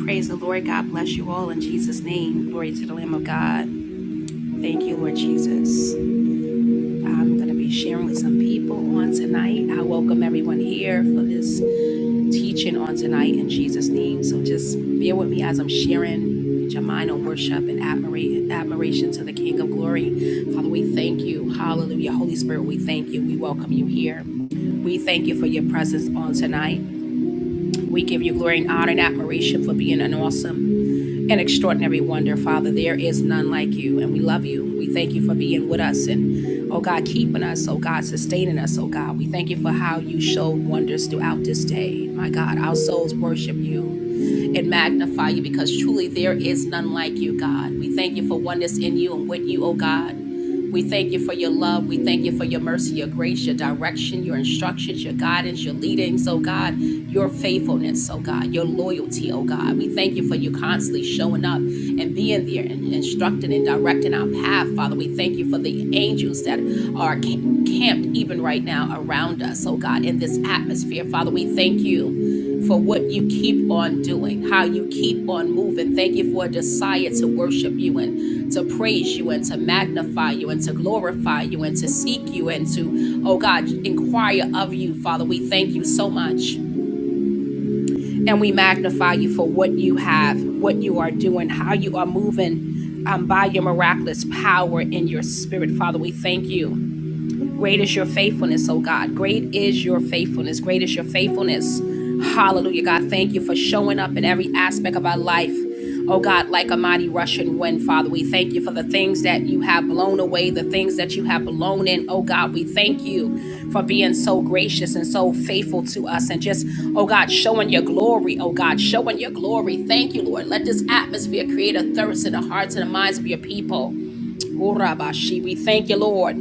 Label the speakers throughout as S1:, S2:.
S1: Praise the Lord. God bless you all in Jesus' name. Glory to the Lamb of God. Thank you, Lord Jesus. I'm going to be sharing with some people on tonight. I welcome everyone here for this teaching on tonight in Jesus' name. So just bear with me as I'm sharing. Put your mind on worship and admira- admiration to the King of Glory. Father, we thank you. Hallelujah. Holy Spirit, we thank you. We welcome you here. We thank you for your presence on tonight. We give you glory and honor and admiration for being an awesome and extraordinary wonder, Father. There is none like you, and we love you. We thank you for being with us and, oh God, keeping us, oh God, sustaining us, oh God. We thank you for how you showed wonders throughout this day. My God, our souls worship you and magnify you because truly there is none like you, God. We thank you for oneness in you and with you, oh God. We thank you for your love. We thank you for your mercy, your grace, your direction, your instructions, your guidance, your leadings, oh God, your faithfulness, oh God, your loyalty, oh God. We thank you for you constantly showing up and being there and instructing and directing our path, Father. We thank you for the angels that are camped even right now around us, oh God, in this atmosphere, Father. We thank you for what you keep on doing, how you keep on moving. Thank you for a desire to worship you and to praise you and to magnify you and to glorify you and to seek you and to, oh God, inquire of you, Father. We thank you so much and we magnify you for what you have, what you are doing, how you are moving um, by your miraculous power in your spirit, Father. We thank you. Great is your faithfulness, oh God. Great is your faithfulness. Great is your faithfulness. Hallelujah, God. Thank you for showing up in every aspect of our life. Oh God, like a mighty rushing wind, Father, we thank you for the things that you have blown away, the things that you have blown in. Oh God, we thank you for being so gracious and so faithful to us and just, oh God, showing your glory. Oh God, showing your glory. Thank you, Lord. Let this atmosphere create a thirst in the hearts and the minds of your people. Urabashi. We thank you, Lord.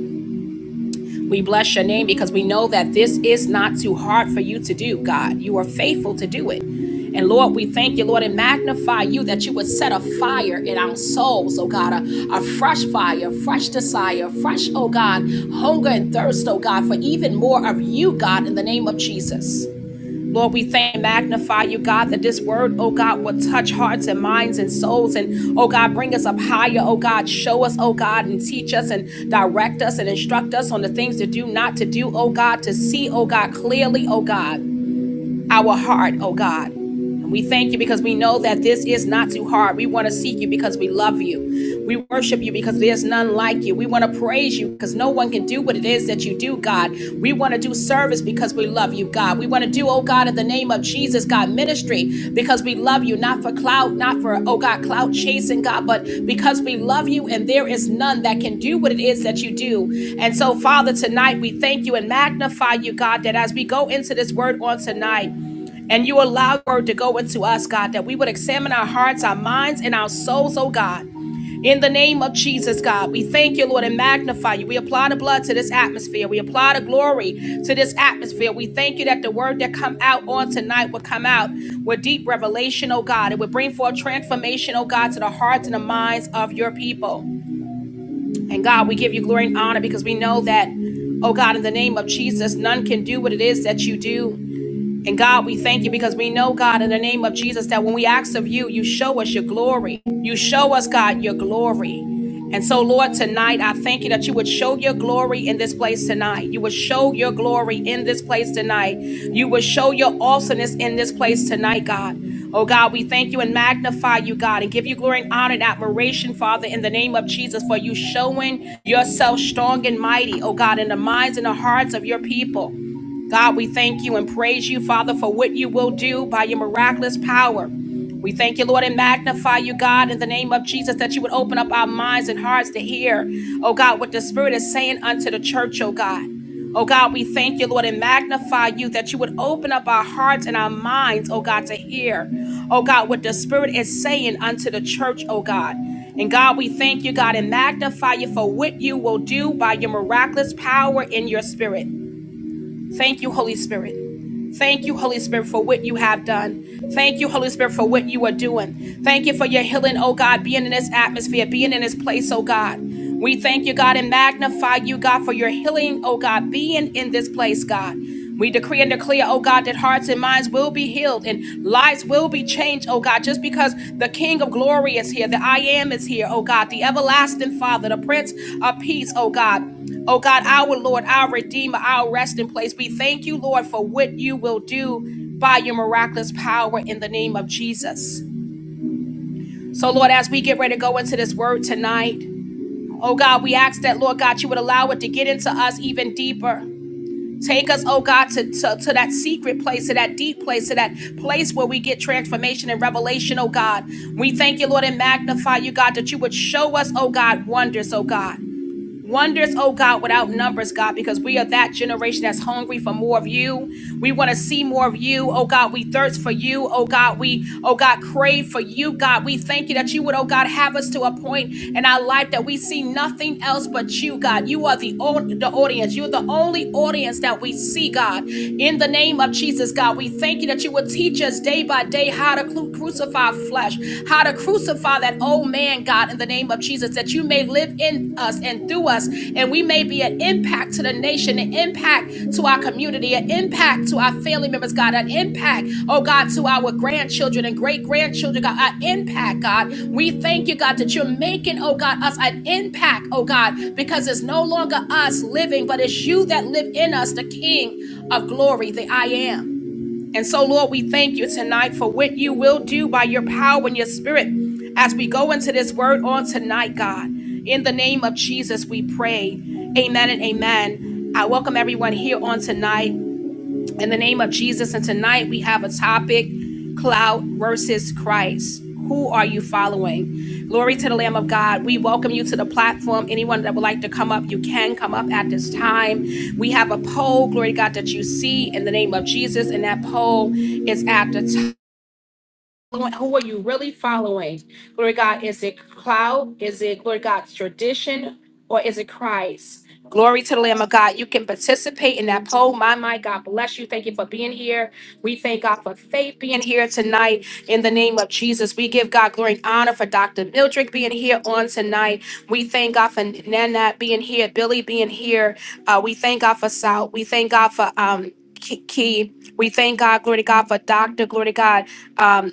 S1: We bless your name because we know that this is not too hard for you to do, God. You are faithful to do it. And Lord, we thank you, Lord, and magnify you that you would set a fire in our souls, oh God, a, a fresh fire, fresh desire, fresh, oh God, hunger and thirst, oh God, for even more of you, God, in the name of Jesus. Lord, we thank and magnify you, God, that this word, oh God, will touch hearts and minds and souls. And oh God, bring us up higher, oh God. Show us, oh God, and teach us and direct us and instruct us on the things to do, not to do, oh God, to see, oh God, clearly, oh God our heart, oh God. And we thank you because we know that this is not too hard. We want to seek you because we love you. We worship you because there's none like you. We want to praise you because no one can do what it is that you do, God. We want to do service because we love you, God. We want to do, oh God, in the name of Jesus, God, ministry because we love you, not for clout, not for, oh God, clout chasing, God, but because we love you and there is none that can do what it is that you do. And so, Father, tonight, tonight. We thank you and magnify you, God, that as we go into this word on tonight, and you allow the word to go into us, God, that we would examine our hearts, our minds, and our souls, oh God. In the name of Jesus, God, we thank you, Lord, and magnify you. We apply the blood to this atmosphere. We apply the glory to this atmosphere. We thank you that the word that come out on tonight will come out with deep revelation, oh God. It would bring forth transformation, oh God, to the hearts and the minds of your people. And God, we give you glory and honor because we know that, oh God, in the name of Jesus, none can do what it is that you do. And God, we thank you because we know, God, in the name of Jesus, that when we ask of you, you show us your glory. You show us, God, your glory. And so, Lord, tonight, I thank you that you would show your glory in this place tonight. You would show your glory in this place tonight. You would show your awesomeness in this place tonight, God. Oh, God, we thank you and magnify you, God, and give you glory and honor and admiration, Father, in the name of Jesus, for you showing yourself strong and mighty, oh, God, in the minds and the hearts of your people. God, we thank you and praise you, Father, for what you will do by your miraculous power. We thank you, Lord, and magnify you, God, in the name of Jesus, that you would open up our minds and hearts to hear, oh God, what the Spirit is saying unto the church, oh God. Oh God, we thank you, Lord, and magnify you that you would open up our hearts and our minds, oh God, to hear, oh God, what the Spirit is saying unto the church, oh God. And God, we thank you, God, and magnify you for what you will do by your miraculous power in your spirit. Thank you, Holy Spirit. Thank you, Holy Spirit, for what you have done. Thank you, Holy Spirit, for what you are doing. Thank you for your healing, oh God, being in this atmosphere, being in this place, oh God. We thank you, God, and magnify you, God, for your healing, oh God, being in this place, God. We decree and declare, oh God, that hearts and minds will be healed. and. Lives will be changed, oh God, just because the King of glory is here, the I am is here, oh God, the everlasting Father, the Prince of Peace, oh God. Oh God, our Lord, our Redeemer, our resting place. We thank you, Lord, for what you will do by your miraculous power in the name of Jesus. So, Lord, as we get ready to go into this word tonight, oh God, we ask that, Lord God, you would allow it to get into us even deeper. Take us, oh God, to, to, to that secret place, to that deep place, to that place where we get transformation and revelation, oh God. We thank you, Lord, and magnify you, God, that you would show us, oh God, wonders, oh God. Wonders, oh God, without numbers, God, because we are that generation that's hungry for more of you. We want to see more of you, oh God. We thirst for you, oh God. We, oh God, crave for you, God. We thank you that you would, oh God, have us to a point in our life that we see nothing else but you, God. You are the, the audience. You're the only audience that we see, God. In the name of Jesus, God, we thank you that you would teach us day by day how to crucify flesh, how to God, crucify that old man, God, in the name of Jesus, that you may live in us and through us, and we may be an impact to the nation, an impact to our community, an impact to our family members, God, an impact, oh God, to our grandchildren and great grandchildren, God, our impact, God. We thank you, God, that you're making, oh God, us an impact, oh God, because it's no longer us living, but it's you that live in us, the King of glory, the I am. And so, Lord, we thank you tonight for what you will do by your power and your spirit as we go into this word on tonight, God. In the name of Jesus, we pray. Amen and amen. I welcome everyone here on tonight in the name of Jesus. And tonight we have a topic cloud versus Christ. Who are you following? Glory to the Lamb of God. We welcome you to the platform. Anyone that would like to come up, you can come up at this time. We have a poll, glory to God, that you see in the name of Jesus. And that poll is at the top who are you really following? Glory to God, is it cloud? Is it glory to God tradition or is it Christ? Glory to the Lamb of God. You can participate in that poll. My my God bless you. Thank you for being here. We thank God for faith being here tonight in the name of Jesus. We give God glory and honor for Dr. Mildred being here on tonight. We thank God for Nanette being here, Billy being here. Uh, we thank God for Sal. We thank God for um Key. We thank God, glory to God, for Dr. Glory to God. um,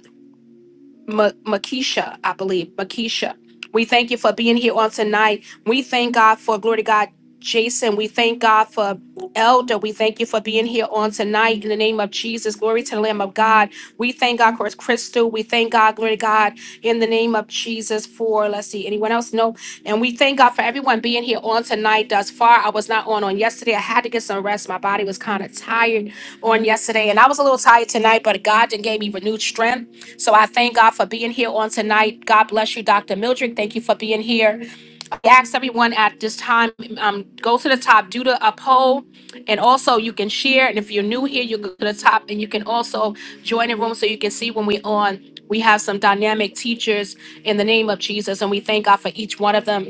S1: Ma- Makisha, I believe. Makisha. We thank you for being here on tonight. We thank God for glory to God, Jason. We thank God for Elder. We thank you for being here on tonight in the name of Jesus. Glory to the Lamb of God. We thank God for Crystal. We thank God, glory to God, in the name of Jesus for let's see, anyone else? No. And we thank God for everyone being here on tonight thus far. I was not on on yesterday. I had to get some rest. My body was kind of tired on yesterday. And I was a little tired tonight, but God then gave me renewed strength. So I thank God for being here on tonight. God bless you, Dr. Mildred. Thank you for being here. I ask everyone at this time, um, go to the top, do the up poll. And also you can share. And if you're new here, you go to the top and you can also join the room so you can see when we're on. We have some dynamic teachers in the name of Jesus. And we thank God for each one of them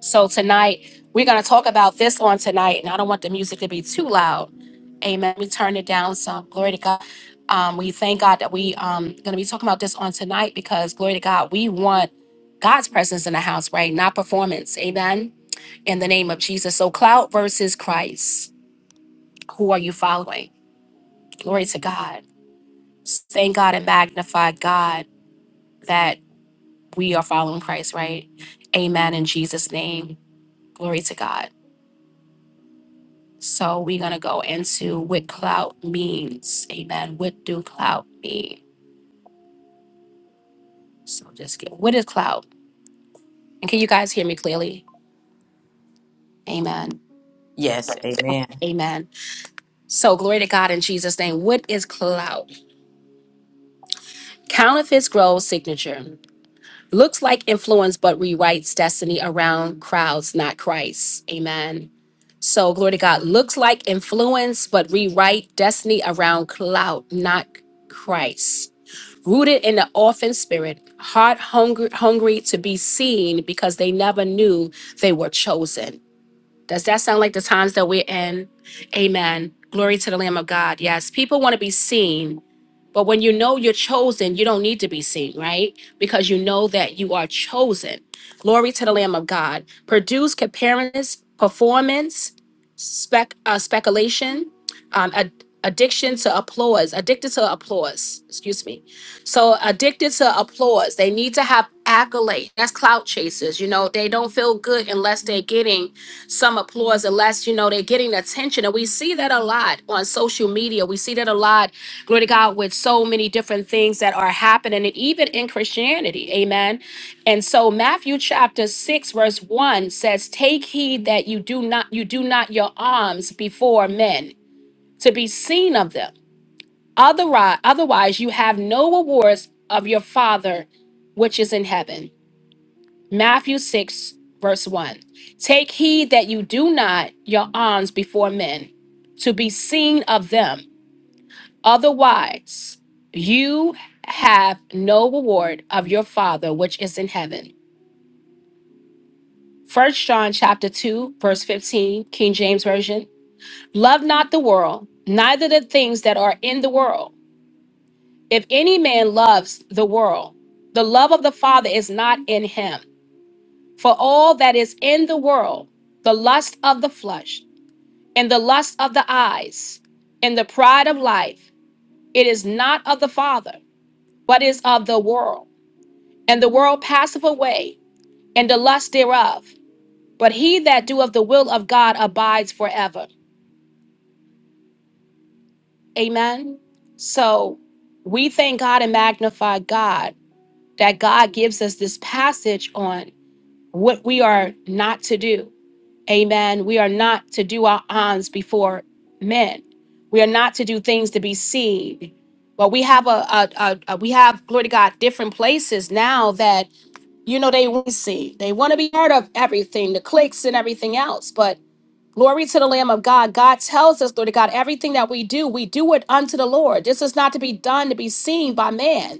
S1: so tonight, we're going to talk about this on tonight, and I don't want the music to be too loud. Amen. We turn it down some. Glory to God. Um, we thank God that we um going to be talking about this on tonight because glory to God, we want God's presence in the house, right? Not performance. Amen. In the name of Jesus. So cloud versus Christ. Who are you following? Glory to God. Thank God and magnify God that we are following Christ, right? Amen. In Jesus' name. Glory to God. So we're gonna go into what clout means. Amen. What do clout mean? So just get what is clout? And can you guys hear me clearly? Amen.
S2: Yes. Amen.
S1: Amen. So glory to God in Jesus' name. What is clout? Counterfeits grow signature. Looks like influence, but rewrites destiny around crowds, not Christ. Amen. So glory to God. Looks like influence, but rewrite destiny around clout, not Christ. rooted in the orphan spirit, heart hungry, hungry to be seen because they never knew they were chosen. Does that sound like the times that we're in? Amen. Glory to the Lamb of God. Yes, people want to be seen but when you know you're chosen, you don't need to be seen, right? Because you know that you are chosen. Glory to the Lamb of God. Produce comparison, performance, spec, uh, speculation, um, ad- addiction to applause, addicted to applause, excuse me. So addicted to applause. They need to have accolade. That's clout chasers. You know, they don't feel good unless they're getting some applause unless you know they're getting attention and we see that a lot on social media we see that a lot glory to god with so many different things that are happening and even in christianity amen and so matthew chapter 6 verse 1 says take heed that you do not you do not your alms before men to be seen of them otherwise otherwise you have no rewards of your father which is in heaven Matthew 6, verse 1. Take heed that you do not your alms before men to be seen of them. Otherwise, you have no reward of your Father which is in heaven. First John chapter 2, verse 15, King James Version. Love not the world, neither the things that are in the world. If any man loves the world, the love of the Father is not in him. For all that is in the world, the lust of the flesh, and the lust of the eyes, and the pride of life, it is not of the Father, but is of the world. And the world passeth away, and the lust thereof. But he that doeth the will of God abides forever. Amen. So we thank God and magnify God that God gives us this passage on what we are not to do Amen. We are not to do our ons before men. We are not to do things to be seen. But we have a, a, a, a- we have glory to God different places now that you know they want to see. They want to be part of everything, the clicks and everything else. But glory to the Lamb of God. God tells us, glory to God, everything that we do, we do it unto the Lord. This is not to be done to be seen by man.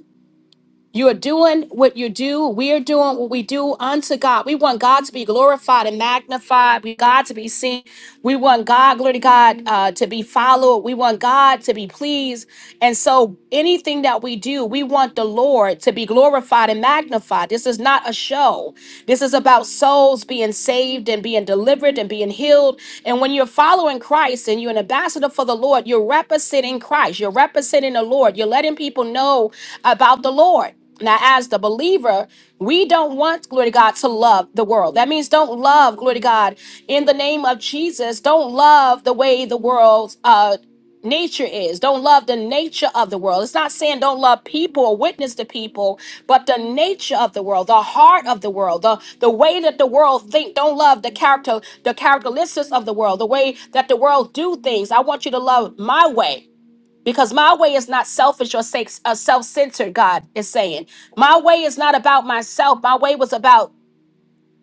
S1: You are doing what you do. We are doing what we do unto God. We want God to be glorified and magnified. We want God to be seen. We want God, glory to God, uh, to be followed. We want God to be pleased. And so, anything that we do, we want the Lord to be glorified and magnified. This is not a show. This is about souls being saved and being delivered and being healed. And when you're following Christ and you're an ambassador for the Lord, you're representing Christ. You're representing the Lord. You're letting letting people know about the Lord. Now, as the believer, we don't want, glory to God, to love the world. That means don't love, glory to God, in the name of Jesus. Don't love the way the world's uh, nature is. Don't love the nature of the world. It's not saying don't love people or witness to people, but the nature of the world, the heart of the world, the, the way that the world think. Don't love the character, the characteristics of the world, the way that the world do things. I want you to love my way. Because my way is not selfish or self centered, God is saying. My way is not about myself. My way was about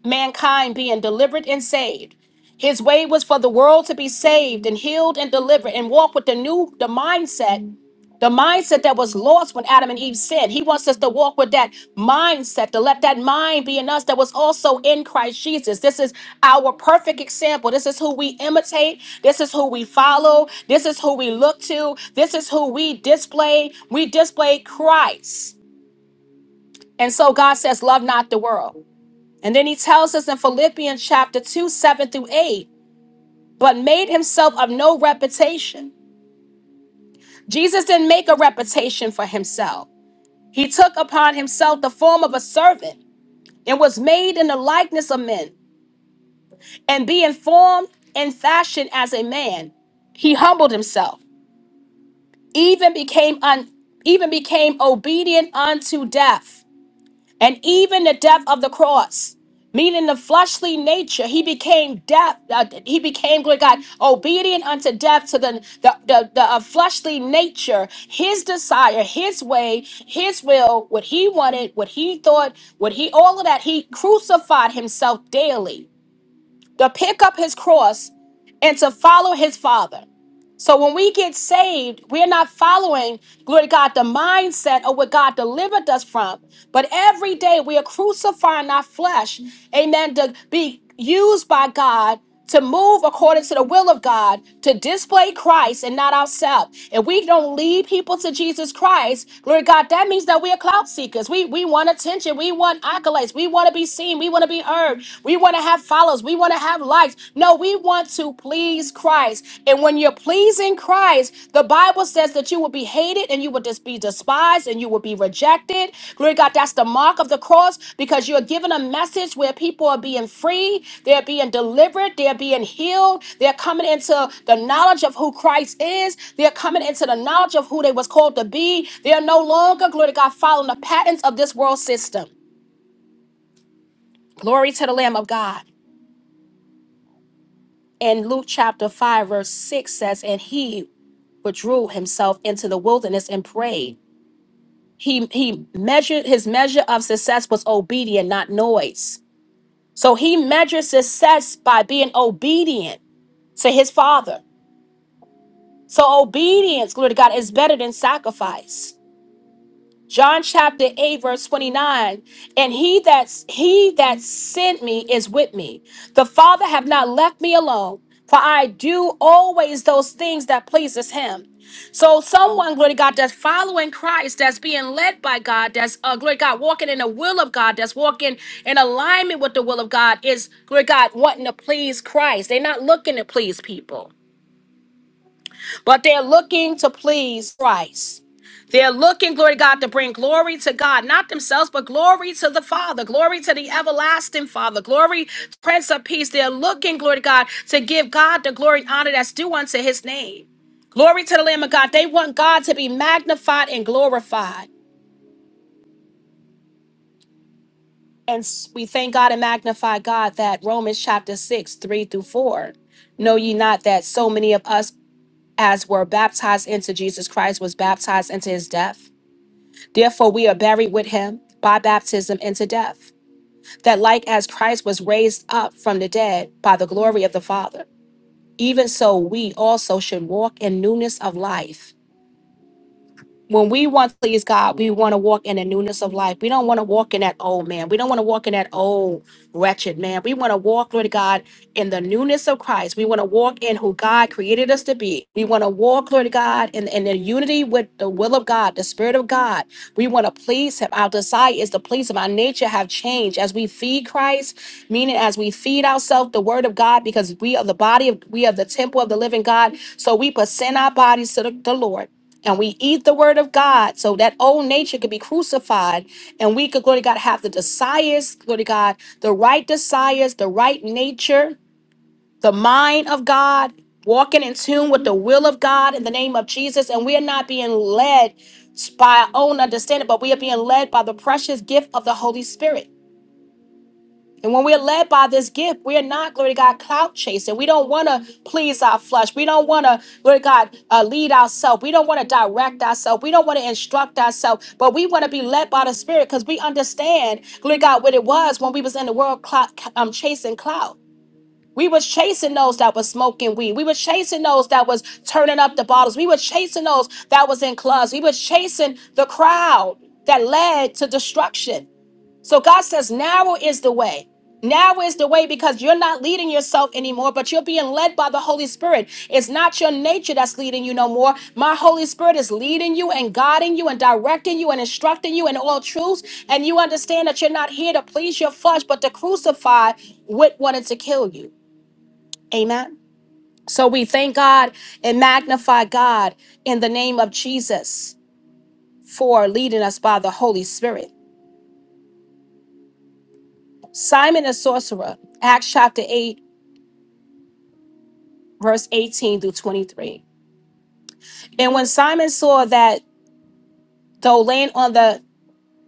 S1: mankind being delivered and saved. His way was for the world to be saved and healed and delivered and walk with the new the mindset, the mindset that was lost when Adam and Eve sinned. He wants us to walk with that mindset, to let that mind be in us that was also in Christ Jesus. This is our perfect example. This is who we imitate. This is who we follow. This is who we look to. This is who we display. We display Christ. And so God says, Love not the world. And then he tells us in Philippians chapter 2, 7 through 8, but made himself of no reputation. Jesus didn't make a reputation for himself. He took upon himself the form of a servant and was made in the likeness of men. And being formed and fashioned as a man, he humbled himself, even became un, even became obedient unto death, and even the death of the cross meaning the fleshly nature he became death uh, he became glory to god obedient unto death to the the, the, the, uh, fleshly nature his desire his way his will what he wanted what he thought what he all of that he crucified himself daily to pick up his cross and to follow his father. So when we get saved, we're not following, glory to God, the mindset of what God delivered us from. But every day we are crucifying our flesh, amen, to be used by God to move according to the will of God, to display Christ and not ourselves. If we don't lead people to Jesus Christ, glory to God, that means that we are clout seekers. We we want attention, we want accolades, we want to be seen, we want to be heard, we want to have followers, we want to have likes? No, we want to please Christ. And when you're pleasing Christ, the Bible says that you will be hated and you will just be despised and you will be rejected. Glory to God, that's the mark of the cross because you're given a message where people are being free, they're being delivered, they're being healed, they're coming into the knowledge of who Christ is, they're coming into the knowledge of who they was called to be. They are no longer, glory to God, following the patterns of this world system. Glory to the Lamb of God. And Luke chapter 5, verse 6 says, And he withdrew himself into the wilderness and prayed. He he measured his measure of success was obedient, not noise. So he measured success by being obedient to his father. So obedience, glory to God, is better than sacrifice. John chapter 8 verse 29 and he that he that sent me is with me the father have not left me alone for I do always those things that pleases him so someone glory to God that's following Christ that's being led by God that's uh, glory to God walking in the will of God that's walking in alignment with the will of God is glory to God wanting to please Christ they're not looking to please people but they're looking to please Christ. They're looking, glory to God, to bring glory to God, not themselves, but glory to the Father, glory to the everlasting Father, glory, to Prince of Peace. They're looking, glory to God, to give God the glory and honor that's due unto his name. Glory to the Lamb of God. They want God to be magnified and glorified. And s- we thank God and magnify God that Romans chapter 6, 3 through 4. Know ye not that so many of us as were baptized into Jesus Christ was baptized into his death? Therefore, we are buried with him by baptism into death, that like as Christ was raised up from the dead by the glory of the Father, even so we also should walk in newness of life when we want to please God, we want to walk in the newness of life. We don't want to walk in that old man. We don't want to walk in that old wretched man. We want to walk, Lord God, in the newness of Christ. We want to walk in who God created us to be. We want to walk, Lord God, in, in the unity with the will of God, the Spirit of God. We want to please Him. Our desire is to please Him. Our nature have changed as we feed Christ, meaning as we feed ourselves the Word of God, because we are the body of, we are the temple of the living God. So we present our bodies to the the Lord and we eat the word of God so that old nature could be crucified and we could, glory to God, have the desires, glory to God, the right desires, the right nature, the mind of God, walking in tune with the will of God in the name of Jesus. And we are not being led by our own understanding, but we are being led by the precious gift of the Holy Spirit. And when we're led by this gift, we're not, glory to God, clout chasing. We don't want to please our flesh. We don't want to, glory to God, uh, lead ourselves. We don't want to direct ourselves. We don't want to instruct ourselves. But we want to be led by the Spirit because we understand, glory to God, what it was when we was in the world clout, um, chasing clout. We was chasing those that was smoking weed. We were chasing those that was turning up the bottles. We were chasing those that was in clubs. We were chasing the crowd that led to destruction. So God says, narrow is the way. Narrow is the way because you're not leading yourself anymore, but you're being led by the Holy Spirit. It's not your nature that's leading you no more. My Holy Spirit is leading you and guiding you and directing you and instructing you in all truths. And you understand that you're not here to please your flesh, but to crucify what wanted to kill you. Amen. So we thank God and magnify God in the name of Jesus for leading us by the Holy Spirit. Simon the sorcerer, Acts chapter 8 verse 18 through 23. And when Simon saw that though laying on the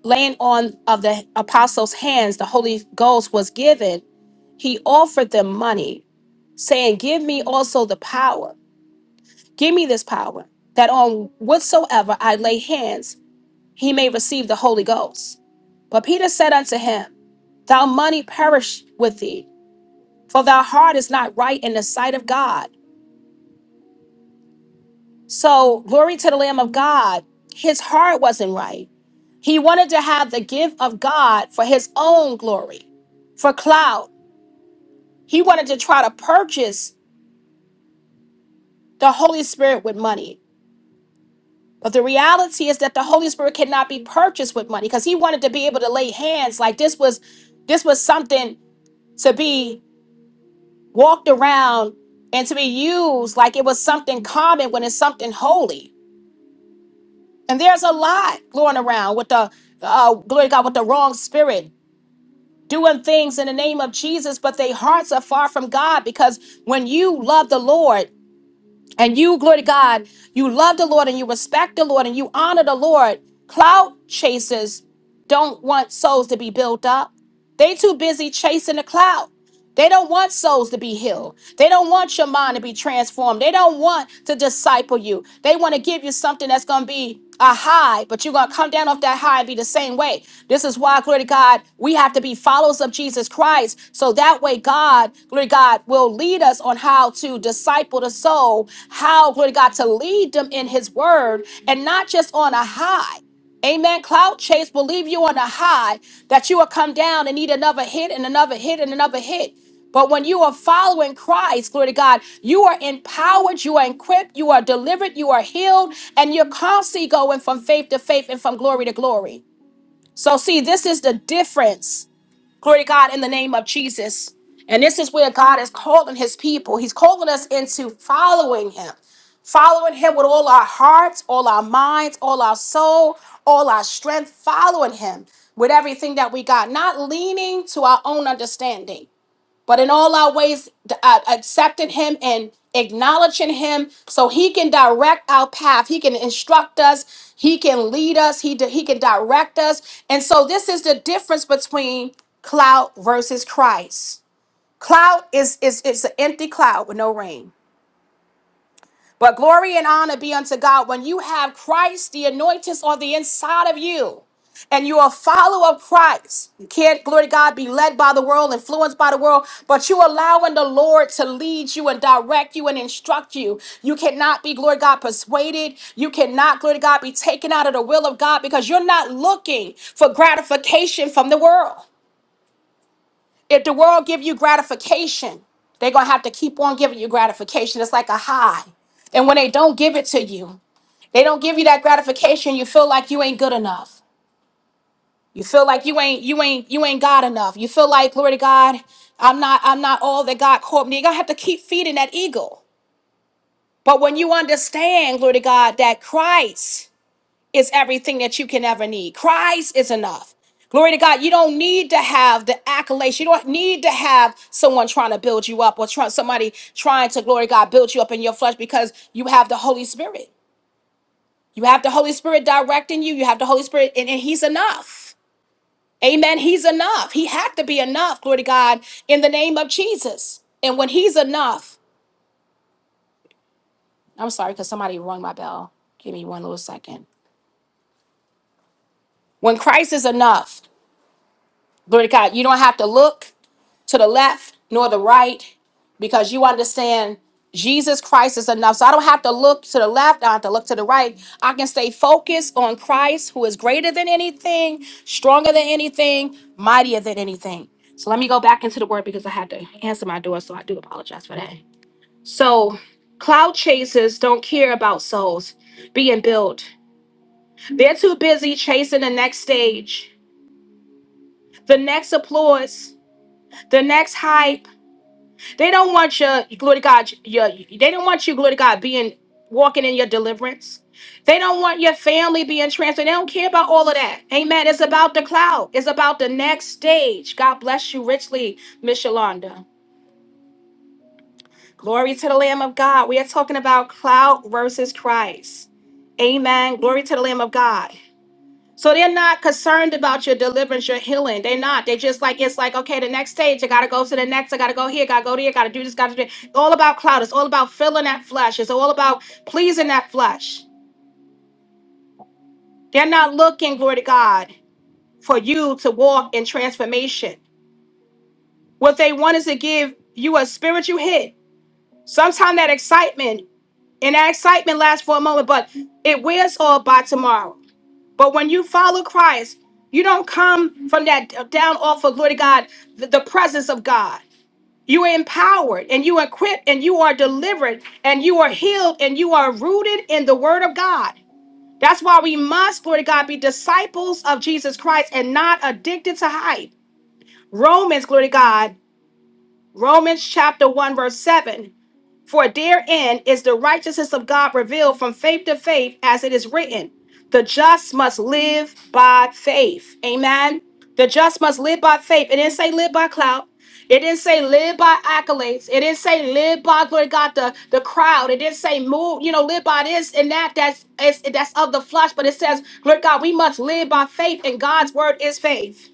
S1: laying on of the apostles' hands, the Holy Ghost was given, he offered them money, saying, Give me also the power, give me this power, that on whatsoever I lay hands, he may receive the Holy Ghost. But Peter said unto him, "Thou money perish with thee, for thy heart is not right in the sight of God. So glory to the Lamb of God, his heart wasn't right He wanted to have the gift of God for his own glory, for clout. He wanted to try to purchase the Holy Spirit with money. But the reality is that the Holy Spirit cannot be purchased with money because he wanted to be able to lay hands like this was this was something to be walked around and to be used like it was something common when it's something holy. And there's a lot going around with the uh, glory to God with the wrong spirit doing things in the name of Jesus, but their hearts are far from God because when you love the Lord and you, glory to God, you love the Lord and you respect the Lord and you honor the Lord, cloud chasers don't want souls to be built up. They too busy chasing the cloud. They don't want souls to be healed. They don't want your mind to be transformed. They don't want to disciple you. They want to give you something that's going to be a high, but you're going to come down off that high and be the same way. This is why, glory to God, we have to be followers of Jesus Christ. So that way, God, glory to God, will lead us on how to disciple the soul, how, glory to God, to lead them in his word and not just on a high. Amen. Cloud chase will leave you on a high that you will come down and need another hit and another hit and another hit. But when you are following Christ, glory to God, you are empowered, you are equipped, you are delivered, you are healed, and you're constantly going from faith to faith and from glory to glory. So, see, this is the difference Glory to God in the name of Jesus. And this is where God is calling his people. He's calling us into following him, following him with all our hearts, all our minds, all our soul, all our strength, following him with everything that we got, not leaning to our own understanding but in all our ways, uh, accepting Him and acknowledging Him so He can direct our path. He can instruct us, He can lead us, He, di- he can direct us. And so, this is the difference between cloud versus Christ. Cloud is, is, is an empty cloud with no rain but glory and honor be unto God. When you have Christ, the anointings on the inside of you, and you're a follower of Christ, you can't, glory to God, be led by the world, influenced by the world, but you allowing the Lord to lead you and direct you and instruct you. You cannot be, glory to God, persuaded. You cannot, glory to God, be taken out of the will of God because you're not looking for gratification from the world. If the world give you gratification, they're gonna have to keep on giving you gratification. It's like a high. And when they don't give it to you, they don't give you that gratification, you feel like you ain't good enough. You feel like you ain't you ain't you ain't God enough. You feel like, glory to God, I'm not I'm not all that God called me. You're gonna have to keep feeding that ego. But when you understand, glory to God, that Christ is everything that you can ever need. Christ is enough. Glory to God. You don't need to have the accolades. You don't need to have someone trying to build you up or try, somebody trying to, glory to God, build you up in your flesh because you have the Holy Spirit. You have the Holy Spirit directing you. You have the Holy Spirit, and, and He's enough. Amen. He's enough. He had to be enough, glory to God, in the name of Jesus. And when He's enough, I'm sorry because somebody rung my bell. Give me one little second. When Christ is enough, glory to God, you don't have to look. to the left nor the right because you understand Jesus Christ is enough. So I don't have to look to the left, I don't have to look to the right. I can stay focused on Christ who is greater than anything, stronger than anything, mightier than anything. So let me go back into the word because I had to answer my door, so I do apologize for that. So cloud chasers don't care about souls being built. They're too busy chasing the next stage, the next applause, the next hype, They don't want your glory to God. Your they don't want you glory to God being walking in your deliverance. They don't want your family being transferred. They don't care about all of that. Amen. It's about the cloud. It's about the next stage. God bless you richly, Miss Yolanda. Glory to the Lamb of God. We are talking about cloud versus Christ. Amen. Glory to the Lamb of God. So they're not concerned about your deliverance, your healing. They're not. They just like it's like okay, the next stage. I gotta go to the next. I gotta go here. Gotta go there. Gotta do this. Gotta do. That. All about cloud. It's all about filling that flesh. It's all about pleasing that flesh. They're not looking, glory to God, for you to walk in transformation. What they want is to give you a spiritual hit. Sometimes that excitement and that excitement lasts for a moment, but it wears off by tomorrow. But when you follow Christ, you don't come from that uh, down off of glory to God, the, the presence of God. You are empowered and you are equipped and you are delivered and you are healed and you are rooted in the word of God. That's why we must, glory to God, be disciples of Jesus Christ and not addicted to hype. Romans, glory to God, Romans chapter 1, verse 7. For therein is the righteousness of God revealed from faith to faith, as it is written, the just must live by faith. Amen. The just must live by faith. It didn't say live by clout. It didn't say live by accolades. It didn't say live by glory to God the, the crowd. It didn't say move, you know, live by this and that. That's it's, that's of the flesh. But it says, Lord God, we must live by faith, and God's word is faith.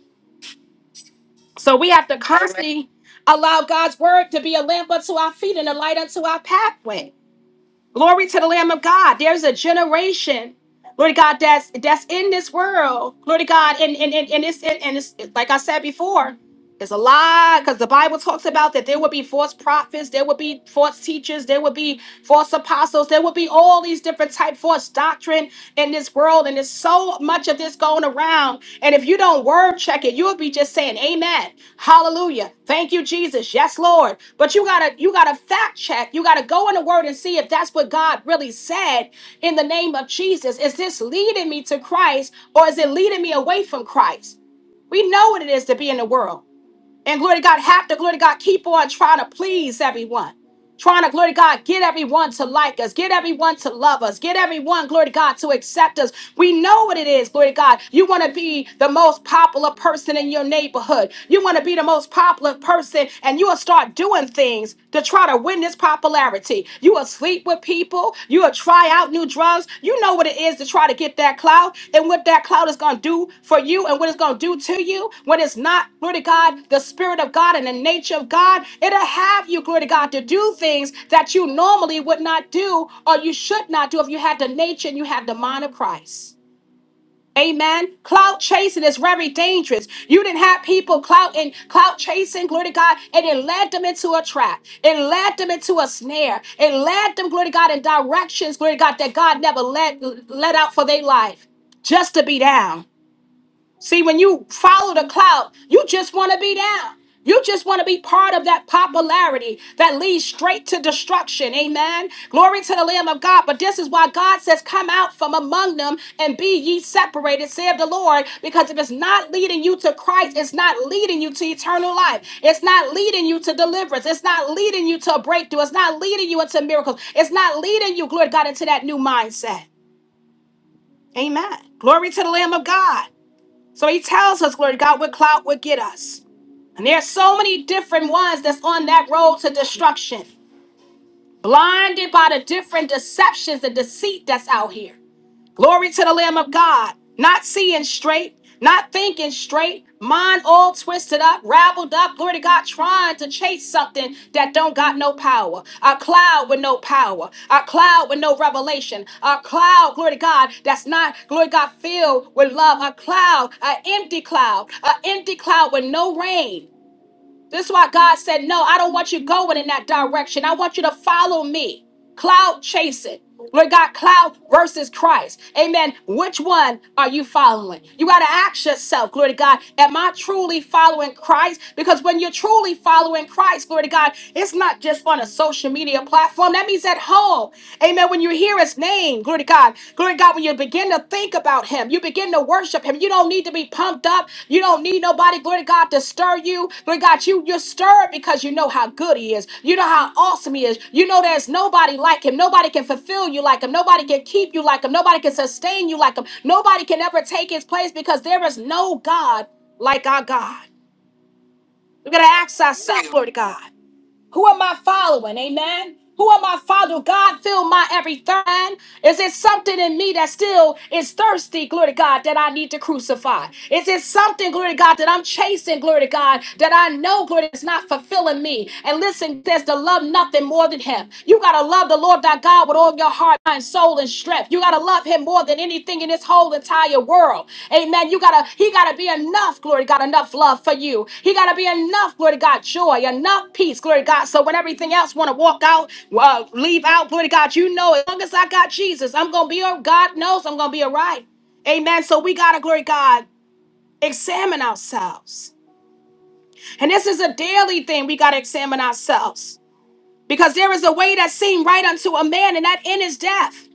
S1: So we have to Amen. constantly allow God's word to be a lamp unto our feet and a light unto our pathway. Glory to the Lamb of God. There's a generation, Lord God, that's that's in this world, Lord God, and and and, and it's and, and it's like I said before. It's a lot because the Bible talks about that there would be false prophets, there would be false teachers, there would be false apostles, there would be all these different type false doctrine in this world, and there's so much of this going around. And if you don't word check it, you'll be just saying Amen, Hallelujah, thank you Jesus, yes Lord. But you gotta you gotta fact check, you gotta go in the Word and see if that's what God really said in the name of Jesus. Is this leading me to Christ or is it leading me away from Christ? We know what it is to be in the world. And glory to God, have to, glory to God, keep on trying to please everyone. Trying to, glory to God, get everyone to like us, get everyone to love us, get everyone, glory to God, to accept us. We know what it is, glory to God. You want to be the most popular person in your neighborhood. You want to be the most popular person, and you will start doing things to try to win this popularity. You will sleep with people. You will You'll try out new drugs. You know what it is to try to get that clout and what that clout is going to do for you and what it's going to do to you when it's not, glory to God, the Spirit of God and the nature of God. It'll have you, glory to God, to do things that you normally would not do or you should not do if you had the nature and you had the mind of Christ. Amen. Clout chasing is very dangerous. You didn't have people clouting, clout chasing, glory to God, and it led them into a trap. It led them into a snare. It led them, glory to God, in directions, glory to God, that God never led, let out for their life just to be down. See, when you follow the cloud, you just want to be down. You just want to be part of that popularity that leads straight to destruction. Amen. Glory to the Lamb of God. But this is why God says, Come out from among them and be ye separated, saith the Lord. Because if it's not leading you to Christ, it's not leading you to eternal life. It's not leading you to deliverance. It's not leading you to a breakthrough. It's not leading you into miracles. It's not leading you, glory to God, into that new mindset. Amen. Glory to the Lamb of God. So he tells us, glory to God, what cloud would get us. And there are so many different ones that's on that road to destruction, blinded by the different deceptions and deceit that's out here. Glory to the Lamb of God. Not seeing straight, not thinking straight, mind all twisted up, raveled up. Glory to God, trying to chase something that don't got no power. A cloud with no power. A cloud with no revelation. A cloud, glory to God, that's not, glory to God, filled with love. A cloud, an empty cloud, an empty cloud with no rain. This is why God said, No, I don't want you going in that direction. I want you to follow me. Cloud chasing. Lord God, cloud versus Christ. Amen. Which one are you following? You got to ask yourself, glory to God, am I truly following Christ? Because when you're truly following Christ, glory to God, it's not just on a social media platform. That means at home. Amen. When you hear his name, Glory to God. Glory to God. When you begin to think about Him, you begin to worship Him. You don't need to be pumped up. You don't need nobody, glory to God, to stir you. Glory to God, you, you're stirred because you know how good He is. You know how awesome He is. You know there's nobody like Him. Nobody can fulfill you like Him. Nobody can keep you like Him. Nobody can sustain you like Him. Nobody can ever take His place because there is no God like our God. We're going to ask ourselves, glory to God. Who am I following? Amen. Who am I following? God fill my every thirst. Is it something in me that still is thirsty, glory to God, that I need to crucify? Is it something, glory to God, that I'm chasing, glory to God, that I know, glory, is not fulfilling me? And listen, there's to love nothing more than Him. You got to love the Lord thy God with all of your heart, mind, soul, and strength. You gotta love him more than anything in this whole entire world. Amen. You gotta, he gotta be enough, glory to God, enough love for you. He gotta be enough, glory to God, joy, enough peace, glory to God. So when everything else wanna walk out, uh, leave out, glory to God, you know, as long as I got Jesus, I'm gonna be all God knows I'm gonna be all right. Amen. So we gotta, glory to God, examine ourselves. And this is a daily thing we gotta examine ourselves. Because there is a way that seemed right unto a man, and that end is death.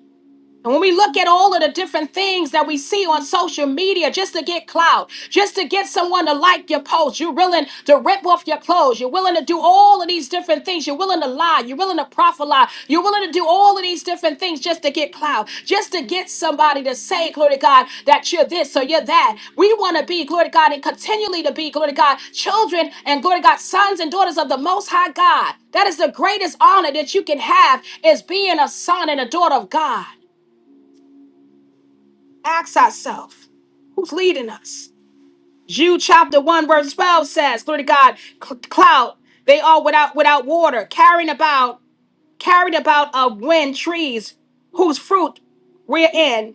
S1: And when we look at all of the different things that we see on social media just to get clout, just to get someone to like your post, you're willing to rip off your clothes, you're willing to do all of these different things, you're willing to lie, you're willing to profit lie, you're willing to do all of these different things just to get clout, just to get somebody to say, glory to God, that you're this or you're that. We want to be, glory to God, and continually to be, glory to God, children and glory to God, sons and daughters of the Most High God. That is the greatest honor that you can have is being a son and a daughter of God. Ask ourselves, who's leading us? Jude chapter 1, verse 12 says, Glory to God, cl- cloud, they are without without water, carrying about, carried about of wind trees, whose fruit we're in,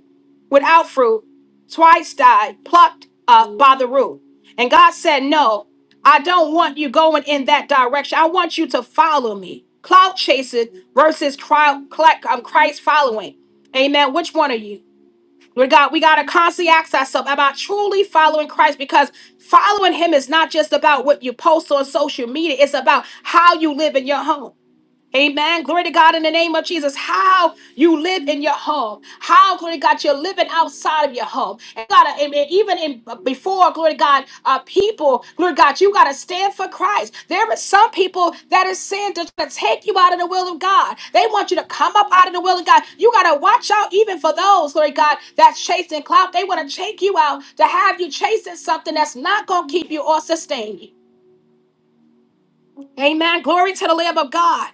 S1: without fruit, twice died, plucked up by the root. And God said, No, I don't want you going in that direction. I want you to follow me. Cloud chasing versus cri- cl- um, Christ following. Amen. Which one are you? Lord God, we got to constantly ask ourselves about truly following Christ because following Him is not just about what you post on social media, it's about how you live in your home. Amen. Glory to God in the name of Jesus. How you live in your home. How, glory to God, you're living outside of your home. And God, I mean, even in uh, before, glory to God, uh, people, glory to God, you got to stand for Christ. There are some people that are sin to try to take you out of the will of God. They want you to come up out of the will of God. You got to watch out even for those, glory to God, that's chasing clout. They want to take you out to have you chasing something that's not going to keep you or sustain you. Amen. Glory to the Lamb of God.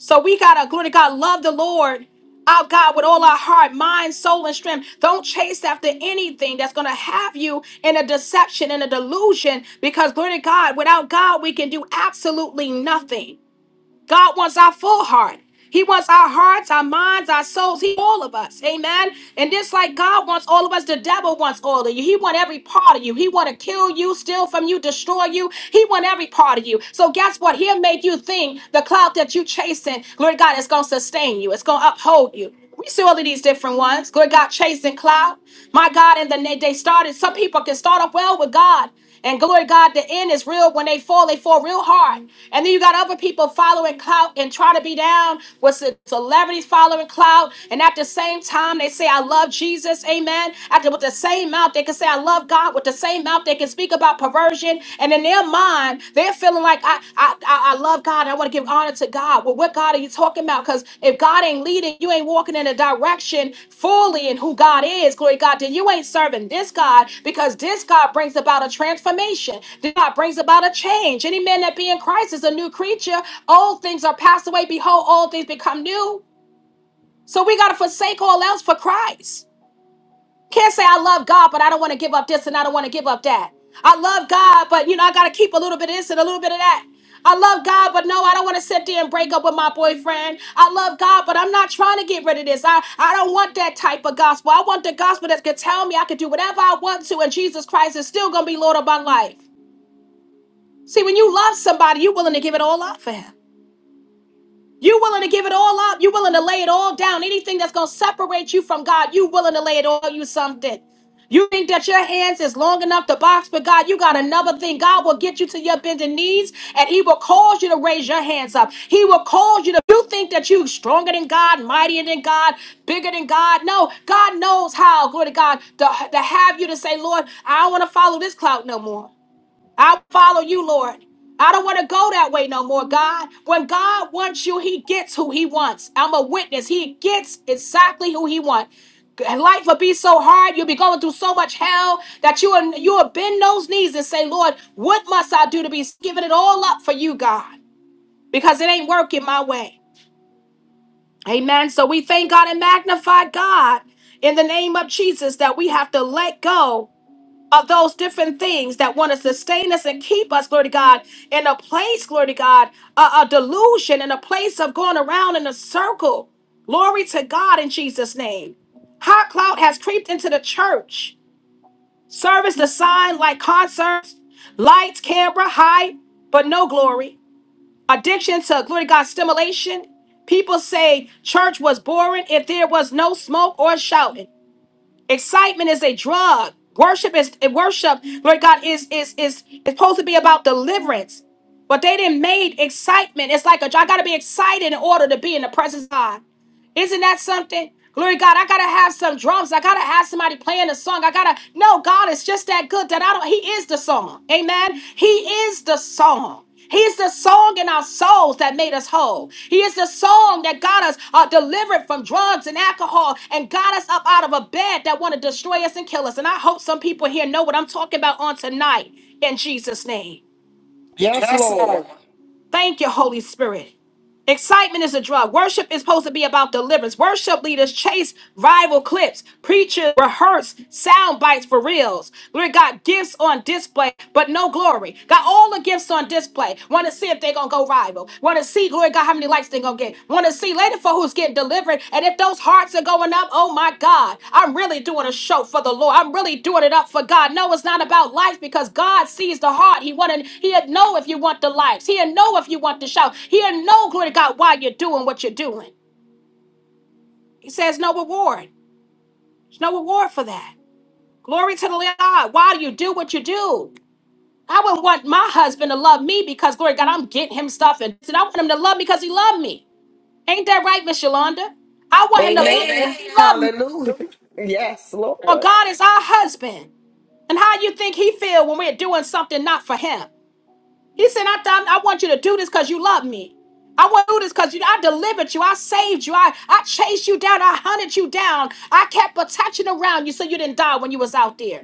S1: So we gotta, glory to God, love the Lord. Our God with all our heart, mind, soul, and strength. Don't chase after anything that's gonna have you in a deception, in a delusion, because glory to God, without God, we can do absolutely nothing. God wants our full heart. He wants our hearts, our minds, our souls. He all of us. Amen. And just like God wants all of us, the devil wants all of you. He want every part of you. He want to kill you, steal from you, destroy you. He want every part of you. So guess what? He'll make you think the cloud that you chasing, glory to God, is gonna sustain you. It's gonna uphold you. We see all of these different ones. Good God, Chase and Cloud. My God, and then they, they started. Some people can start off well with God. And glory to God, the end is real. When they fall, they fall real hard. And then you got other people following clout and try to be down with the celebrities following clout. And at the same time, they say, I love Jesus. Amen. After with the same mouth, they can say, I love God. With the same mouth, they can speak about perversion version and in their mind they're feeling like i i i I love god i want to give honor to god well what god are you talking about because if god ain't leading you ain't walking in a direction fully in who god is glory to god then you ain't serving this god because this god brings about a transformation this god brings about a change any man that be in christ is a new creature old things are passed away behold all things become new so we got to forsake all else for christ can't say I love God, but I don't want to give up this and I don't want to give up that. I love God, but you know, I got to keep a little bit of this and a little bit of that. I love God, but no, I don't want to sit there and break up with my boyfriend. I love God, but I'm not trying to get rid of this. I, I don't want that type of gospel. I want the gospel that's going to tell me I can do whatever I want to, and Jesus Christ is still going to be Lord of my life. See, when you love somebody, you're willing to give it all up for him. You willing to give it all up? You willing to lay it all down? Anything that's gonna separate you from God, you willing to lay it all you something. You think that your hands is long enough to box for God? You got another thing. God will get you to your bending knees and He will cause you to raise your hands up. He will cause you to. You think that you stronger than God, mightier than God, bigger than God? No, God knows how, glory to God, to, to have you to say, Lord, I don't want to follow this clout no more. I'll follow you, Lord. I don't want to go that way no more, God. When God wants you, He gets who He wants. I'm a witness. He gets exactly who He wants. And Life will be so hard. You'll be going through so much hell that you will, you will bend those knees and say, Lord, what must I do to be giving it all up for you, God? Because it ain't working my way. Amen. So we thank God and magnify God in the name of Jesus that we have to let go of those different things that want to sustain us and keep us, glory to God, in a place, glory to God, a, a delusion, in a place of going around in a circle. Glory to God in Jesus' name. Hot cloud has creeped into the church. Service designed like concerts, lights, camera, hype, but no glory. Addiction to glory to God stimulation. People say church was boring if there was no smoke or shouting. Excitement is a drug. Worship is worship, Lord God, is is is is supposed to be about deliverance. But they didn't made excitement. It's like a I gotta be excited in order to be in the presence of God. Isn't that something? Glory to God, I gotta have some drums. I gotta have somebody playing a song. I gotta no God is just that good that I don't He is the song. Amen. He is the song. He's the song in our souls that made us whole. He is the song that got us uh, delivered from drugs and alcohol and got us up out of a bed that want to destroy us and kill us. And I hope some people here know what I'm talking about on tonight in Jesus' name.
S3: Yes,
S1: Yes,
S3: Lord.
S1: Lord. Thank you, Holy Spirit. Excitement is a drug. Worship is supposed to be about deliverance. Worship leaders chase rival clips. Preachers rehearse sound bites for reels. Glory to God, gifts on display, but no glory. Got all the gifts on display. Want to see if they're going to go rival. Want to see, glory to God, how many likes they're going to get. Want to see lady for who's getting delivered. And if those hearts are going up, oh my God, I'm really doing a show for the Lord. I'm really doing it up for God. No, it's not about life because God sees the heart. He wanted, he'll know if you want the lives. He'll know if you want the shout. He'll know, glory to God, why you're doing what you're doing. He says no reward. There's no reward for that. Glory to the Lord. Why do you do what you do? I wouldn't want my husband to love me because, glory to God, I'm getting him stuff. And I want him to love me because he loved me. Ain't that right, Miss Yolanda? I want him to love me Amen. because
S3: Amen.
S1: he loved me.
S3: Hallelujah. Yes,
S1: Well,
S3: Lord.
S1: God is our husband. And how you think he feel when we're doing something not for him? He said, I, I, I want you to do this because you love me. I want to do this because you, I delivered you. I saved you. I, I chased you down. I hunted you down. I kept protection around you so you didn't die when you was out there.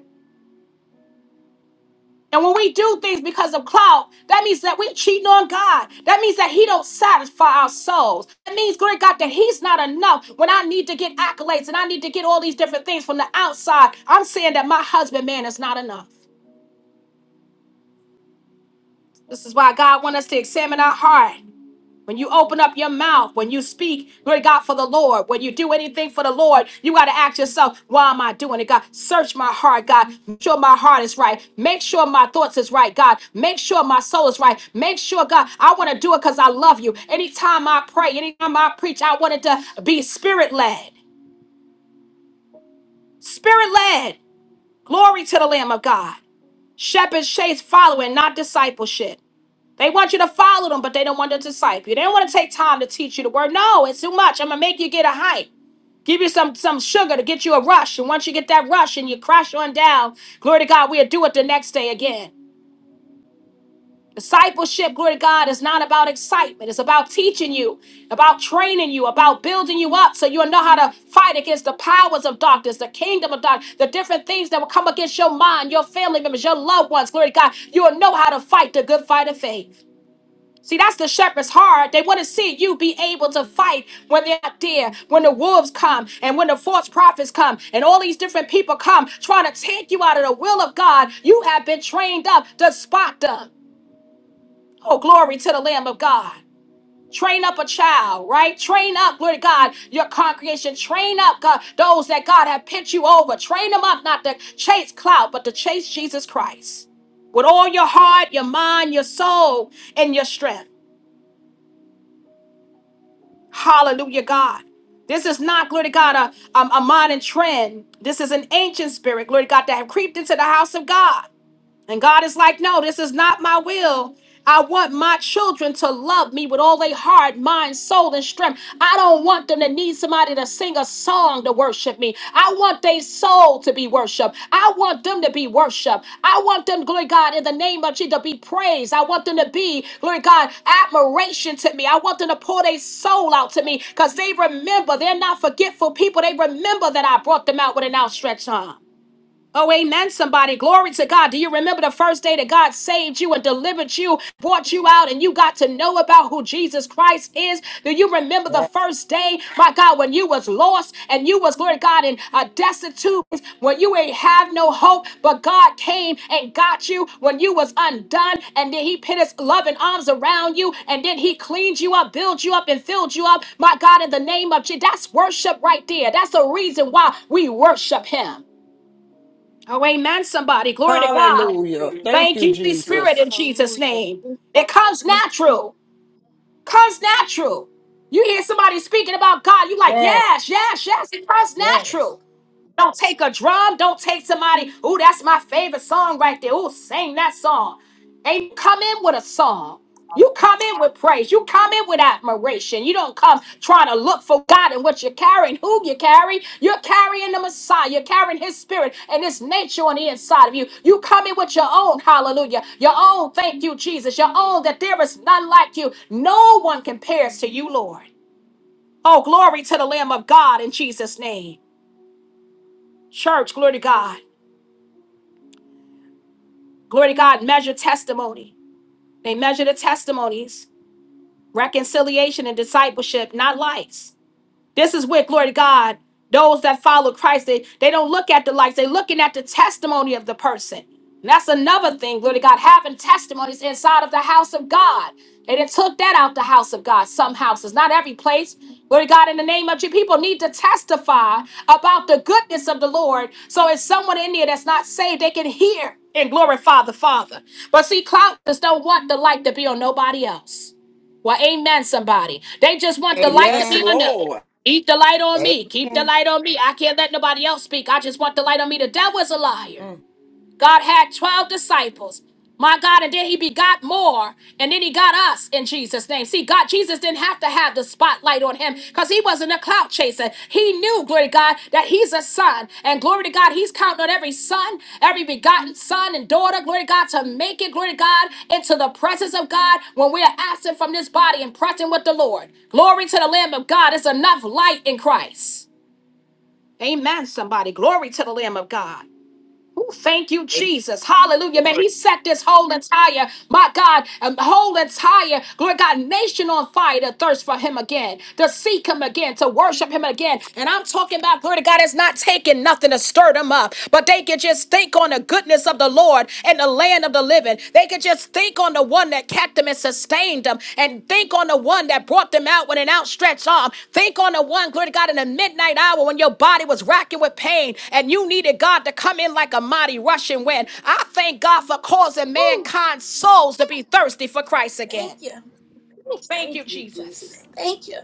S1: And when we do things because of clout, that means that we're cheating on God. That means that He don't satisfy our souls. That means, great God, that He's not enough when I need to get accolades and I need to get all these different things from the outside. I'm saying that my husband, man, is not enough. This is why God wants us to examine our heart. When you open up your mouth, when you speak, glory to God, for the Lord, when you do anything for the Lord, you got to ask yourself, why am I doing it, God? Search my heart, God. Make sure my heart is right. Make sure my thoughts is right, God. Make sure my soul is right. Make sure, God, I want to do it because I love you. Anytime I pray, anytime I preach, I want it to be spirit led. Spirit led. Glory to the Lamb of God. Shepherds chase following, not discipleship. They want you to follow them, but they don't want to disciple you. They don't want to take time to teach you the word. No, it's too much. I'm gonna make you get a hype. Give you some some sugar to get you a rush. And once you get that rush and you crash on down, glory to God, we'll do it the next day again. Discipleship, glory to God, is not about excitement. It's about teaching you, about training you, about building you up so you'll know how to fight against the powers of darkness, the kingdom of darkness, the different things that will come against your mind, your family members, your loved ones. Glory to God. You will know how to fight the good fight of faith. See, that's the shepherd's heart. They want to see you be able to fight when they're not there, when the wolves come, and when the false prophets come, and all these different people come trying to take you out of the will of God. You have been trained up to spot them. Oh, glory to the Lamb of God. Train up a child, right? Train up, glory to God, your congregation. Train up God, those that God have picked you over. Train them up not to chase clout, but to chase Jesus Christ. With all your heart, your mind, your soul, and your strength. Hallelujah, God. This is not, glory to God, a, a, a modern trend. This is an ancient spirit, glory to God, that have creeped into the house of God. And God is like, no, this is not my will. I want my children to love me with all their heart, mind, soul, and strength. I don't want them to need somebody to sing a song to worship me. I want their soul to be worshiped. I want them to be worshiped. I want them, glory God, in the name of Jesus, to be praised. I want them to be, glory God, admiration to me. I want them to pour their soul out to me because they remember. They're not forgetful people. They remember that I brought them out with an outstretched arm. Oh, amen, somebody. Glory to God. Do you remember the first day that God saved you and delivered you, brought you out, and you got to know about who Jesus Christ is? Do you remember the
S2: Yes.
S1: first day, my God, when you was lost and you was, glory to God, in a destitute, when you ain't have no hope, but God came and got you when you was undone, and then he put his loving arms around you, and then he cleaned you up, built you up, and filled you up, my God, in the name of Jesus. That's worship right there. That's the reason why we worship him. Oh, amen, somebody. Glory to God.
S3: Hallelujah. Thank
S1: Thank
S3: you,
S1: you, Holy Spirit,
S3: Jesus.
S1: in Jesus'
S2: Hallelujah.
S1: name.
S2: Thank
S1: It comes
S2: you.
S1: natural. Comes natural. You hear somebody speaking about God, you like,
S2: Yes.
S1: yes, yes, yes, it comes natural.
S2: Yes.
S1: Don't take a drum. Don't take somebody. Ooh, that's my favorite song right there. Ooh, sing that song. And you come in with a song. You come in with praise. You come in with admiration. You don't come trying to look for God and what you're carrying, who you carry. You're carrying the Messiah. You're carrying His Spirit and His nature on the inside of you. You come in with your own hallelujah, your own thank you, Jesus, your own that there is none like you. No one compares to you, Lord. Oh, glory to the Lamb of God in Jesus' name. Church, glory to God. glory to God, measure testimony. They measure the testimonies, reconciliation, and discipleship, not lights. This is where, glory to God, those that follow Christ, they, they don't look at the likes, they're looking at the testimony of the person. And that's another thing, glory to God, having testimonies inside of the house of God. They done took that out the house of God, some houses, not every place. Glory to God, in the name of you, people need to testify about the goodness of the Lord. So if someone in there that's not saved, they can hear and glorify the Father. But see, clouters don't want the light to be on nobody else. Well, amen, somebody. They just want the light to
S3: Yes,
S1: be
S2: Amen.
S1: under.
S3: Lord.
S1: Keep the light on me. Keep the
S2: Amen.
S1: light on me. I can't let nobody else speak. I just want the light on me. The devil's a liar.
S2: Mm.
S1: God had 12 disciples. My God, and then he begot more, and then he got us in Jesus' name. See, God, Jesus didn't have to have the spotlight on him because he wasn't a clout chaser. He knew, glory to God, that he's a son. And glory to God, he's counting on every son, every begotten son and daughter, glory to God, to make it, glory to God, into the presence of God when we are absent from this body and present with the Lord. Glory to the Lamb of God. It's enough light in Christ. Amen, somebody. Glory to the Lamb of God. Ooh, thank you,
S2: Amen.
S1: Jesus. Hallelujah, man.
S2: Glory.
S1: He set this whole entire, my God, um, whole entire, glory God, nation on fire to thirst for him again, to seek him again, to worship him again. And I'm talking about, glory to God, it's not taking nothing to stir them up, but they can just think on the goodness of the Lord and the land of the living. They could just think on the one that kept them and sustained them, and think on the one that brought them out with an outstretched arm. Think on the one, glory to God, in the midnight hour when your body was racking with pain and you needed God to come in like a mighty rushing wind. I thank God for causing
S2: Woo.
S1: mankind's souls to be thirsty for Christ
S2: Thank
S1: again.
S2: you.
S1: Thank
S2: Thank
S1: you,
S2: you,
S1: Jesus.
S2: Jesus. Thank you.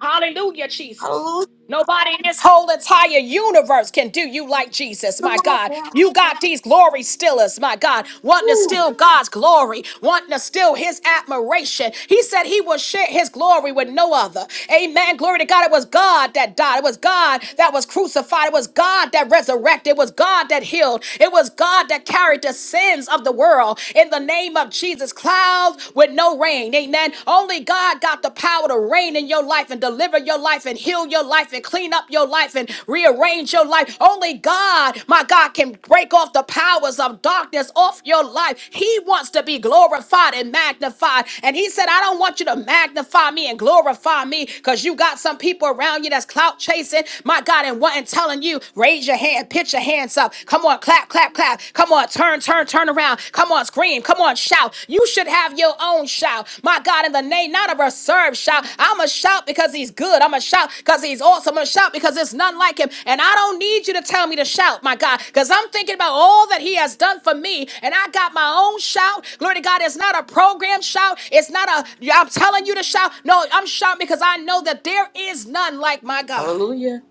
S1: Hallelujah, Jesus.
S2: Hallelujah.
S1: Nobody in this whole entire universe can do you like Jesus,
S2: Come
S1: my
S2: on
S1: God.
S2: now.
S1: You got these glory stealers, my God, wanting to
S2: Woo.
S1: steal God's glory, wanting to steal his admiration. He said he will share his glory with no other. Amen. Glory to God. It was God that died. It was God that was crucified. It was God that resurrected. It was God that healed. It was God that carried the sins of the world in the name of Jesus. Cloud clouds with no rain. Amen. Only God got the power to reign in your life and deliver your life and heal your life and clean up your life and rearrange your life. Only God, my God, can break off the powers of darkness off your life. He wants to be glorified and magnified. And He said, I don't want you to magnify me and glorify me because you got some people around you that's clout chasing, my God, and wanting telling you, raise your hand, put your hands up. Come on, clap clap, clap. clap. Come on, turn, turn, turn around. Come on, scream. Come on, shout. You should have your own shout. My God, in the name, not a reserved shout. I'm a shout because he's good. I'm a shout because he's awesome. I'm a shout because there's none like him. And I don't need you to tell me to shout, my God, because I'm thinking about all that he has done for me. And I got my own shout. Glory to God. It's not a program shout. It's not a, I'm telling you to shout. No, I'm shouting because I know that there is none like my God.
S2: Hallelujah.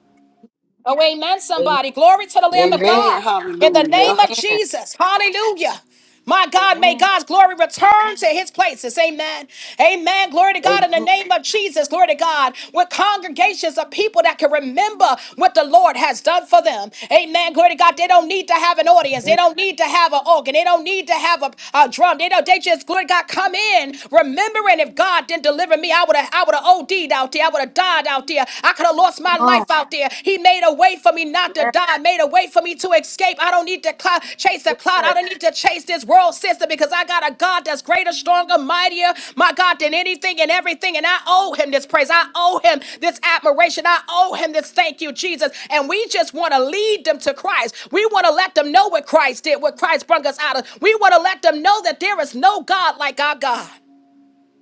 S1: Oh, amen,
S2: Amen.
S1: somebody. Glory to the Lamb of
S2: Amen.
S3: Amen.
S1: God. In the
S3: Hallelujah.
S1: name of
S2: Amen.
S1: Jesus. Hallelujah. My God, may
S2: Amen.
S1: God's glory return to his places. Amen. Amen. Glory to
S2: Amen.
S1: God in the name of Jesus. Glory to God. With congregations of people that can remember what the Lord has done for them. Amen. Glory to God. They don't need to have an audience. They
S2: Come
S1: don't need to have an organ. They don't need to have a, a drum. They don't, they just, glory to God, come in remembering if God didn't deliver me, I would have, I would have OD'd out there out there. I would have died out there. I could have lost my
S2: on.
S1: life out there. He made a way for me not to
S2: Yes.
S1: die, made a way for me to escape. I don't need to cloud, chase a cloud. I don't need to chase this world system because I got a God that's greater, stronger, mightier, my God, than anything and everything. And I owe him this praise. I owe him this admiration. I owe him this thank you, Jesus. And we just want to lead them to Christ. We want to let them know what Christ did, what Christ brought us out of. We want to let them know that there is no God like our God.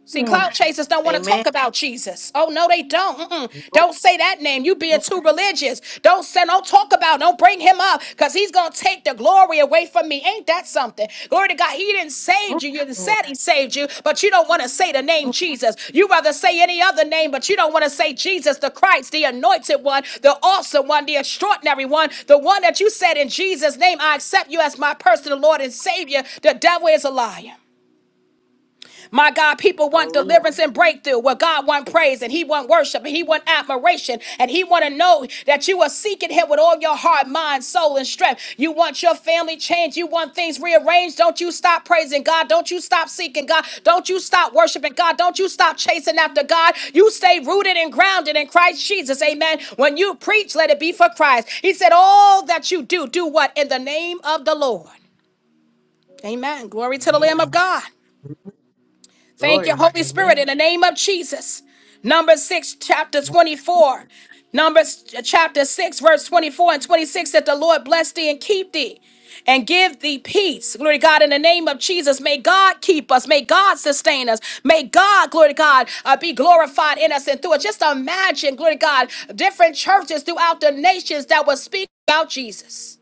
S1: See,
S2: Mm.
S1: cloud chasers don't want to
S2: Amen.
S1: talk about Jesus. Oh no, they don't. Mm-mm.
S2: Mm,
S1: Don't say that name. You
S2: mm,
S1: being too religious. Don't say. Don't talk about. Don't bring him up because he's gonna take the glory away from me. Ain't that something? Glory to God. He didn't
S2: mm,
S1: save you. You done said
S2: mm.
S1: he saved you, but you don't want to say the name Jesus. You rather say any other name, but you don't want to say Jesus the Christ, the Anointed One, the Awesome One, the Extraordinary One, the one that you said in Jesus' name, I accept you as my personal Lord and Savior. The devil is a liar. My God, people want
S2: Hallelujah.
S1: deliverance and breakthrough. Well, God want praise and He want worship and He want admiration and He want to know that you are seeking Him with all your heart, mind, soul, and strength. You want your family changed. You want things rearranged. Don't you stop praising God. Don't you stop seeking God. Don't you stop worshiping God. Don't you stop chasing after God. You stay rooted and grounded in Christ Jesus. Amen. When you preach, let it be for Christ. He said, All that you do, do what? In the name of the Lord. Amen. Glory to the Lamb of
S2: Amen.
S1: God. Thank you,
S2: Glory.
S1: Holy Spirit, in
S2: Amen.
S1: the name of Jesus. Numbers 6, chapter 24. Numbers ch- chapter 6, verse 24 and 26 that the Lord bless thee and keep thee and give thee peace. Glory to God, in the name of Jesus, may God keep us. May God sustain us. May God, glory to God, uh, be glorified in us and through us. Just imagine, glory to God, different churches throughout the nations that will speak about Jesus.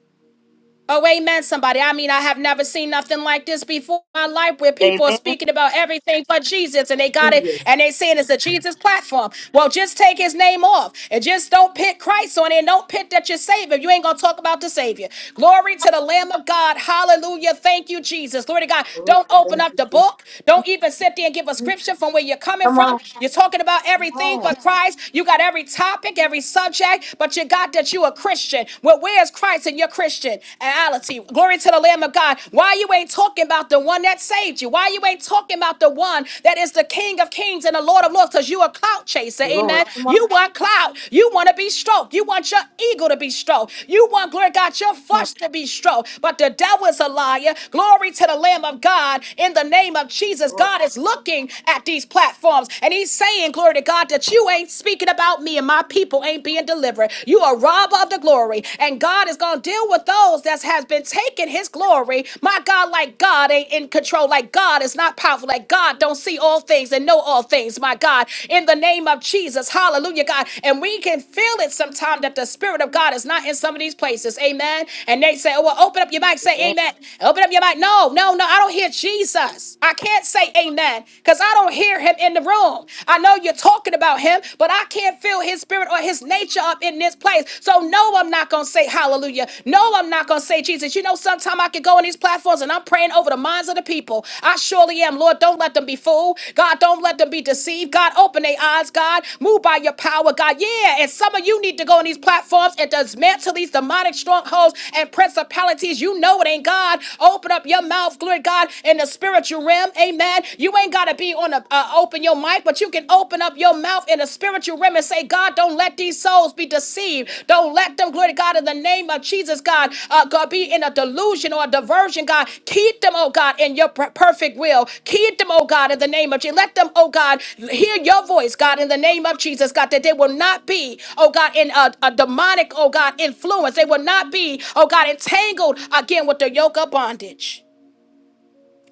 S1: Oh, amen, somebody. I mean, I have never seen nothing like this before in my life where people are
S2: Amen.
S1: speaking about everything but Jesus and they got it
S2: Jesus.
S1: and they saying it's a Jesus platform. Well, just take his name off and just don't pit Christ on it. And don't pit that you're Savior. You ain't going to talk about the Savior. Glory to the Lamb of God. Hallelujah. Thank you, Jesus. Glory to God.
S2: Lord,
S1: Don't open
S2: thank
S1: up
S2: you,
S1: the book. Don't even sit there and give a
S2: Jesus.
S1: scripture from where you're coming
S2: Come
S1: from.
S2: on,
S1: You're talking about
S2: come
S1: everything
S2: on,
S1: but Christ. You got every topic, every subject, but you got that you are Christian. Well, where's Christ in your Christian reality? Glory to the Lamb of God. Why you ain't talking about the one that saved you? Why you ain't talking about the one that is the King of Kings and the Lord of Lords? Because you a clout chaser,
S2: Lord,
S1: amen.
S2: come on,
S1: You want clout. You want to be stroked. You want your ego to be stroked. You want, glory to God, your
S2: come on,
S1: flesh to be stroked. But the devil is a liar. Glory to the Lamb of God. In the name of Jesus,
S2: Lord.
S1: God is looking at these platforms and he's saying, glory to God, that you ain't speaking about me me and my people ain't being delivered. You are robber of the glory. And God is going to deal with those that has been taking his glory. My God, like God ain't in control. Like God is not powerful. Like God don't see all things and know all things. My God, in the name of Jesus. Hallelujah, God. And we can feel it sometimes that the Spirit of God is not in some of these places. Amen. And they say, oh, well, open up your mic. Say
S2: Amen.
S1: amen. Open up your mic. No, no, no. I don't hear Jesus. I can't say amen because I don't hear him in the room. I know you're talking about him, but I can't feel his spirit or his nature up in this place. So, no, I'm not going to say hallelujah. No, I'm not going to say Jesus. You know, sometimes I can go on these platforms and I'm praying over the minds of the people. I surely am. Lord, don't let them be fooled. God, don't let them be deceived. God, open their eyes, God. Move by your power, God. Yeah, and some of you need to go on these platforms and dismantle these demonic strongholds and principalities. You know it ain't God. Open up your mouth, glory to God, in the spiritual realm. Amen. Amen. You ain't got to be on a uh, open your mic, but you can open up your mouth in a spiritual realm and say, God, don't let these souls be deceived. Don't let them, glory to God, in the name of Jesus, God, uh, God, be in a delusion or a diversion, God. Keep them, oh God, in your per- perfect will. Keep them, oh God, in the name of Jesus. Let them, oh God, hear your voice, God, in the name of Jesus, God, that they will not be, oh God, in a, a demonic, oh God, influence. They will not be, oh God, entangled again with the yoke of bondage.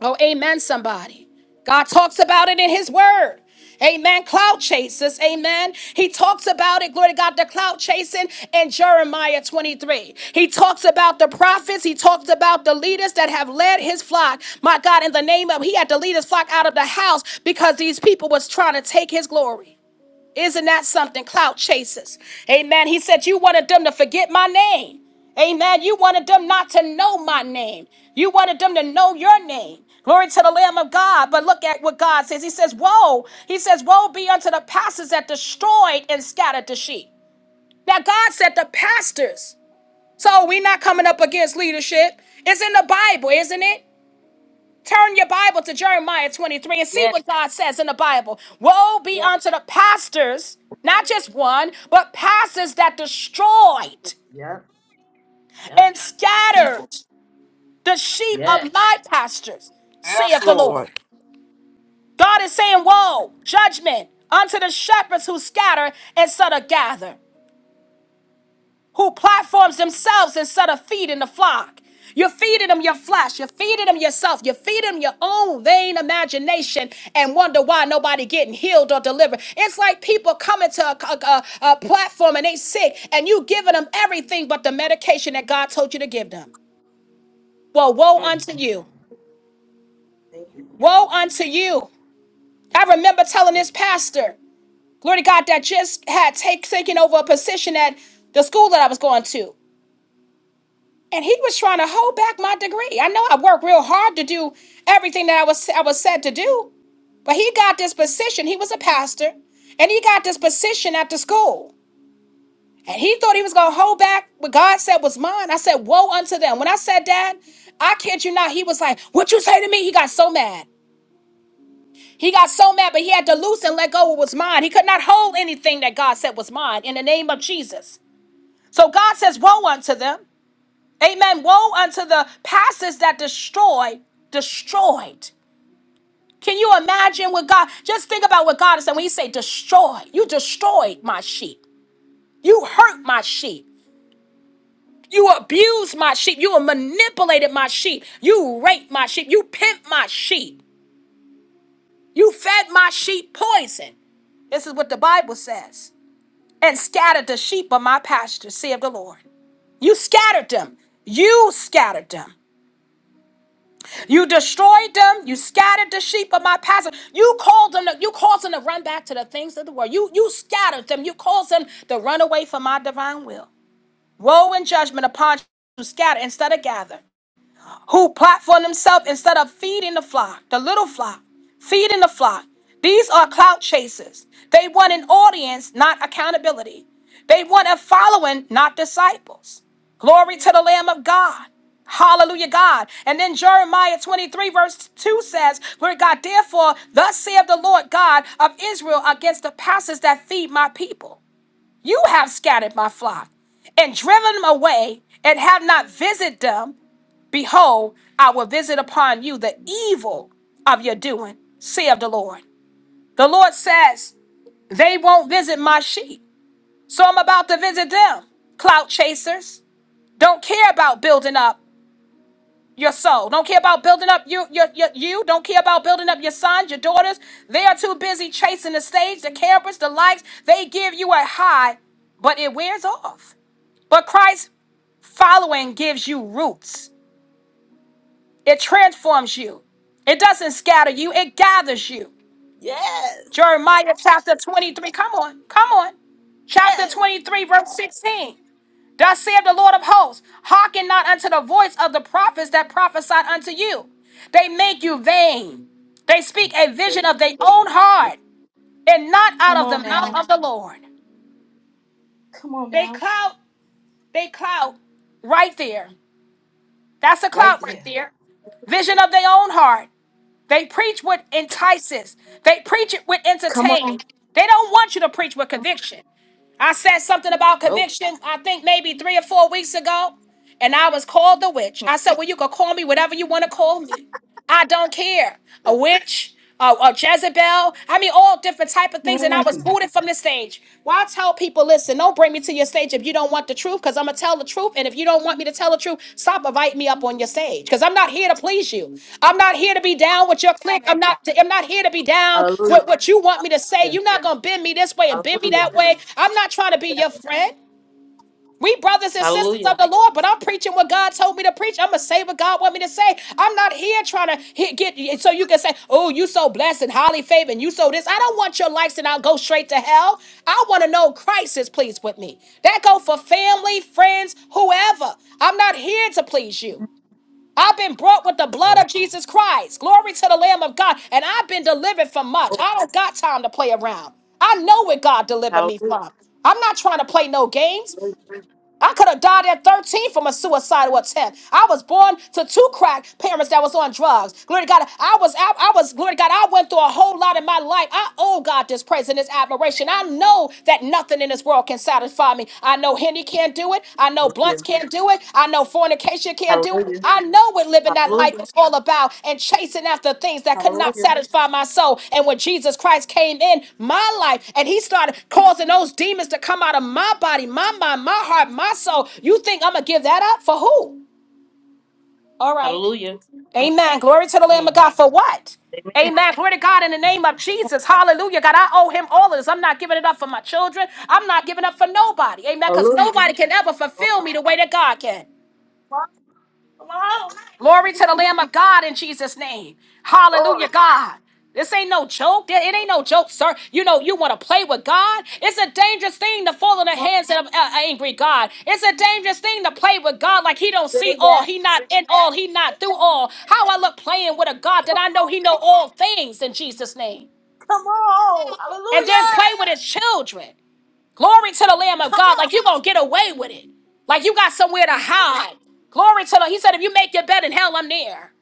S1: Oh, amen, somebody. God talks about it in his word. Amen. Cloud chasers. Amen. He talks about it. Glory to God. The cloud chasing in Jeremiah 23. He talks about the prophets. He talks about the leaders that have led his flock. My God, in the name of, he had to lead his flock out of the house because these people was trying to take his glory. Isn't that something? Clout chasers. Amen. He said, You wanted them to forget my name. Amen. You wanted them not to know my name. You wanted them to know your name. Glory to the Lamb of God. But look at what God says. He says, Woe. He says, Woe be unto the pastors that destroyed and scattered the sheep. Now, God said the pastors. So we're not coming up against leadership. It's in the Bible, isn't it? Turn your Bible to Jeremiah 23 and see
S2: Yes,
S1: what God says in the Bible. Woe be
S2: yes,
S1: unto the pastors, not just one, but pastors that destroyed
S2: yes, yes.
S1: and
S2: People,
S1: scattered the sheep of my
S2: yes.
S1: pastors,
S3: Yes,
S1: saith the Lord.
S3: Lord.
S1: God is saying, Woe, judgment unto the shepherds who scatter instead of gather. who platforms themselves instead of feeding the flock. You're feeding them your flesh. You're feeding them yourself. You're feeding them your own vain imagination and wonder why nobody getting healed or delivered. It's like people coming to a, a- a- a platform and they sick and you giving them everything but the medication that God told you to give them. Well, woe
S2: mm mm.
S1: unto you.
S2: Thank you, Lord.
S1: Woe
S2: Thank
S1: unto
S2: you.
S1: you. I remember telling
S2: Thank
S1: this
S2: you.
S1: pastor, glory to God, that just had take, taken over a position at the school that I was going to. and he was trying to hold back my degree. I know I worked real hard to do everything that I was I was said to do, but he got this position. He was a pastor, and he got this position at the school. And he thought he was gonna hold back what God said was mine. I said, "Woe unto them!" When I said that, I kid you not, he was like, "What you say to me?" He got so mad. He got so mad, but he had to loose and let go what was mine. He could not hold anything that God said was mine in the name of Jesus. So God says, "Woe unto them." Amen. Woe unto the pastors that destroy, destroyed. Can you imagine what God? Just think about what God is saying when He say destroy. You destroyed my sheep. You hurt my sheep. You abused my sheep. You manipulated my sheep. You raped my sheep. You pimped my sheep. You fed my sheep poison. This is what the Bible says. And scattered the sheep of my pasture, saith the Lord. You scattered them. You scattered them. You destroyed them. You scattered the sheep of my pasture. You called them. To, you caused them to run back to the things of the world. You you scattered them. You caused them to run away from my divine will. Woe and judgment upon you who scatter instead of gather who platform for themselves instead of feeding the flock, the little flock, feeding the flock. These are clout chasers. They want an audience, not accountability. They want a following, not disciples. Glory to the Lamb of God. Hallelujah, God. And then Jeremiah 23, verse 2 says, Where God, therefore, thus saith the Lord God of Israel against the pastors that feed my people. You have scattered my flock and driven them away and have not visited them. Behold, I will visit upon you the evil of your doing, saith the Lord. The Lord says, They won't visit my sheep, so I'm about to visit them. Clout chasers don't care about building up your soul, don't care about building up you, your, your, you, don't care about building up your sons, your daughters. They are too busy chasing the stage, the campers, the likes. They give you a high, but it wears off. But Christ following gives you roots. It transforms you. It doesn't scatter you, it gathers you.
S2: Yes,
S1: Jeremiah chapter 23. Come on, come on. Chapter
S2: yes.
S1: 23, verse 16. Thus saith the Lord of hosts, hearken not unto the voice of the prophets that prophesied unto you. They make you vain. They speak a vision
S2: They
S1: of their own heart, and not out
S2: come
S1: of the
S2: on
S1: mouth
S2: now,
S1: of the Lord.
S2: come on
S1: They
S2: now,
S1: clout, they clout right there. That's a
S2: right
S1: clout right
S2: there.
S1: there. Vision of their own heart They preach what entices. They preach it with
S2: Come
S1: entertaining.
S2: on,
S1: They don't want you to preach with
S2: come on.
S1: conviction. I said something about
S2: Nope.
S1: conviction, I think maybe three or four weeks ago, and I was called the witch. I said, Well, you can call me whatever you want to call me. I don't care. A witch, a, a Jezebel. I mean, all different type of things. And I was
S2: Mm.
S1: booted from the stage. Well, I tell people, listen, don't bring me to your stage if you don't want the truth, because I'm gonna tell the truth. And if you don't want me to tell the truth, stop inviting me up on your stage, because I'm not here to please you. I'm not here to be down with your clique. I'm not. I'm not here to be down
S2: Hallelujah.
S1: with what you want me to say.
S2: Hallelujah.
S1: You're not gonna bend me this way and bend me that
S2: Hallelujah.
S1: way. I'm not trying to be your friend. We brothers and sisters
S2: Hallelujah.
S1: of the Lord, but I'm preaching what God told me to preach. I'm gonna say what God want me to say. I'm not here trying to hit, get so you can say, "Oh, you so blessed and highly favored, and you so this." I don't want your likes, and I'll go straight to hell. I want to know Christ is pleased with me. That go for family, friends, whoever. I'm not here to please you. I've been brought with the blood of
S2: Hallelujah.
S1: Jesus Christ. Glory to the Lamb of God. And I've been delivered from much. I don't got time to play around. I know what God delivered me from. I'm not trying to play no games.
S2: Hallelujah.
S1: I could have died at 13 from a suicidal attempt. I was born to two crack parents that was on drugs. Glory to God. I was out. I was, glory to God, I went through a whole lot in my life. I owe God this praise and this admiration. I know that nothing in this world can satisfy me. I know Henny can't do it. I know Blunts
S2: Hallelujah.
S1: can't do do it. I know fornication can't do it.
S2: Hallelujah.
S1: I know what living that life
S2: Hallelujah.
S1: is all about and chasing after things that could not
S2: Hallelujah.
S1: satisfy my soul. And when Jesus Christ came in my life and he started causing those demons to come out of my body, my mind, my heart, my soul, you think I'm going to give that up for who? All right.
S2: Hallelujah.
S1: Amen. Glory to the Lamb of
S2: Mm.
S1: God for what? Amen. Glory to God in the name of Jesus. Hallelujah. God, I owe him all of this. I'm not giving it up for my children. I'm not giving up for nobody. Amen. Because nobody
S2: Hallelujah.
S1: can ever
S2: Oh
S1: fulfill
S2: my
S1: me the way that God can.
S2: God. Come on.
S1: Glory to the Lamb of God in Jesus' name. Hallelujah,
S2: Glory.
S1: God. This ain't no joke. That- It ain't no joke, sir. You know, you want to play with God. It's a dangerous thing to fall in the
S2: Come on.
S1: hands of an angry God. It's a dangerous thing to play with God like he don't see
S2: Say
S1: all.
S2: that.
S1: He not in all. He not through all. How I look playing with a God that
S2: Come
S1: I know
S2: on.
S1: he know all things in Jesus' name.
S2: Come on.
S1: And then
S2: Hallelujah.
S1: play with his children. Glory to the Lamb of
S2: Come
S1: God.
S2: on.
S1: Like you going to get away with it. Like you got somewhere to hide. Glory to the, he said, if you make your bed in hell, I'm there.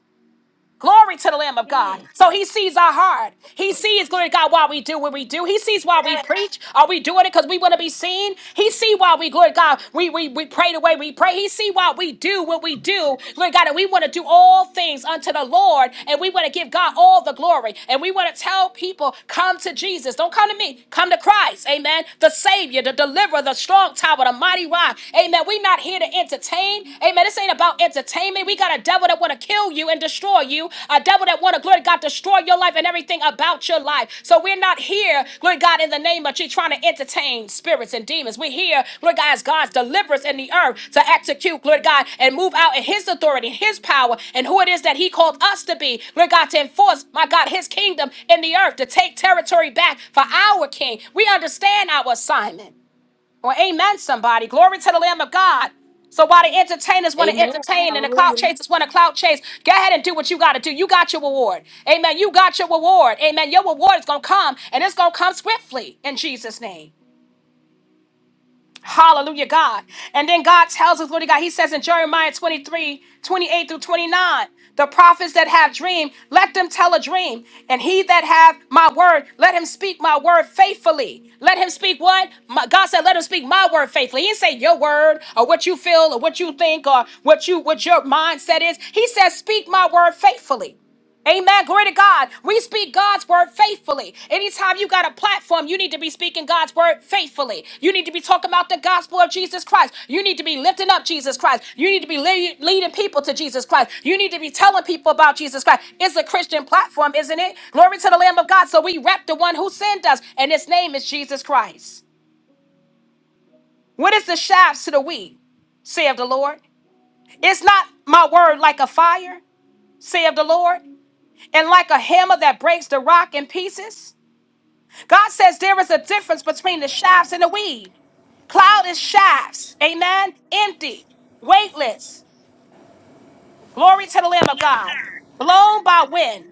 S1: Glory to the Lamb of God.
S2: Mm.
S1: So he sees our heart. He sees, glory to God, why we do what we do. He sees why we
S2: Yeah.
S1: preach. Are we doing it because we want to be seen? He see why we, glory to God, we, we, we pray the way we pray. He see why we do what we do. Glory to God, and we want to do all things unto the Lord, and we want to give God all the glory. And we want to tell people, come to Jesus. Don't come to me. Come to Christ. Amen. The Savior, the deliverer, the strong tower, the mighty rock. Amen. We're not here to entertain entertained. Amen. This ain't about entertainment. We got a devil that want to kill you and destroy you. A devil that want to, glory to God, destroy your life and everything about your life. So we're not here, glory to God, in the name of you trying to entertain spirits and demons. We're here, glory to God, as God's deliverance in the earth to execute, glory to God, and move out in his authority, his power, and who it is that he called us to be, glory to God, to enforce, my God, his kingdom in the earth, to take territory back for our king. We understand our assignment. Well, amen, somebody. Glory to the Lamb of God. So while the entertainers want to
S2: Amen.
S1: entertain and the clout
S2: Hallelujah.
S1: chasers want to clout chase, go ahead and do what you got to do. You got your reward. Amen. You got your reward. Amen. Your reward is going to come and it's going to come swiftly in Jesus' name. Hallelujah, God. And then God tells us, Lord God, He says in Jeremiah 23, 28 through 29, the prophets that have dream, let them tell a dream. And he that have my word, let him speak my word faithfully. Let him speak what? My, God said, let him speak my word faithfully. He didn't say your word or what you feel or what you think or what you what your mindset is. He says, speak my word faithfully. Amen. Glory to God. We speak God's word faithfully. Anytime you got a platform, you need to be speaking God's word faithfully. You need to be talking about the gospel of Jesus Christ. You need to be lifting up Jesus Christ. You need to be le- leading people to Jesus Christ. You need to be telling people about Jesus Christ. It's a Christian platform, isn't it? Glory to the Lamb of God. So we rep the one who sent us, and his name is Jesus Christ. What is the shafts to the wheat? saith the Lord. It's not my word like a fire, saith the Lord and like a hammer that breaks the rock in pieces. God says there is a difference between the shafts and the weed. Cloud is shafts, amen, empty, weightless. Glory to the Lamb of God, blown by wind.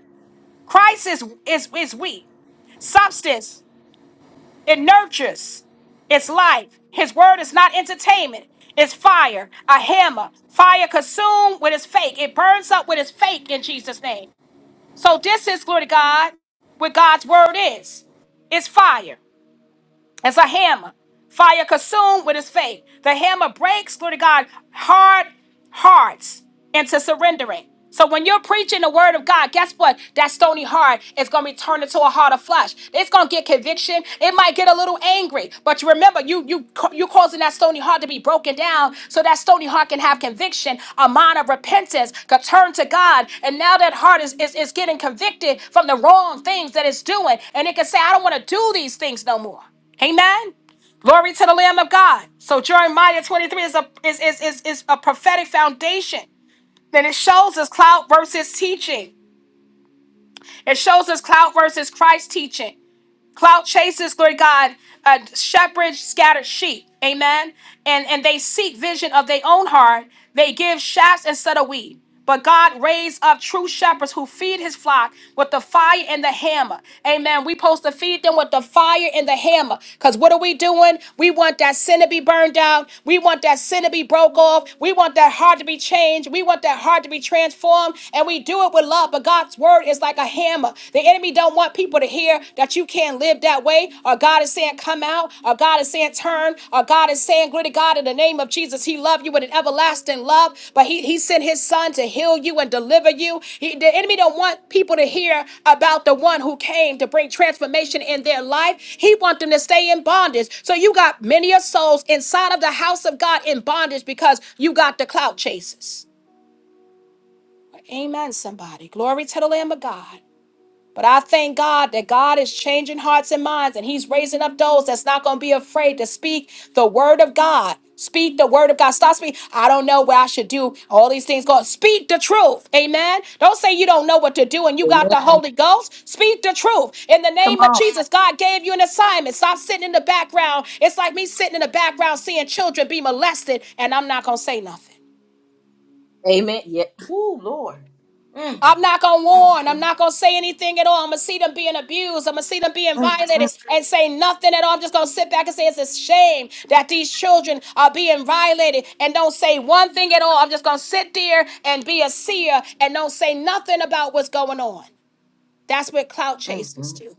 S1: Christ is, is, is wheat, substance, it nurtures, it's life. His word is not entertainment. It's fire, a hammer. Fire consumed with its fake. It burns up with its fake in Jesus' name. So this is glory to God, what God's word is. It's fire. It's a hammer. Fire consumed with his faith. The hammer breaks, glory to God, hard hearts into surrendering. So when you're preaching the word of God, guess what? That stony heart is going to be turned into a heart of flesh. It's going to get conviction. It might get a little angry, but you remember you you you causing that stony heart to be broken down, so that stony heart can have conviction, a mind of repentance, can turn to God, and now that heart is is, is getting convicted from the wrong things that it's doing, and it can say, I don't want to do these things no more. Amen. Glory to the Lamb of God. So Jeremiah 23 is a is is is, is a prophetic foundation. Then it shows us cloud versus teaching. It shows us cloud versus Christ teaching. Cloud chasers, Lord God, uh, shepherds scattered sheep. Amen. And and they seek vision of their own heart. They give shafts instead of wheat. But God raised up true shepherds who feed his flock with the fire and the hammer. Amen. We supposed to feed them with the fire and the hammer. Because what are we doing? We want that sin to be burned out. We want that sin to be broke off. We want that heart to be changed. We want that heart to be transformed. And we do it with love. But God's word is like a hammer. The enemy don't want people to hear that you can't live that way, or God is saying, come out, or God is saying, turn, or God is saying, glory to God, in the name of Jesus, he loved you with an everlasting love, but he, he sent his son to heal you and deliver you. He, the enemy don't want people to hear about the one who came to bring transformation in their life. He wants them to stay in bondage. So you got many of souls inside of the house of God in bondage because you got the clout chasers. Amen, somebody. Glory to the Lamb of God. But I thank God that God is changing hearts and minds, and He's raising up those that's not going to be afraid to speak the word of God. Speak the word of God. Stop speaking. I don't know what I should do. All these things go. Speak the truth. Amen. Don't say you don't know what to do and you got the
S2: Amen.
S1: Holy Ghost. Speak the truth. In the
S2: Come
S1: name of
S2: on.
S1: Jesus, God gave you an assignment. Stop sitting in the background. It's like me sitting in the background seeing children be molested, and I'm not going to say nothing.
S2: Amen. Yeah. Woo, Lord. Mm.
S1: I'm not gonna
S2: Mm,
S1: warn. I'm
S2: mm,
S1: not gonna say anything at all. I'm gonna see them being abused. I'm gonna see them being
S2: Mm, mm.
S1: violated and say nothing at all. I'm just gonna sit back and say it's a shame that these children are being violated and don't say one thing at all. I'm just gonna sit there and be a seer and don't say nothing about what's going on. That's what clout
S2: mm,
S1: chasers
S2: mm,
S1: do.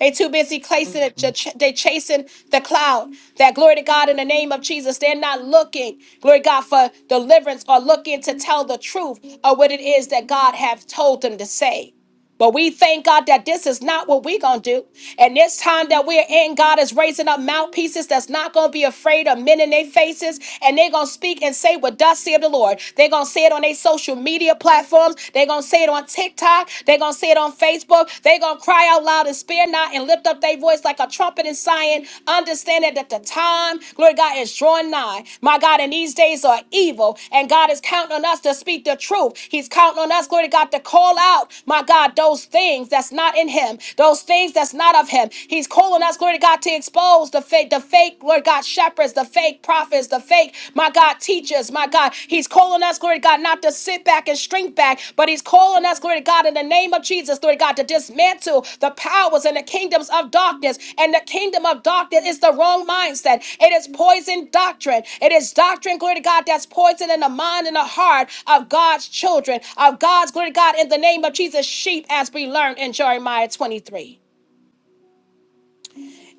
S1: They too busy
S2: mm,
S1: chasing it,
S2: mm.
S1: ch- ch- they chasing the cloud. That glory to God in the name of Jesus. They're not looking, glory to God, for deliverance or looking to tell the truth of what it is that God have told them to say. But we thank God that this is not what we're going to do. And this time that we're in, God is raising up mouthpieces that's not going to be afraid of men in their faces. And they're going to speak and say what thus saith the Lord. They're going to say it on their social media platforms. They're going to say it on TikTok. They're going to say it on Facebook. They're going to cry out loud and spare not and lift up their voice like a trumpet in Zion. Understand that understand that the time, glory to God, is drawing nigh. My God, and these days are evil, and God is counting on us to speak the truth. He's counting on us, glory to God, to call out, my God, those things that's not in Him, those things that's not of Him. He's calling us, glory to God, to expose the fake, the fake, Lord God, shepherds, the fake prophets, the fake, my God, teachers, my God. He's calling us, glory to God, not to God, to sit back and shrink back, but He's calling us, glory to God, in the name of Jesus, glory to God, to dismantle the powers and the kingdoms of darkness. And the kingdom of darkness is the wrong mindset. It is poison doctrine. It is doctrine, glory to God, that's poison in the mind and the heart of God's children, of God's, glory to God, in the name of Jesus, sheep, as we learned in Jeremiah 23.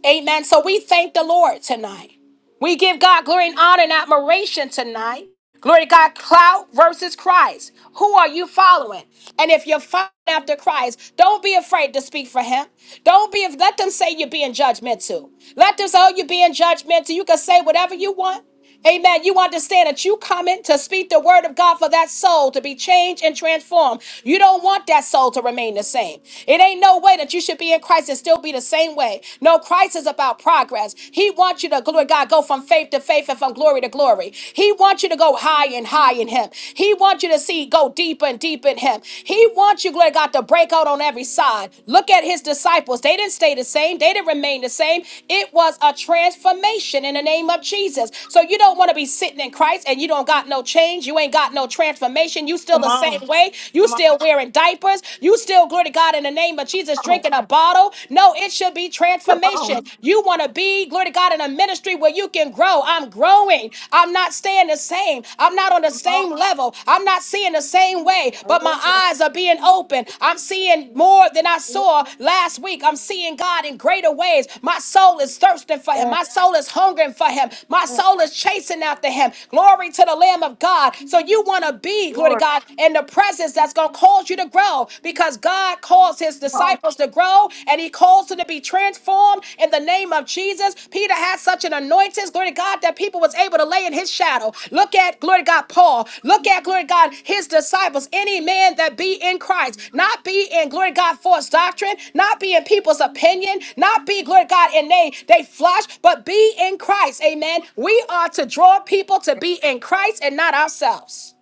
S1: Amen. So we thank the Lord tonight. We give God glory and honor and admiration tonight. Glory to God, clout versus Christ. Who are you following? And if you're following after Christ, don't be afraid to speak for him. Don't be, let them say you're being judgmental. Let them say, oh, you're being judgmental. You can say whatever you want. Amen. You understand that you coming to speak the word of God for that soul to be changed and transformed. You don't want that soul to remain the same. It ain't no way that you should be in Christ and still be the same way. No, Christ is about progress. He wants you to glory to God go from faith to faith and from glory to glory. He wants you to go high and high in him. He wants you to see go deeper and deeper in him. He wants you, glory to God, to break out on every side. Look at his disciples. They didn't stay the same, they didn't remain the same. It was a transformation in the name of Jesus. So you don't want to be sitting in Christ and you don't got no change. You ain't got no transformation. You still
S2: Come
S1: the same
S2: on.
S1: way. You
S2: Come on.
S1: still wearing diapers. You still, glory to God, in the name of Jesus, drinking
S2: Come
S1: a bottle. No, it should be transformation.
S2: on.
S1: You want to be, glory to God, in a ministry where you can grow. I'm growing. I'm not staying the same same. I'm not on the
S2: Come on.
S1: same level. I'm not seeing the same way, but my
S2: Hallelujah.
S1: eyes are being open. I'm seeing more than I saw last week. I'm seeing God in greater ways. My soul is thirsting for Him.
S2: Yeah,
S1: My soul is hungering for Him. My
S2: yeah.
S1: soul is chasing after Him. Glory to the Lamb of God. So you want to be, glory to
S2: Lord.
S1: God, in the presence that's going to cause you to grow because God calls His
S2: Come on.
S1: disciples to grow and He calls souls to be transformed in the name of Jesus. Peter had such an anointing, glory to God, that people was able to lay in his shadow. Look at, glory to God, Paul. Look at, glory to God, his disciples. Any man that be in Christ, not be in, glory to God, false doctrine, not be in people's opinion, not be, glory to God, in they, they flesh, but be in Christ. Amen. We are to draw people to be in Christ and not ourselves.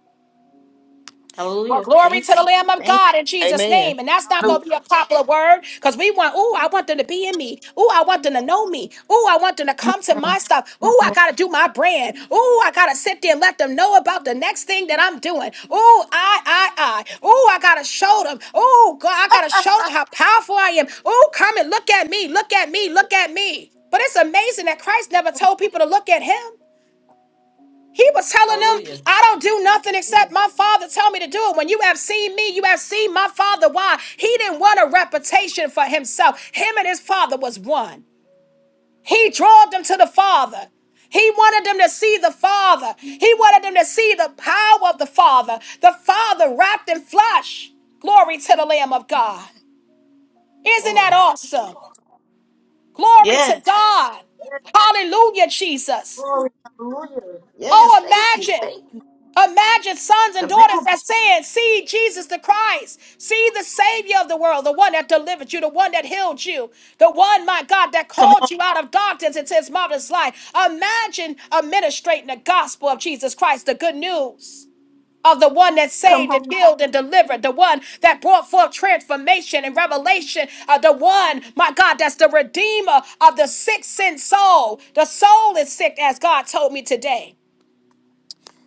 S1: Well,
S2: Hallelujah.
S1: glory to
S2: Thank
S1: the
S2: you.
S1: Lamb of
S2: Thank
S1: God in Jesus'
S3: Amen.
S1: name. And that's not going
S2: you!
S3: Hallelujah.
S1: to be a popular word because we want, ooh, I want them to be in me. Ooh, I want them to know me. Ooh, I want them to come to
S2: mm,
S1: my stuff.
S2: mm,
S1: Ooh, I got to do my brand. Ooh, I got to sit there and let them know about the next thing that I'm doing. Ooh, I, I, I. Ooh, I got to show them. Ooh, God, I got to show them how powerful I am. Ooh, come and look at me. Look at me. Look at me. But it's amazing that Christ never told people to look at him. He was telling them,
S2: Hallelujah.
S1: I don't do nothing except
S2: Hallelujah.
S1: my father tell me to do it. When you have seen me, you have seen my father. Why? He didn't want a reputation for himself. Him and his father was one. He drawed them to the father. He wanted them to see the father. He wanted them to see the power of the father. The father wrapped in flesh. Glory to the Lamb of God. Isn't that
S2: Glory. Thank you,
S1: awesome?
S2: Lord.
S1: Glory to
S2: Yes.
S1: God.
S2: Yes,
S1: Hallelujah, Jesus.
S2: glory. Hallelujah. Yes,
S1: Oh,
S2: thank you.
S1: imagine.
S2: Thank you.
S1: Imagine sons and daughters
S2: Imagine.
S1: that saying, see Jesus the Christ, see the Savior of the world, the one that delivered you, the one that healed you, the one, my God, that
S2: Come on.
S1: called you out of darkness into his marvelous light. Imagine administrating the gospel of Jesus Christ, the good news of the one that
S2: Come
S1: saved and
S2: on.
S1: healed and delivered, the one that brought forth transformation and revelation, uh, the one, my God, that's the redeemer of the sick sin soul. The soul is sick, as God told me today.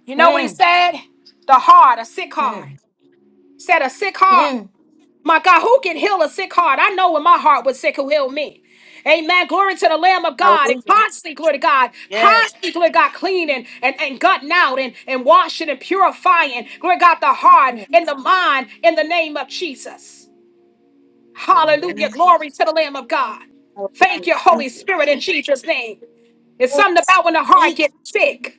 S1: You know what he
S2: Hmm.
S1: said? The heart, a sick
S2: Hmm.
S1: heart. Said a sick heart.
S2: Hmm.
S1: My God, who can heal a sick heart? I know when my heart was sick, who healed me. Amen. Glory to the Lamb of God. And
S2: Hallelujah.
S1: constantly, glory to God.
S2: Yes.
S1: Constantly, glory to God, cleaning and, and gutting out and, and washing and purifying. Glory to God, the heart
S2: Hmm.
S1: and the mind in the name of Jesus.
S2: In the name
S1: Hallelujah.
S2: of
S1: Glory
S2: Jesus.
S1: to the Lamb of God. Thank
S2: Hallelujah.
S1: you, Holy
S2: Thank you.
S1: Spirit, in
S2: Thank you.
S1: Jesus' name. It's
S2: Thank you.
S1: something about when the heart
S2: Thank you.
S1: gets sick.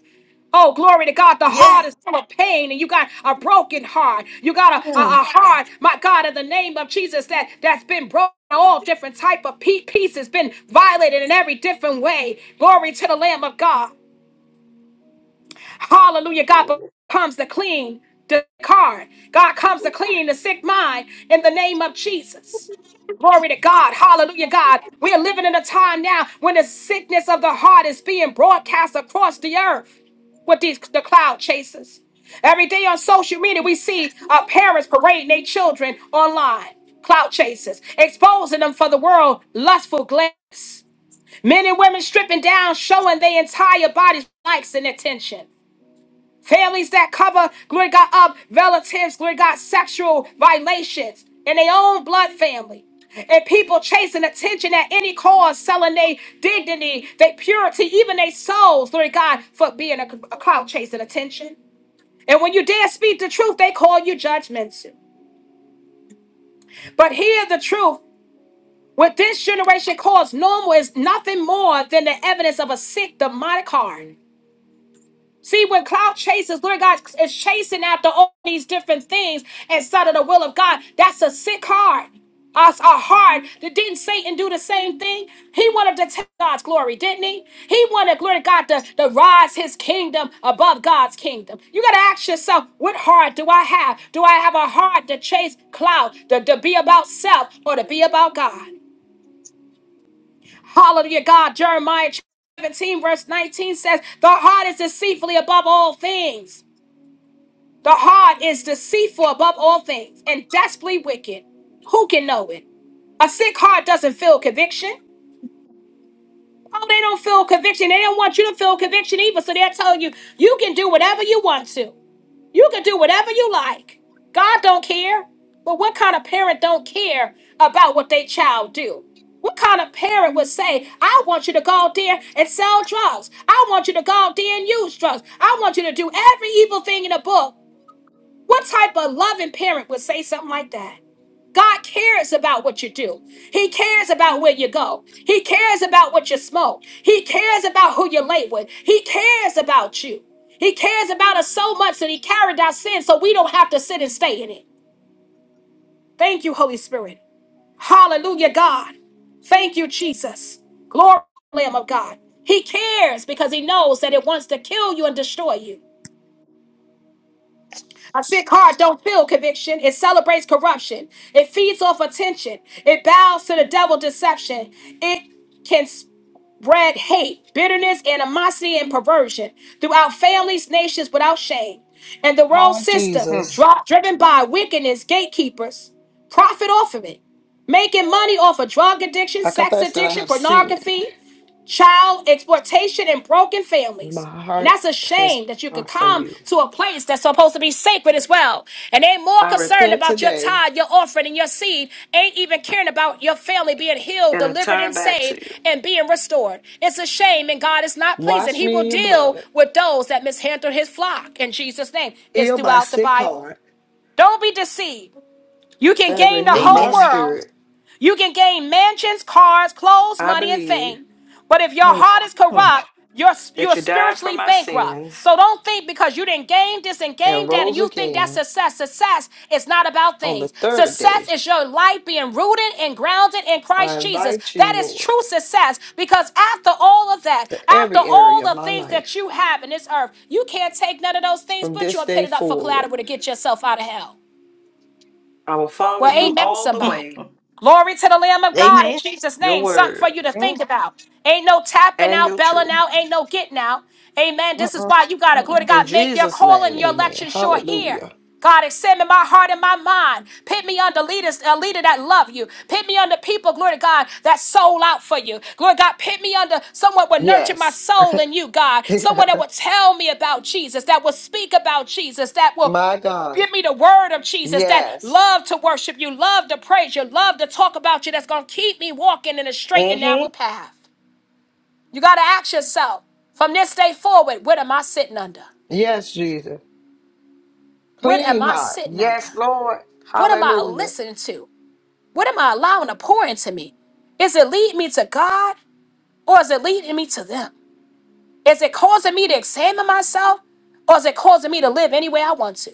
S1: Oh, glory to God. The
S2: Yes.
S1: heart is full of pain, and you got a broken heart. You got a, a,
S2: Hmm.
S1: a heart, my God, in the name of Jesus, that, that's been broken. All different type of pe- pieces been violated in every different way. Glory to the Lamb of God. Hallelujah. God
S2: Hallelujah.
S1: comes to clean the card. God comes to clean the sick mind in the name of Jesus. Glory to God. Hallelujah, God. We are living in a time now when the sickness of the heart is being broadcast across the earth with these the cloud chasers. Every day on social media, we see uh, parents parading their children online, cloud chasers, exposing them for the world lustful glance. Men and women stripping down, showing their entire bodies likes and attention. Families that cover, glory to God, up relatives, glory to God, sexual violations in their own blood family. And people chasing attention at any cost, selling their dignity, their purity, even their souls, glory to God, for being a, a crowd chasing attention. And when you dare speak the truth, they call you judgmental. But hear the truth. What this generation calls normal is nothing more than the evidence of a sick demonic heart. See, when cloud chasers, Lord God is chasing after all these different things inside of the will of God, that's a sick heart. Us a heart that didn't Satan do the same thing? He wanted to take God's glory, didn't he? He wanted glory to God to, to rise his kingdom above God's kingdom. You gotta ask yourself, what heart do I have? Do I have a heart to chase cloud, to, to be about self, or to be about God? Hallelujah, God, Jeremiah 17, verse 19 says, The heart is deceitfully above all things the heart is deceitful above all things and desperately wicked. Who can know it? A sick heart doesn't feel conviction. Oh, they don't feel conviction. They don't want you to feel conviction either. So they're telling you, you can do whatever you want to. You can do whatever you like. God don't care. But what kind of parent don't care about what their child do? What kind of parent would say, I want you to go out there and sell drugs. I want you to go out there and use drugs. I want you to do every evil thing in the book what type of loving parent would say something like that? God cares about what you do. He cares about where you go. He cares about what you smoke. He cares about who you're late with. He cares about you. He cares about us so much that He carried our sin so we don't have to sit and stay in it. Thank you, Holy Spirit. Hallelujah, God. Thank you, Jesus. Glory, Lamb of God. He cares because He knows that it wants to kill you and destroy you. A sick heart don't feel conviction. It celebrates corruption. It feeds off attention. It bows to the devil deception. It can spread hate, bitterness, animosity, and perversion throughout families, nations without shame. And the world
S3: Lord
S1: system,
S2: Hmm.
S1: dri-
S3: Jesus,
S1: driven by wickedness, gatekeepers, profit off of it, making money off of drug addiction,
S3: I
S1: sex
S3: confess that I
S1: addiction,
S3: have sinned.
S1: pornography child exploitation and broken
S3: and My
S1: families. And
S3: heart
S1: that's a
S3: has
S1: shame that you could
S3: turned from
S1: come
S3: you.
S1: to a place that's supposed to be sacred as well. And they are more
S3: I
S1: concerned
S3: repent
S1: about your
S3: today
S1: tithe, your offering, and your seed, ain't even caring about your family being healed,
S3: and I
S1: delivered, and
S3: turn back to
S1: saved,
S3: you.
S1: and being restored. It's a shame, and God is not pleased. And
S3: Wash
S1: He
S3: me
S1: will
S3: in your
S1: deal
S3: blood,
S1: with those that mishandle His flock in Jesus' name. It's
S3: heal my
S1: throughout the
S3: sick
S1: Bible.
S3: heart,
S1: Don't be deceived. You can
S3: and
S1: gain the
S3: renew
S1: whole
S3: my
S2: Amen.
S1: world
S3: spirit.
S1: you can gain mansions, cars, clothes,
S3: I
S1: money, and
S3: believe.
S1: fame. But if your
S2: Hmm.
S1: heart is
S2: Hmm.
S1: corrupt, you're,
S3: that
S1: you're
S3: you died for
S1: spiritually
S3: my
S1: bankrupt.
S3: sins
S1: So don't think because you didn't gain this and
S3: and
S1: gain that and
S3: rose
S1: you think that's
S3: again
S1: success. Success is not about
S3: on the
S1: things.
S3: third
S1: Success
S3: day.
S1: is your life being rooted and grounded in
S3: I
S1: Christ Jesus.
S3: invite you,
S1: That is
S3: Lord,
S1: true success because after all of that,
S3: to
S1: after
S3: every
S1: all
S3: area of
S1: the
S3: my
S1: things
S3: life
S1: that you have in this earth, you can't take none of those things,
S3: from
S1: but
S3: this
S1: you're
S3: day
S1: pitted up for
S3: forward.
S1: collateral to get yourself out of hell.
S3: I will follow
S1: Well,
S3: you
S2: Hmm.
S1: amen,
S3: all the
S1: somebody.
S3: way,
S1: Glory to the Lamb of God in
S2: Amen.
S1: Jesus'
S3: your
S1: name. Something for
S3: word
S1: you to
S2: Amen.
S1: think about. Ain't no tapping
S3: and your
S1: out, belling
S3: truth.
S1: out, ain't no getting out. Amen. This is
S2: Mm-mm.
S1: why you got to, glory to
S2: Mm-mm.
S3: In
S1: God, make your
S3: Jesus'
S1: call
S3: name,
S1: and your
S3: amen.
S1: election sure here.
S3: Hallelujah.
S1: God, examine my heart and my mind. Pit me under leaders, a leader that love you. Pit me under people, glory to God, that soul out for you. Glory to God, pit me under someone would nurture my
S3: Yes.
S1: soul in you, God. Someone that would tell me about Jesus, that will speak about Jesus, that will
S3: my God.
S1: Give me the word of Jesus that
S3: Yes.
S1: love to worship you, love to praise you, love to talk about you, that's going to keep me walking in a straight and
S3: hmm
S1: narrow path. You got to ask yourself from this day forward, what am I sitting under?
S3: Yes, Jesus.
S1: What am
S3: Clean
S1: I
S3: heart.
S1: sitting under?
S3: Yes, Lord.
S1: What am I
S3: Hallelujah.
S1: listening to? What am I allowing to pour into me? Is it leading me to God or is it leading me to them? Is it causing me to examine myself or is it causing me to live any way I want to?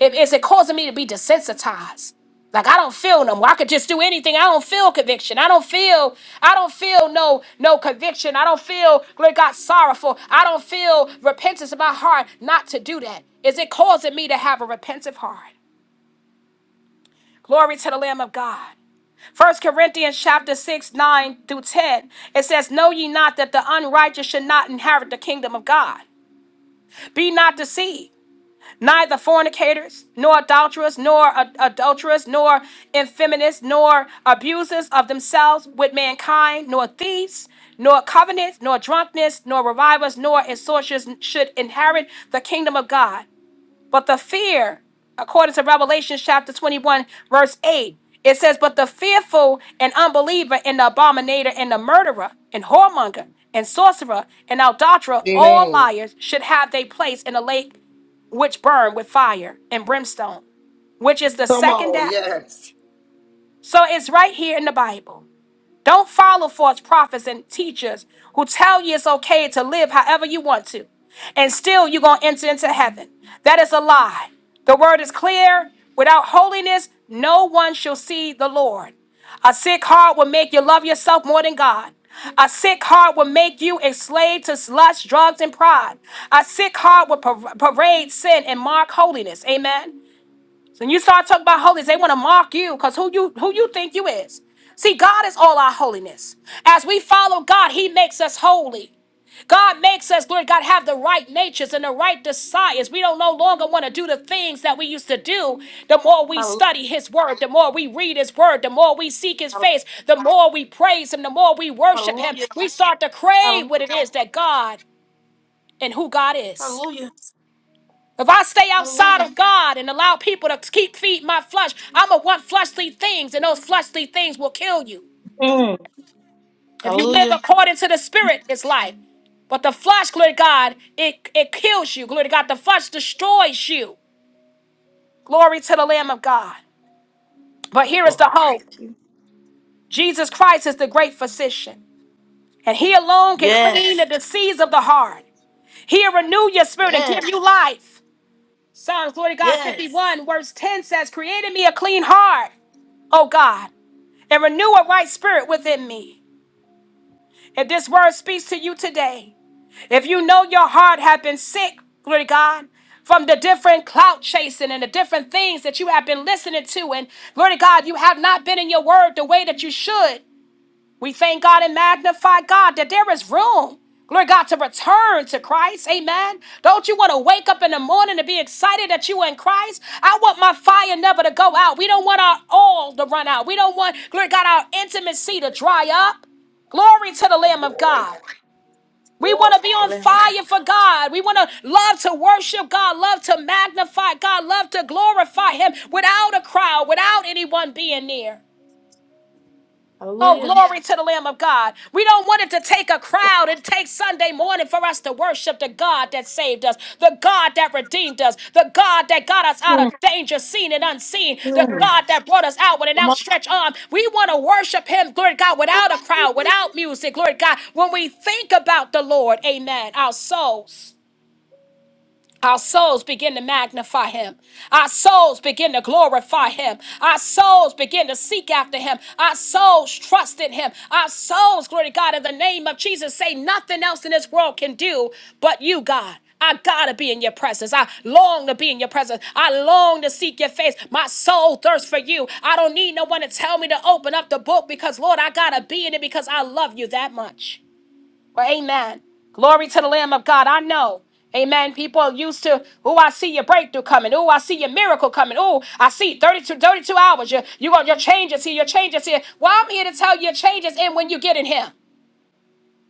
S1: It- Is it causing me to be desensitized? Like I don't feel no more. I could just do anything. I don't feel conviction. I don't feel. I don't feel no no conviction. I don't feel Lord God sorrowful. I don't feel repentance in my heart not to do that. Is it causing me to have a repentant heart? Glory to the Lamb of God. First Corinthians chapter 6, 9 through 10. It says, Know ye not that the unrighteous should not inherit the kingdom of God. Be not deceived. neither fornicators, nor adulterers, nor ad- adulterers, nor infeminists, nor abusers of themselves with mankind, nor thieves, nor covenants, nor drunkenness, nor revilers, nor extortioners should inherit the kingdom of God. But the fear, according to Revelation chapter 21, verse 8, it says, But the fearful and unbeliever and the abominator and the murderer and whoremonger and sorcerer and adulterer, all
S3: Amen.
S1: liars, should have their place in the lake which burn with fire and brimstone, which is the
S3: Come
S1: second
S3: on.
S1: death.
S3: Yes.
S1: So it's right here in the Bible. Don't follow false prophets and teachers who tell you it's okay to live however you want to, and still you're going to enter into heaven. That is a lie. The word is clear. Without holiness, no one shall see the Lord. A sick heart will make you love yourself more than God. A sick heart will make you a slave to lust, drugs, and pride. A sick heart will par- parade sin and mark holiness. Amen. Then you start talking about holiness, they want to mock you because who you who you think you is. See, God is all our holiness. As we follow God, He makes us holy. God makes us glory. God have the right natures and the right desires. We don't no longer want to do the things that we used to do. The more we
S2: Hallelujah.
S1: study His Word, the more we read His Word, the more we seek His face, the more we praise Him, the more we worship Him.
S2: Hallelujah.
S1: We start to crave
S2: Hallelujah.
S1: what it is that God and who God is.
S2: Hallelujah.
S1: If I stay outside
S2: Hallelujah.
S1: of God and allow people to keep feeding my flesh, I'm going to want fleshly things, and those fleshly things will kill you.
S2: Mm.
S1: If you live
S2: Hallelujah.
S1: according to the Spirit, it's life. But the flesh, glory to God, it, it kills you. Glory to God, the flesh destroys you. Glory to the Lamb of God. But here is the
S2: Glory. Thank
S1: hope
S2: you.
S1: Jesus Christ is the great physician, and He alone can clean
S2: Yes.
S1: the disease of the heart. He'll renew your spirit and give
S2: Yes.
S1: you life. Psalms, glory to God,
S2: Yes.
S1: 51, verse 10 says, Create in me a clean heart, O God and renew a right spirit within me. If this word speaks to you today, if you know your heart have been sick, glory to God, from the different clout chasing and the different things that you have been listening to, and glory to God, you have not been in your word the way that you should. We thank God and magnify God that there is room. Glory God to return to Christ. Amen. Don't you want to wake up in the morning and be excited that you are in Christ? I want my fire never to go out. We don't want our all to run out. We don't want, glory God, our intimacy to dry up. Glory to the
S2: The
S1: Lamb of
S2: joy.
S1: God. We want
S2: Glory.
S1: to be
S2: The
S1: on
S2: Lamb of God.
S1: fire for God. We want to love to worship God, love to magnify God, love to glorify Him without a crowd, without anyone being near. Oh,
S2: Hallelujah.
S1: glory to the Lamb of God. We don't want it to take a crowd and take Sunday morning for us to worship the God that saved us, the God that redeemed us, the God that got us out
S2: Amen.
S1: of danger, seen and unseen, the
S2: Amen.
S1: God that brought us out with an
S2: Come on.
S1: outstretched arm. We want to worship Him, glory to God, without a crowd, without music, glory to God. When we think about the Lord, amen, our souls. Our souls begin to magnify him. Our souls begin to glorify him. Our souls begin to seek after him. Our souls trust in him. Our souls, glory to God, in the name of Jesus, say nothing else in this world can do but you, God. I gotta be in your presence. I long to be in your presence. I long to seek your face. My soul thirsts for you. I don't need no one to tell me to open up the book because, Lord, I gotta be in it because I love you that much. Well, amen. Glory to the Lamb of God. I know. Amen. People are used to, oh, I see your breakthrough coming. Oh, I see your miracle coming. Oh, I see 32, 32 hours. Your, you, you- your changes here. Your changes here. Well, I'm here to tell you your changes in when you get in Him.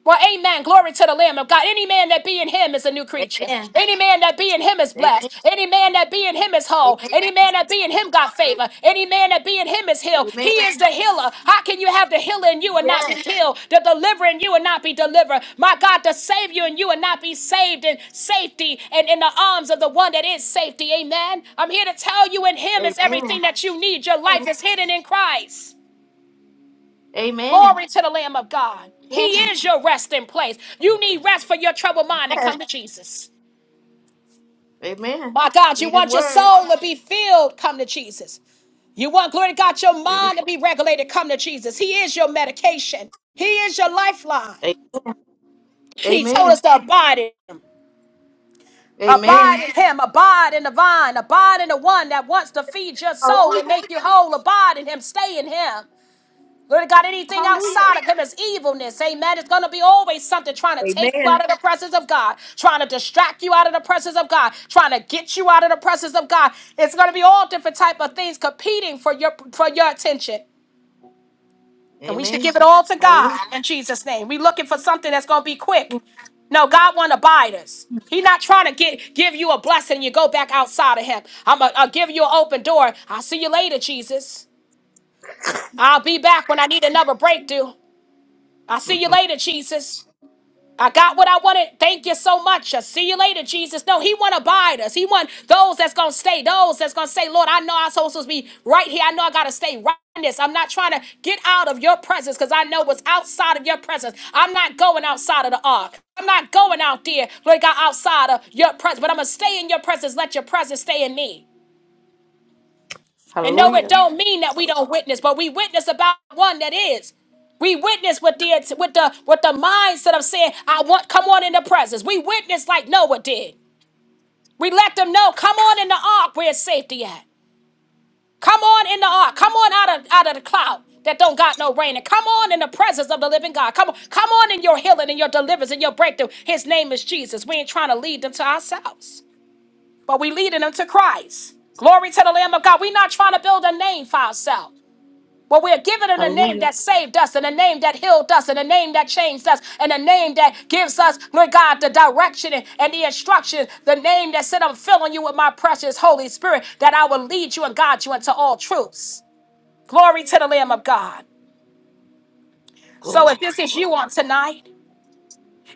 S1: Well, amen. Glory to the Lamb of God. Any man that be in him is a new creature.
S2: Amen.
S1: Any man that be in him is
S2: Amen.
S1: blessed. Any man that be in him is whole.
S2: Amen.
S1: Any man that be in him got favor. Any man that be in him is healed. He is
S2: Amen.
S1: the healer. How can you have the healer in you and not be
S2: Yes.
S1: healed? The deliverer in you and not be delivered. My God, the savior in you and not be saved in safety and in the arms of the one that is safety. Amen. I'm here to tell you in him is
S2: Amen.
S1: everything that you need. Your life
S2: Amen.
S1: is hidden in Christ.
S2: Amen.
S1: Glory to the Lamb of God. He is your resting place. You need rest for your troubled mind and come
S2: Yes.
S1: to Jesus.
S2: Amen.
S1: My God, you
S2: Read his
S1: want your
S2: word.
S1: soul to be filled, come to Jesus. You want, glory to God, your
S2: Read his
S1: mind to be regulated, come to Jesus. He is your medication, He is your lifeline.
S2: word. A-
S1: He told us
S2: Amen.
S1: to abide in Him,
S2: Amen.
S1: abide in Him, abide in the vine, abide in the one that wants to feed your soul and
S2: Hallelujah.
S1: make you whole. Abide in Him, stay in Him. Glory to God, anything
S2: Hallelujah.
S1: outside of him is evilness. Amen. It's going to be always something trying to take you out
S2: Amen.
S1: of the presence of God, trying to distract you out of the presence of God, trying to get you out of the presence of God. It's going to be all different type of things competing for your for your attention. And we should
S2: Amen.
S1: give it all to God
S2: Hallelujah.
S1: in Jesus' name. we looking for something that's going to be quick. No, God want abiders. He's not trying to get give you a blessing. and You go back outside of Him. I'm gonna will give you an open door. I'll see you later, Jesus. I'll be back when I need another breakthrough. I see you
S2: Mm-mm.
S1: later, Jesus. I got what I wanted. Thank you so much. I see you later, Jesus. No, he want to abide us. He want those that's going to stay, those that's going to say, Lord, I know I'm supposed to be right here. I know I got to stay right in this. I'm not trying to get out of your presence because I know what's outside of your presence. I'm not going outside of the ark. I'm not going out there, Lord God, outside of your presence, but I'm going to stay in your presence. Let your presence stay in me. And no, it
S2: Hallelujah.
S1: don't mean that we don't witness, but we witness about one that is. We witness with the with the with the mindset of saying, I want come on in the presence. We witness like Noah did. We let them know, come on in the ark where it's safety at. Come on in the ark. Come on out of out of the cloud that don't got no rain. And come on in the presence of the living God. Come on, come on in your healing and your deliverance and your breakthrough. His name is Jesus. We ain't trying to lead them to ourselves, but we leading them to Christ. Glory to the Lamb of God. We're not trying to build a name for ourselves. Well, we are given in a name
S2: Hallelujah.
S1: that saved us, and a name that healed us, and a name that changed us, and a name that gives us, Lord God, the direction and and the instructions. The name that said, I'm filling you with my precious Holy Spirit, that I will lead you and guide you into all truths. Glory to the Lamb of God. So
S2: Glory.
S1: if this is
S2: Glory.
S1: you on tonight,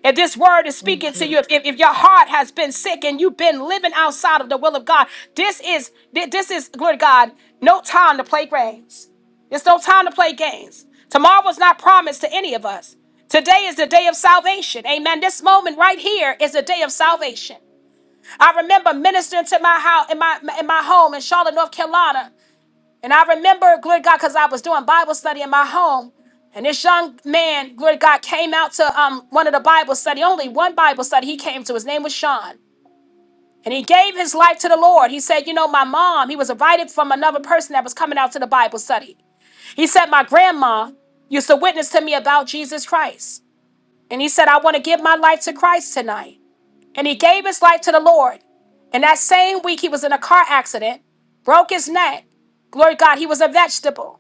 S1: if this word is speaking to
S2: Mm-mm.
S1: you, if, if, if your heart has been sick and you've been living outside of the will of God, this is thi- this is glory to God, no time to play games. It's no time to play games. Tomorrow was not promised to any of us. Today is the day of salvation. Amen. This moment right here is the day of salvation. I remember ministering to my house in my in my home in Charlotte, North Carolina. And I remember, glory to God, because I was doing Bible study in my home. And this young man, glory to God, came out to um, one of the Bible study, only one Bible study he came to. His name was Sean. And he gave his life to the Lord. He said, You know, my mom, he was invited from another person that was coming out to the Bible study. He said, My grandma used to witness to me about Jesus Christ. And he said, I want to give my life to Christ tonight. And he gave his life to the Lord. And that same week, he was in a car accident, broke his neck. Glory to God, he was a vegetable.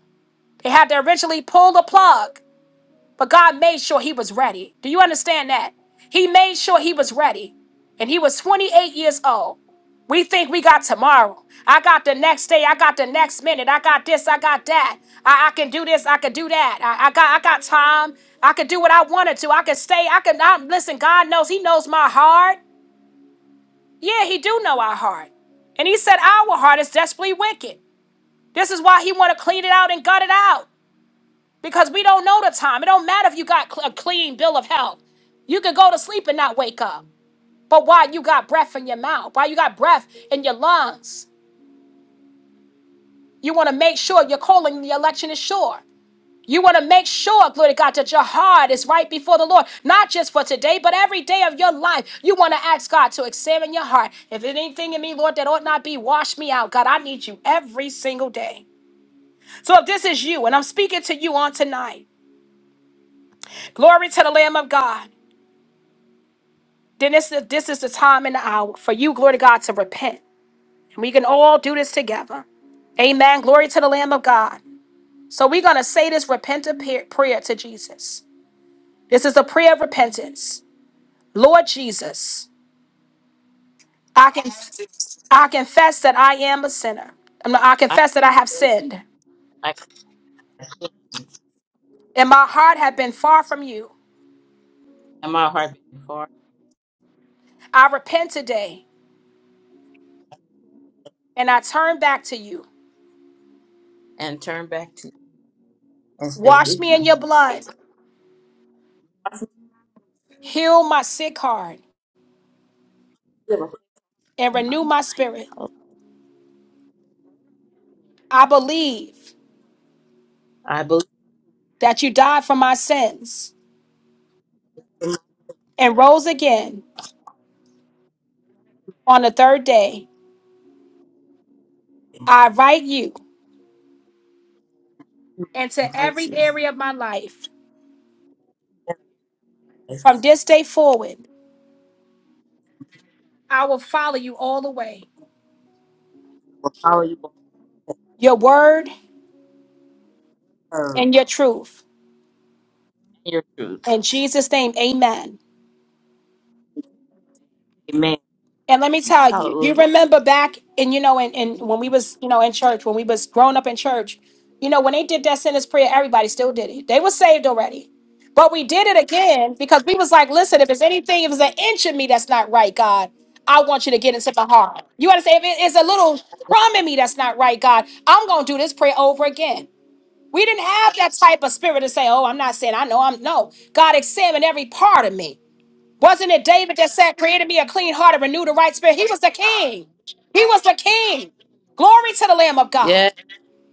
S1: He had to originally pull the plug, but God made sure he was ready. Do you understand that? He made sure he was ready, and he was 28 years old. We think we got tomorrow. I got the next day. I got the next minute. I got this. I got that. I, I can do this. I can do that. I, I got I got time. I can do what I wanted to. I can stay. I can I, listen. God knows. He knows my heart. Yeah, He do know our heart. And He said our heart is desperately wicked. This is why He want to clean it out and gut it out because we don't know the time. It don't matter if you got cl- a clean bill of health. You could go to sleep and not wake up. But while you got breath in your mouth, while you got breath in your lungs, you want to make sure you're calling the election is sure. You want to make sure, glory to God, that your heart is right before the Lord, not just for today, but every day of your life. You want to ask God to examine your heart. If there's anything in me, Lord, that ought not be, wash me out. God, I need you every single day. So if this is you, and I'm speaking to you on tonight, glory to the Lamb of God. Then this is, this is the time and the hour for you, glory to God, to repent. And we can all do this together. Amen. Glory to the Lamb of God. So we're going to say this repentant pa- prayer to Jesus. This is a prayer of repentance. Lord Jesus, I can I confess that I am a sinner. I'm not- I
S2: I
S1: confess that I have
S2: can
S1: sinned
S2: I
S1: and my heart have been far from you.
S2: can my heart beat before
S1: I repent today and I turn back to you.
S2: and turn back to and stay
S1: Wash
S2: with
S1: me in
S2: you.
S1: your
S2: Stay
S1: blood,
S2: with
S1: heal my sick heart,
S2: you
S1: and
S2: in my
S1: renew my
S2: mind.
S1: spirit. I believe
S2: I believe
S1: that you died for my sins
S2: in
S1: and rose again on the third day.
S2: you.
S1: I write you into
S2: Invite
S1: every
S2: you.
S1: area of my life.
S2: For
S1: From this day forward, I will follow you all the way.
S2: follow your
S1: Your word
S2: word
S1: and your truth.
S2: and your truth.
S1: In Jesus' name, amen.
S2: Amen.
S1: And let me
S2: Jesus.
S1: tell you, you
S2: Hallelujah.
S1: remember back in, you know, in, in when we
S2: Thank you.
S1: was, you know, in church, when we was growing up in church, you know, when they did that sinner's prayer, everybody still did it. They were saved already. But we did it again because we was like, listen, if it's anything, if it's an inch of me that's not right, God, I want you to get into my heart. You understand? If it is a little crumb in me that's not right, God, I'm gonna do this prayer over again. We didn't have that type of spirit to say, oh, I'm not saying I know I'm no. God examine every part of me. Wasn't it David that said, Created me a clean heart and renewed a right spirit? He was the king. He was the king. Glory to the Lamb of God.
S2: Yeah.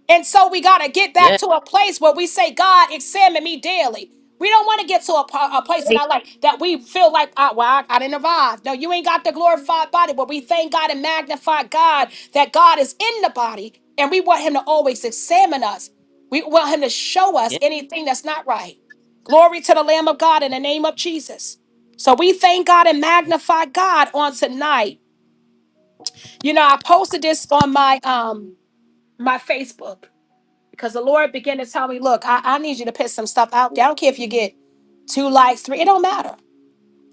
S1: And so we got to get back
S2: Yeah.
S1: to a place where we say, God, examine me daily. We don't want to get to a, po- a place in our life that we feel like, ah, well, I, I didn't survive. No, you ain't got the glorified body, but we thank God and magnify God that God is in the body, and we want Him to always examine us. We want Him to show us
S2: Yeah.
S1: anything that's not right. Glory to the Lamb of God in the name of Jesus. So we thank God and magnify God on tonight. You know, I posted this on my um my Facebook because the Lord began to tell me, look, I, I need you to put some stuff out there. I don't care if you get two likes, three, it don't matter.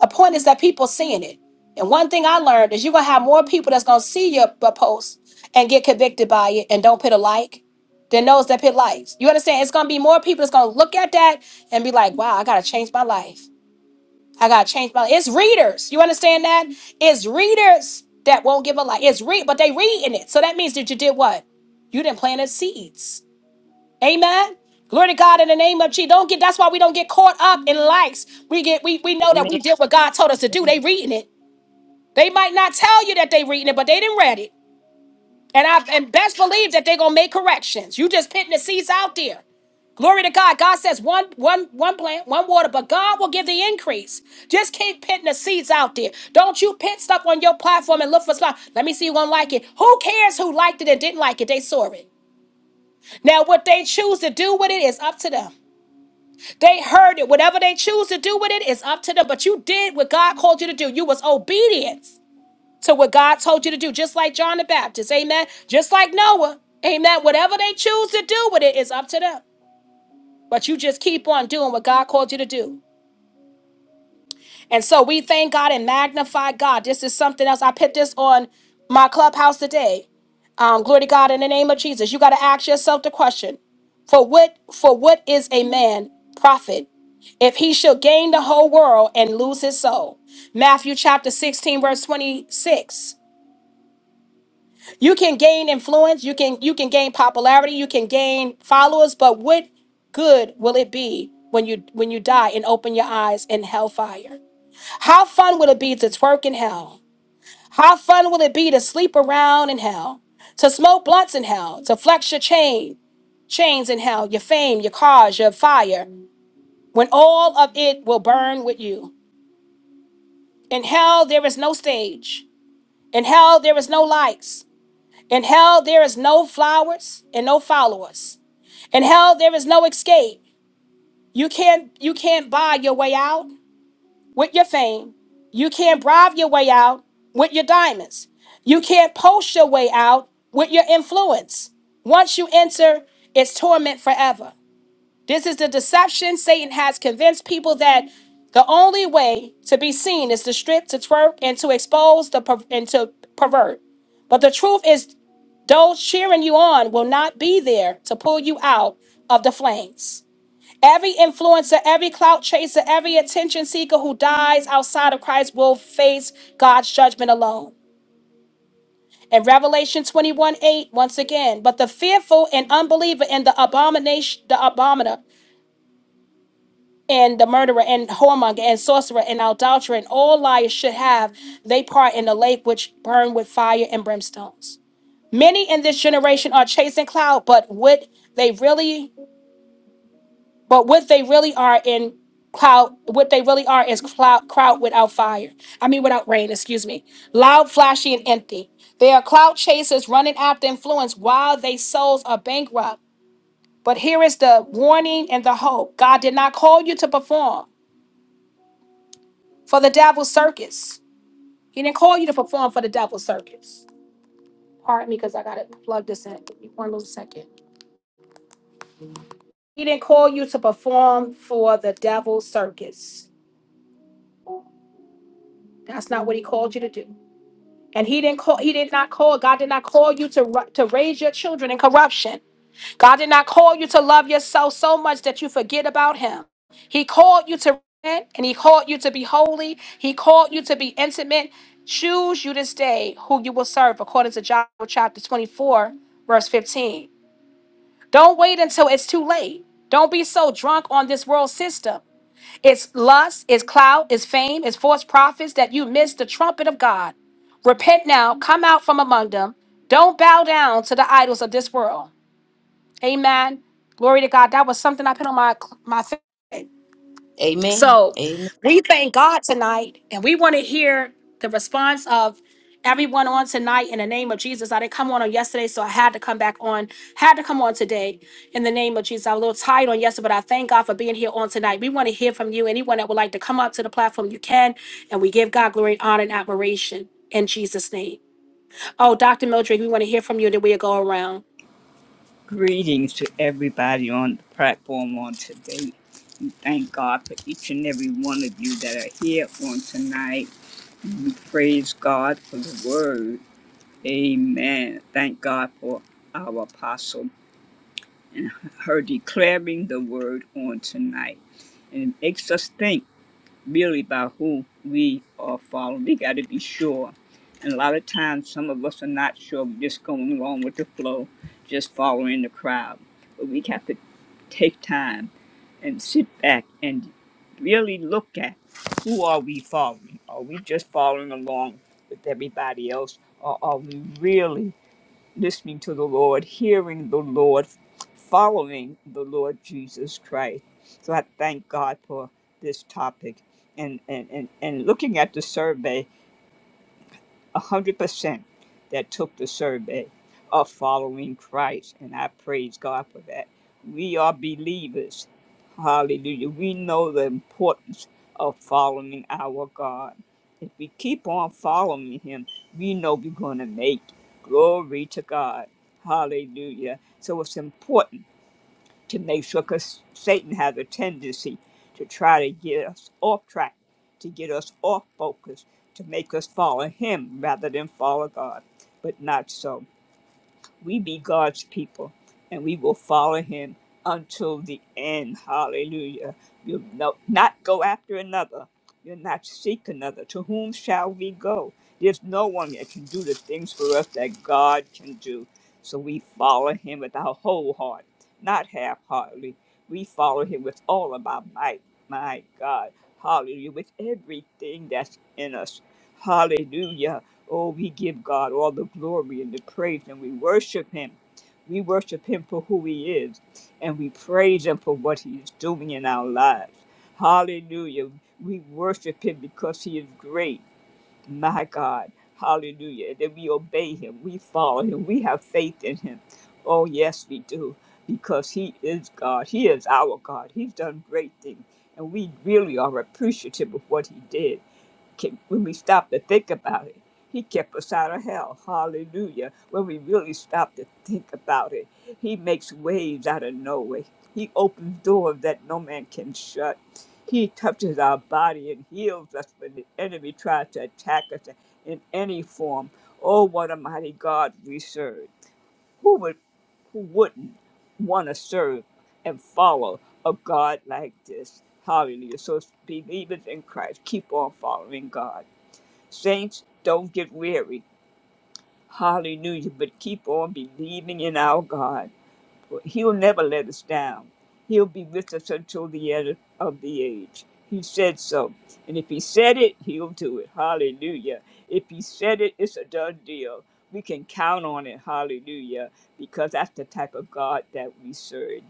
S1: The point is that people seeing it. And one thing I learned is you're gonna have more people that's gonna see your b- post and get convicted by it and don't put a like than those that put likes. You understand? It's gonna be more people that's gonna look at that and be like, wow, I gotta change my life. I gotta change my life. It's readers. You understand that? It's readers that won't give a like. It's read, but they reading it. So that means that you did what? You didn't plant planted seeds. Amen. Glory to God in the name of Jesus. Don't get that's why we don't get caught up in likes. We get we we know that
S2: Amen.
S1: we did what God told us to do. They reading it. They might not tell you that they reading it, but they didn't read it. And I and best believe that they're gonna make corrections. You just putting the seeds out there. Glory to God. God says one one one plant, one water, but God will give the increase. Just keep pitting the seeds out there. Don't you pit stuff on your platform and look for stuff. Let me see who gonna like it. Who cares who liked it and didn't like it? They saw it. Now what they choose to do with it is up to them. They heard it. Whatever they choose to do with it is up to them. But you did what God called you to do. You was obedient to what God told you to do, just like John the Baptist. Amen. Just like Noah. Amen. Whatever they choose to do with it is up to them. But you just keep on doing what God called you to do. And so we thank God and magnify God. This is something else. I put this on my clubhouse today. Um, glory to God in the name of Jesus. You got to ask yourself the question: For what? For what is a man profit if he shall gain the whole world and lose his soul? Matthew chapter sixteen, verse twenty-six. You can gain influence. You can you can gain popularity. You can gain followers. But what good will it be when you when you die and open your eyes in hellfire? How fun will it be to twerk in hell? How fun will it be to sleep around in hell? To smoke blunts in hell? To flex your chain? Chains in hell, your fame, your cars, your fire, when all of it will burn with you. In hell, there is no stage. In hell, there is no lights. In hell, there is no flowers and no followers. In hell, there is no escape. You can't you can't buy your way out. with your fame. You can't bribe your way out with your diamonds. You can't post your way out with your influence. Once you enter, it's torment forever. This is the deception Satan has convinced people that the only way to be seen is to strip, to twerk, and to expose the per- and to pervert. But the truth is, those cheering you on will not be there to pull you out of the flames. Every influencer, every clout chaser, every attention seeker who dies outside of Christ will face God's judgment alone. In Revelation 21 8, once again, but the fearful and unbeliever and the abomination, the abominer, and the murderer and whoremonger and sorcerer and adulterer and all liars should have they part in the lake which burn with fire and brimstones. Many in this generation are chasing cloud, but would they really But what they really are in cloud, what they really are is cloud, crowd without fire. I mean, without rain, excuse me. Loud, flashy, and empty. They are cloud chasers running after influence while their souls are bankrupt. But here is the warning and the hope God did not call you to perform for the devil's circus. He didn't call you to perform for the devil's circus. Pardon me because I got to plug this in. Give me One little second. He didn't call you to perform for the devil's circus. That's not what he called you to do. And he didn't call, he did not call, God did not call you to, ru- to raise your children in corruption. God did not call you to love yourself so much that you forget about him. He called you to repent and he called you to be holy. He called you to be intimate. Choose you this day who you will serve, according to Joshua chapter 24, verse 15. Don't wait until it's too late. Don't be so drunk on this world system it's lust, it's clout, it's fame, it's false prophets that you miss the trumpet of God. Repent now, come out from among them. Don't bow down to the idols of this world. Amen. Glory to God. That was something I put on my my face.
S2: Amen.
S1: So
S2: Amen.
S1: we thank God tonight, and we want to hear the response of everyone on tonight in the name of Jesus. I didn't come on on yesterday, so I had to come back on, had to come on today in the name of Jesus. I was a little tired on yesterday, but I thank God for being here on tonight. We want to hear from you. Anyone that would like to come up to the platform, you can, and we give God glory, honor, and admiration in Jesus' name. Oh, Dr. Mildred, we want to hear from you, then we'll go around.
S4: Greetings to everybody on the platform on today. Thank God for each and every one of you that are here on tonight. We praise God for the word. Amen. Thank God for our apostle and her declaring the word on tonight. And it makes us think really by who we are following. We got to be sure. And a lot of times, some of us are not sure. We're just going along with the flow, just following the crowd. But we have to take time and sit back and really look at who are we following? Are we just following along with everybody else, or are we really? listening to the Lord, hearing the Lord, following the Lord Jesus Christ. So I thank God for this topic and, and, and, and looking at the survey. 100% that took the survey are following Christ, and I praise God for that. We are believers. Hallelujah. We know the importance of following our God. If we keep on following Him, we know we're going to make it. Glory to God. Hallelujah. So it's important to make sure, because Satan has a tendency to try to get us off track, to get us off focus, to make us follow him rather than follow God. But not so. We be God's people and we will follow him until the end. Hallelujah. You'll no, not go after another. You'll not seek another. To whom shall we go? There's no one that can do the things for us that God can do. So we follow him with our whole heart, not half heartedly. We follow him with all of our might. My God. Hallelujah. With everything that's in us. Hallelujah Oh, we give God all the glory and the praise, and we worship Him. We worship Him for who He is, and we praise Him for what He is doing in our lives. Hallelujah. We worship Him because He is great, my God. Hallelujah. And then we obey Him, we follow Him, we have faith in Him. Oh, yes, we do, because He is God. He is our God. He's done great things, and we really are appreciative of what He did kept- when we stop to think about it. He kept us out of hell. Hallelujah. When we really stop to think about it, He makes waves out of no way. He opens doors that no man can shut. He touches our body and heals us when the enemy tries to attack us in any form. Oh, what a mighty God we serve. Who would who wouldn't want to serve and follow a God like this? Hallelujah. So believers in Christ, keep on following God Saints, don't get weary. Hallelujah. But keep on believing in our God. He'll never let us down. He'll be with us until the end of the age. He said so. And if he said it, he'll do it. Hallelujah. If he said it, it's a done deal. We can count on it. Hallelujah. Because that's the type of God that we serve.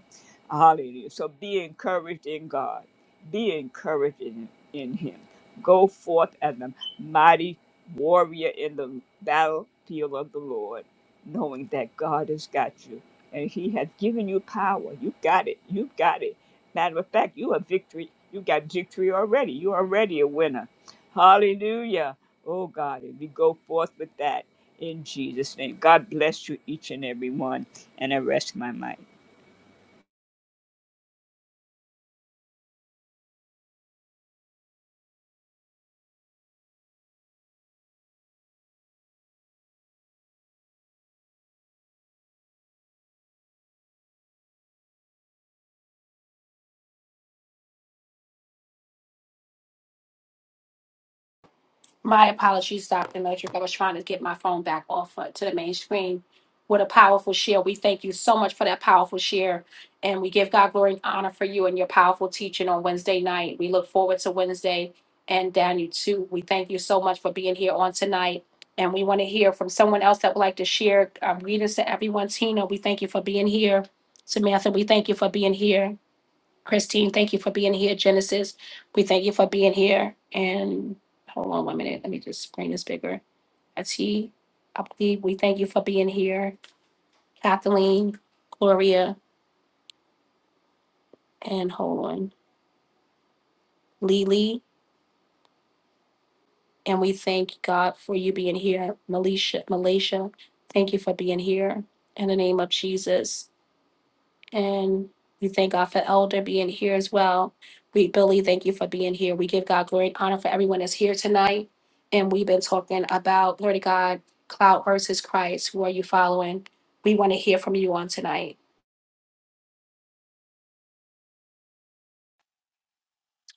S4: Hallelujah. So be encouraged in God. Be encouraged in, in him. Go forth as a mighty warrior in the battlefield of the Lord, knowing that God has got you and he has given you power. You got it. You got it. Matter of fact, you are victory. You got victory already. You are already a winner. Hallelujah. Oh God, and we go forth with that in Jesus' name. God bless you each and every one. And I rest my mind.
S1: My apologies, Dr. Matrix. I was trying to get my phone back off uh, to the main screen. What a powerful share. We thank you so much for that powerful share. And we give God glory and honor for you and your powerful teaching on Wednesday night. We look forward to Wednesday and Daniel too. We thank you so much for being here on tonight. And we want to hear from someone else that would like to share um, greetings to everyone. Tina, we thank you for being here. Samantha, we thank you for being here. Christine, thank you for being here. Genesis, we thank you for being here. And hold on one minute. Let me just bring this bigger. Ati, see. I believe we thank you for being here. Kathleen, Gloria, and hold on. Lily, and we thank God for you being here. Malaysia, Malaysia, thank you for being here. In the name of Jesus. And we thank God for Elder being here as well. We, Billy, thank you for being here. We give God glory and honor for everyone that's here tonight. And we've been talking about, glory to God, cloud versus Christ. Who are you following? We want to hear from you on tonight.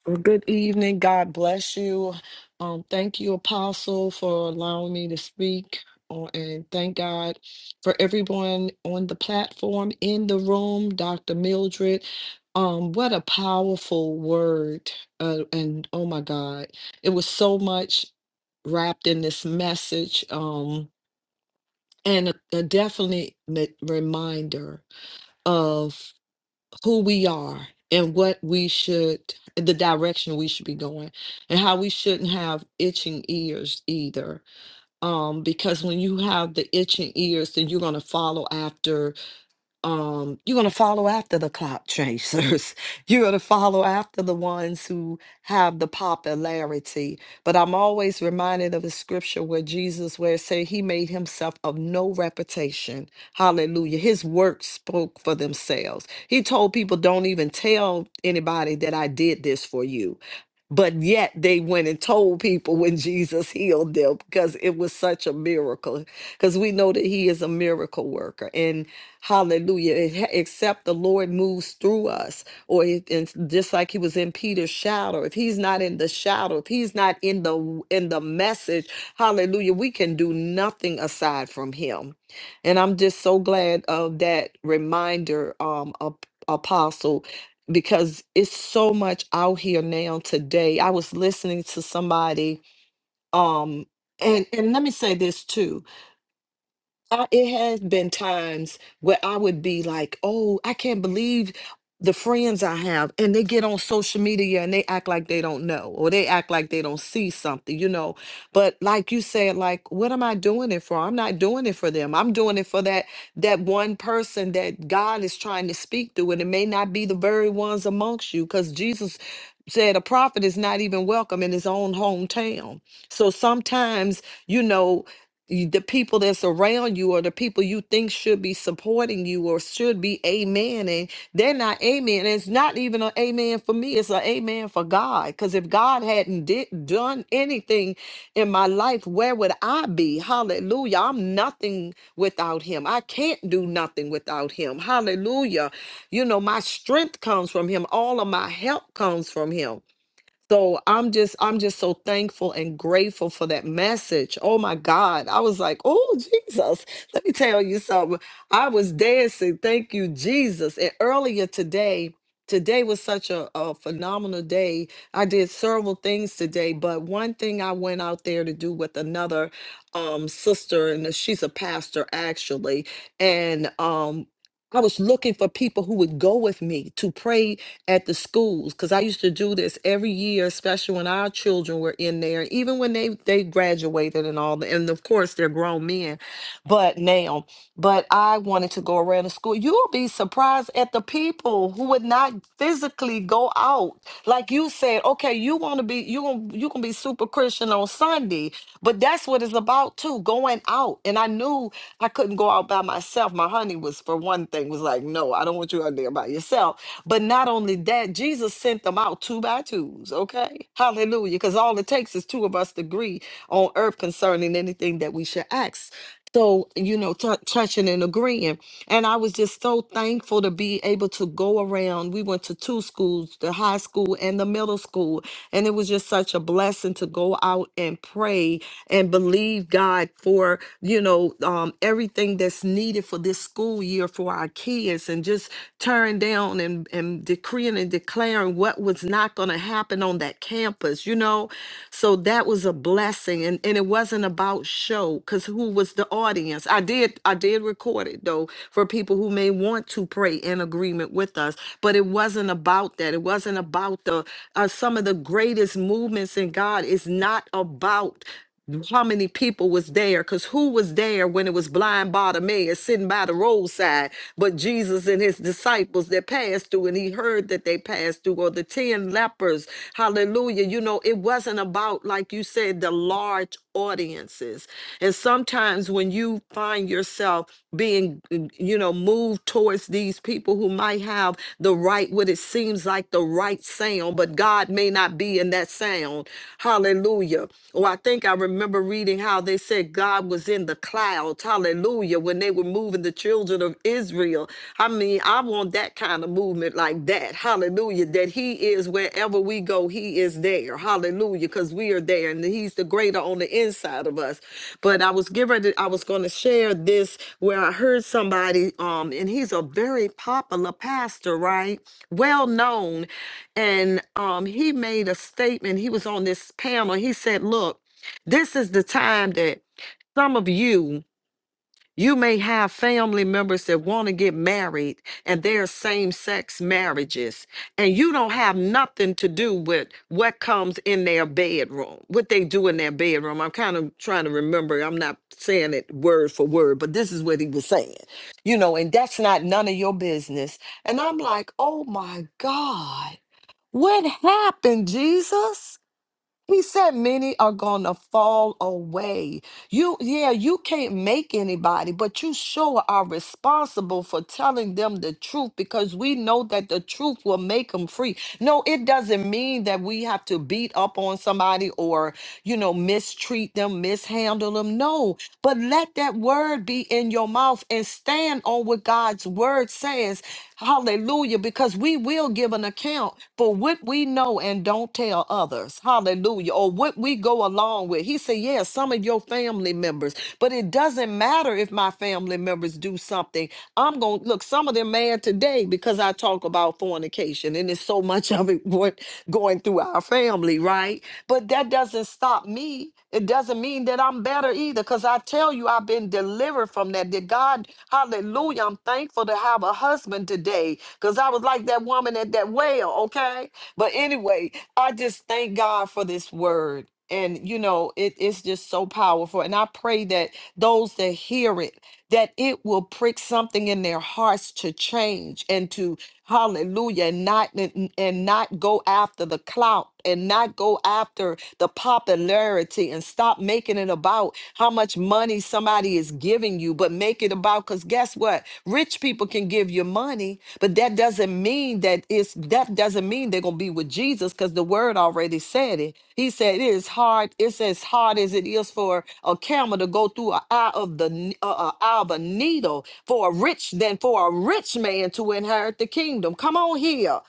S3: Well, Good evening. God bless you. Um, thank you, Apostle, for allowing me to speak. Uh, And thank God for everyone on the platform, in the room, Dr. Mildred. Um, what a powerful word. Uh, and oh my God, it was so much wrapped in this message. Um, and a, a definite me- reminder of who we are and what we should the direction we should be going and how we shouldn't have itching ears either um because when you have the itching ears then you're going to follow after um, you're going to follow after the clock chasers. you're going to follow after the ones who have the popularity. But I'm always reminded of the scripture where Jesus, where it said he made himself of no reputation. Hallelujah. His works spoke for themselves. He told people, don't even tell anybody that I did this for you. But yet they went and told people when Jesus healed them because it was such a miracle. Because we know that he is a miracle worker. Hallelujah. It- Except the Lord moves through us, or if, it's just like he was in Peter's shadow, if he's not in the shadow, if he's not in the in the message, hallelujah, we can do nothing aside from him. And I'm just so glad of that reminder, um, Ap- apostle, because it's so much out here now today. I was listening to somebody, um, and and let me say this too I, it has been times where I would be like, oh, I can't believe the friends I have, and they get on social media and they act like they don't know or they act like they don't see something, you know. But like you said, like, what am I doing it for? I'm not doing it for them. I'm doing it for that that one person that God is trying to speak to, and it may not be the very ones amongst you, because Jesus said a prophet is not even welcome in his own hometown. So sometimes, you know you- the people that's around you or the people you think should be supporting you or should be amen and they're not amen it's not even an amen for me it's an amen for god because if god hadn't did, done anything in my life where would i be hallelujah i'm nothing without him i can't do nothing without him hallelujah you know my strength comes from him all of my help comes from him so I'm just I'm just so thankful and grateful for that message. Oh my God. I was like, oh Jesus, let me tell you something. I was dancing. Thank you, Jesus. And earlier today, today was such a, a phenomenal day. I did several things today, but one thing I went out there to do with another um sister, and she's a pastor actually. And um I was looking for people who would go with me to pray at the schools because I used to do this every year, especially when our children were in there, even when they they graduated and all. that. And of course, they're grown men, but now. But I wanted to go around the school. You'll be surprised at the people who would not physically go out. Like you said, okay, you want to be you gonna you gonna be super Christian on Sunday, but that's what it's about too, going out. And I knew I couldn't go out by myself. My honey was for one thing was like, "No, I don't want you out there by yourself." But not only that, Jesus sent them out two by twos, okay? Hallelujah, cuz all it takes is two of us to agree on earth concerning anything that we should ask so you know tou- touching and agreeing and i was just so thankful to be able to go around we went to two schools the high school and the middle school and it was just such a blessing to go out and pray and believe god for you know um, everything that's needed for this school year for our kids and just tearing down and, and decreeing and declaring what was not going to happen on on that campus, you know? So that was a blessing. And, and it wasn't about show, because who was the audience? I did, I did record it though for people who may want to pray in agreement with us, but it wasn't about that. It wasn't about the uh, some of the greatest movements in God. is not about how many people was there because who was there when it was blind bartimaeus sitting by the roadside but jesus and his disciples that passed through and he heard that they passed through or the ten lepers hallelujah you know it wasn't about like you said the large audiences. And sometimes when you find yourself being, mm, you know, moved towards these people who might have the right, what it seems like the right sound, but God may not be in that sound. Hallelujah. Or I think I remember reading how they said God was in the clouds. Hallelujah. When they were moving moving the children of Israel. I mean, I want that kind of movement like that. Hallelujah. That He is wherever we go, He is there. Hallelujah. Because we are there and He's the greater on the inside of us. But I was given, I was going to share this where I heard somebody, um, and he's a very popular pastor, right? Well known. And um, he made a statement. He was on this panel. He said, Look, this is the time that some of you you may have family members that want to get married and they're same sex marriages, and you don't have nothing to do with what comes in their bedroom, what they do in their bedroom. I'm kind of trying to remember, I'm not saying it word for word, but this is what he was saying, you know, and that's not none of your business. And I'm like, oh my God, what happened, Jesus? He said many are going to fall away. You yeah, you can't make anybody, but you sure are responsible for telling them the truth because we know that the truth will make them free. No, it doesn't mean that we have to beat up on somebody or you know, mistreat them, mishandle them. No, but let that word be in your mouth and stand on what God's word says. Hallelujah. Because we will give an account for what we know and don't tell others. Hallelujah. Or what we go along with. He said, Yes, some of your family members, but it doesn't matter if my family members do do something. I'm going to look, some of them mad today because I talk about fornication and there's so much of it what going through our family, right? But that doesn't stop me. It doesn't mean that I'm better either because I tell you, I've been delivered from that. That God, hallelujah, I'm thankful to have a husband today because I was like that woman at that well, okay? But anyway, I just thank God for this word. And you know, it is just so powerful. And I pray that those that hear it that it will prick something in their hearts to change and to hallelujah and not and and not go after the clout and not go after the popularity and stop making it about how much money somebody is giving you but make it about cuz guess what rich people can give give you money, but that doesn't mean that it's that doesn't mean they're gonna be with Jesus because the word already said it. He said it is hard, it's as hard as it is for a camel to go through an eye of the n- uh, uh, eye of a needle for a rich than for a rich man to inherit the kingdom. Come on here.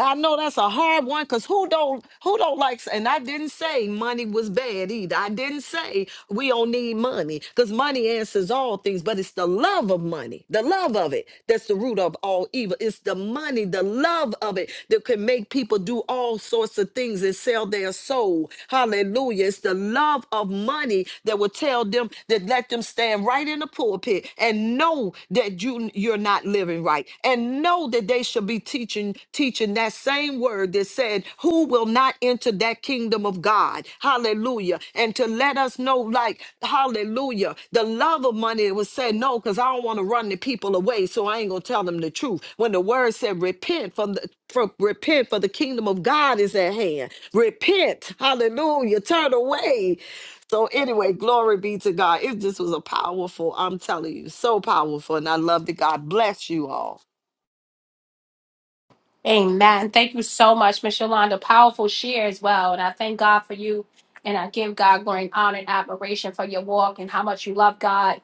S3: I know that's a hard one because who don't who don't like s- and I didn't say money was bad either. I didn't say we don't need money because money answers all things, but it's the love of money, the love of it that's the root of all evil. It's the money, the love of it that can make people do all sorts of things and sell their soul. Hallelujah. It's the love of money that will tell them that let them stand right in the pulpit and know that you you're not living right and know that they should be be teaching teaching that same word that said who will not enter that kingdom of god hallelujah and to let us know like hallelujah the love of money was said no because i don't want to run the people away so i ain't gonna tell them the truth when the word said repent from the for, repent for the kingdom of god is at hand repent hallelujah turn away so anyway, glory be to God. It just was a powerful, I'm telling you, so powerful. And I love that God bless you all.
S1: Amen. Thank you so much, Miss Yolanda. Powerful share as well. And I thank God for you. And I give God glory and honor and admiration for your walk and how much you love God.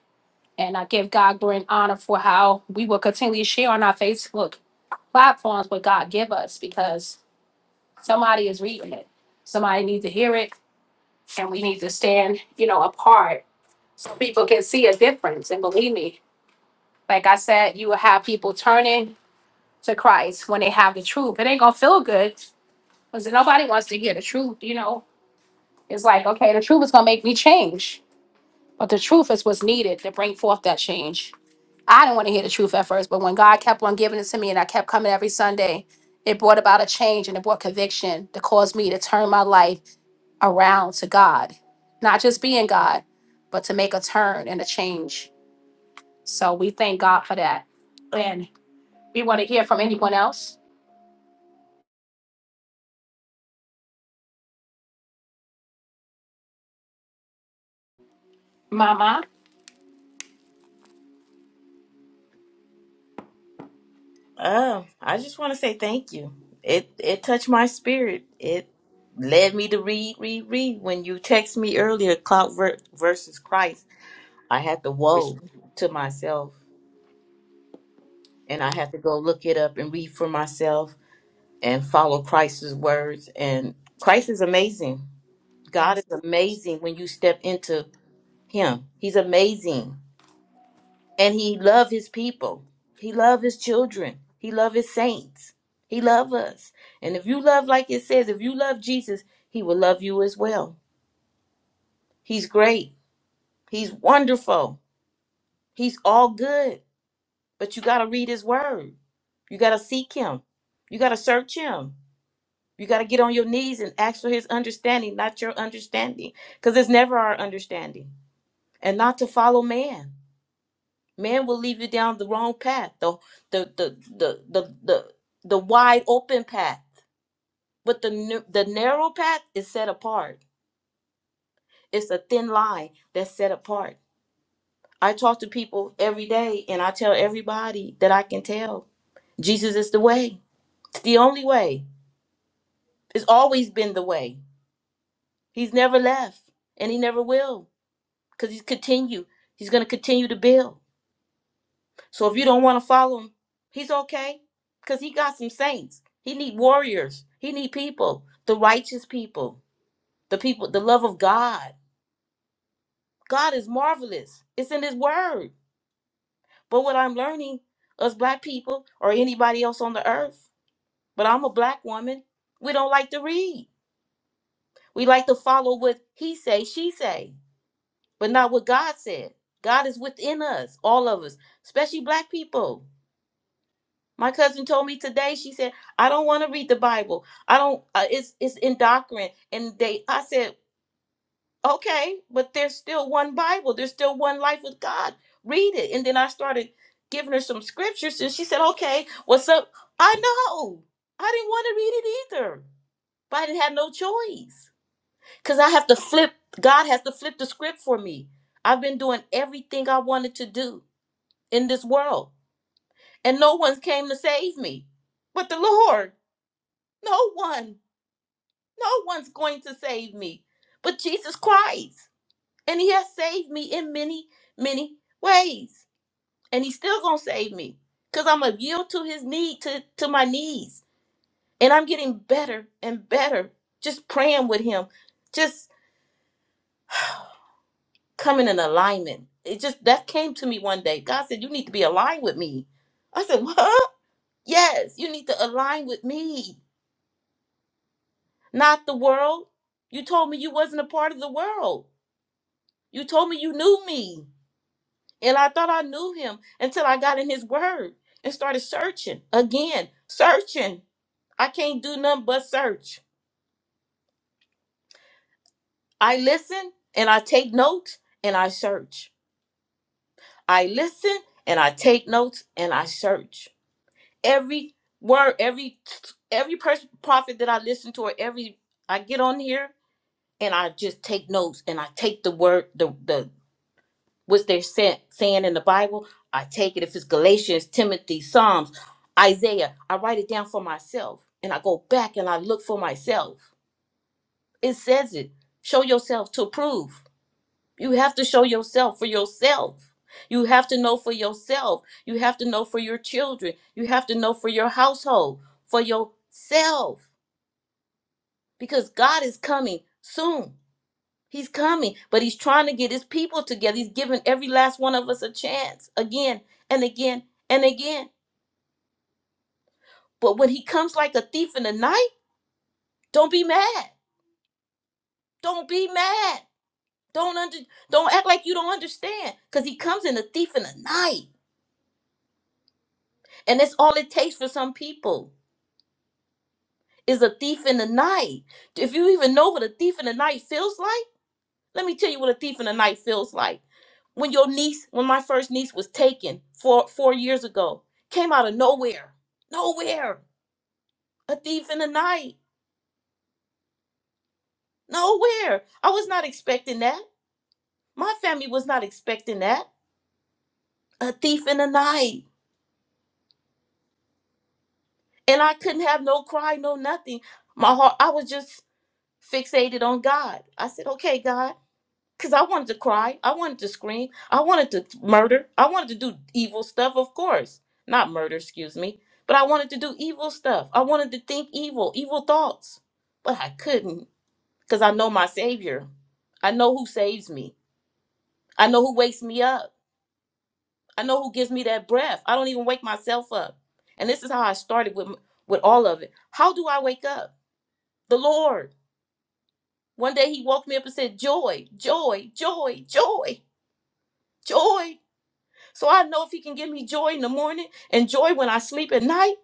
S1: And I give God glory and honor for how we will continually share on our Facebook platforms what God give us because somebody is reading it. Somebody needs to hear it and we need to stand, you know, apart so people can see a difference. And believe me, like I said, you will have people turning to Christ when they have the truth. It ain't gonna feel good because nobody wants to hear the truth, you know. It's like, okay, the truth is gonna make me change. But the truth is what's needed to bring forth that change. I didn't want to hear the truth at first, but when God kept on giving it to me and I kept coming every Sunday, it brought about a change and it brought conviction that caused me to turn my life around to God. Not just being God, but to make a turn and a change. So we thank God for that. And we want to hear from anyone else. Mama?
S2: Oh, I just want to say thank you. It it touched my spirit. It led me to read, read, read when you text me earlier, Cloud ver- versus Christ. I had to woe to myself and I had to go look it up and read for myself and follow Christ's words. And Christ is amazing. God
S1: Yes.
S2: is amazing when you step into him. He's amazing. And he love his people. He love his children. He love his saints. He love us. And if you love like it says, if you love Jesus, he will love you as well. He's great. He's wonderful. He's all good. But you got to read his word. You got to seek him. You got to search him. You got to get on your knees and ask for his understanding, not your understanding, because it's never our understanding. And not to follow man. Man will lead you down the wrong path, the the the the the the, the wide open path. But the n- the narrow path is set apart. It's a thin line that's set apart. I talk to people every day, and I tell everybody that I can tell Jesus is the way. It's the only way. It's always been the way. He's never left and he never will because he's continue. He's going to continue to build. So if you don't want to follow him, he's okay because he got some saints. He need warriors. He need people, the righteous people, the people, the love of God. God is marvelous. It's in his word. But what I'm learning, us black people or anybody else on the earth, but I'm a black woman, we don't like to read. We like to follow what he say, she say but not what God said. God is within us, all of us, especially black people. My cousin told me today. She said, "I don't want to read the Bible. I don't. Uh, it's it's indoctrinate." And they, I said, "Okay, but there's still one Bible. There's still one life with God. Read it." And then I started giving her some scriptures, and she said, "Okay, what's up?" I know. I didn't want to read it either, but I didn't have no choice because I have to flip, God has to flip the script for me. I've been doing everything I wanted to do in this world, and no one's came to save me but the Lord. No one, no one's going to save me but Jesus Christ. And He has saved me in many, many ways. And He's still going to save me because I'm going to yield to His need, to, to my knees. And I'm getting better and better just praying with Him, just. coming in alignment. It just that came to me one day. God said, You need to be aligned with me. I said, What? Yes, you need to align with me, not the world. You told me you wasn't a part of the world. You told me you knew me. And I thought I knew him until I got in his word and started searching again, searching. I can't do nothing but search. I listen and I take notes and I search. I listen and I take notes and I search. every word, every every person prophet that I listen to, or every I get on here and I just take notes and I take the word the the what's they're saying saying in the Bible. I take it if it's Galatians, Timothy, Psalms, Isaiah. I write it down for myself and I go back and I look for myself. It says it. Show yourself to prove. You have to show yourself for yourself. You have to know for yourself. You have to know for your children. You have to know for your household, for yourself. Because God is coming soon. He's coming, but He's trying to get His people together. He's giving every last one of us a chance again and again and again. But when He comes like a thief in the night, don't be mad. Don't be mad. Don't under, don't act like you don't understand. Because He comes in a thief in the night. And that's all it takes for some people is a thief in the night. If you even know what a thief in the night feels like, let me tell you what a thief in the night feels like. When your niece, when my first niece was taken four four years ago, came out of nowhere, nowhere, a thief in the night, nowhere. I was not expecting that. My family was not expecting that. A thief in the night, and I couldn't have no cry, no nothing. My heart, I was just fixated on God. I said, "Okay, God." Because I wanted to cry. I wanted to scream. I wanted to murder. I wanted to do evil stuff, of course. Not murder, excuse me. But I wanted to do evil stuff. I wanted to think evil, evil thoughts. But I couldn't because I know my Savior. I know who saves me. I know who wakes me up. I know who gives me that breath. I don't even wake myself up. And this is how I started with, with all of it. How do I wake up? The Lord. One day he woke me up and said, Joy, joy, joy, joy, joy. So I know if he can give me joy in the morning and joy when I sleep at night,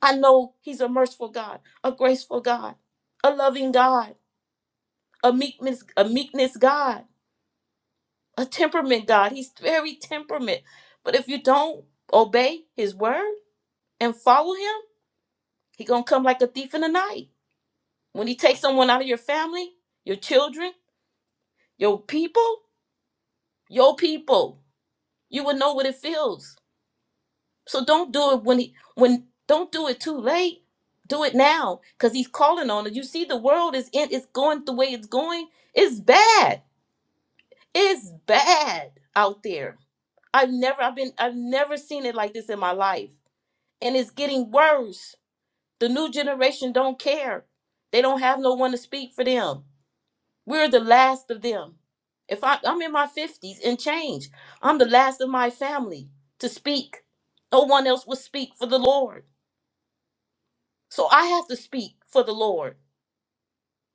S2: I know he's a merciful God, a graceful God, a loving God, a meekness, a meekness God, a temperament God. He's very temperament. But if you don't obey his word and follow him, he gonna come like a thief in the night. When he takes someone out of your family, your children, your people, your people, you will know what it feels So don't do it when he when don't do it too late. Do it now because he's calling on it. You see, the world is in it's going the way it's going. It's bad. It's bad out there. I've never I've been I've never seen it like this in my life. And it's getting worse. The new generation don't care. They don't have no one to speak for them. We're the last of them. If I, I'm in my 50s and change, I'm the last of my family to speak. No one else will speak for the Lord. So I have to speak for the Lord.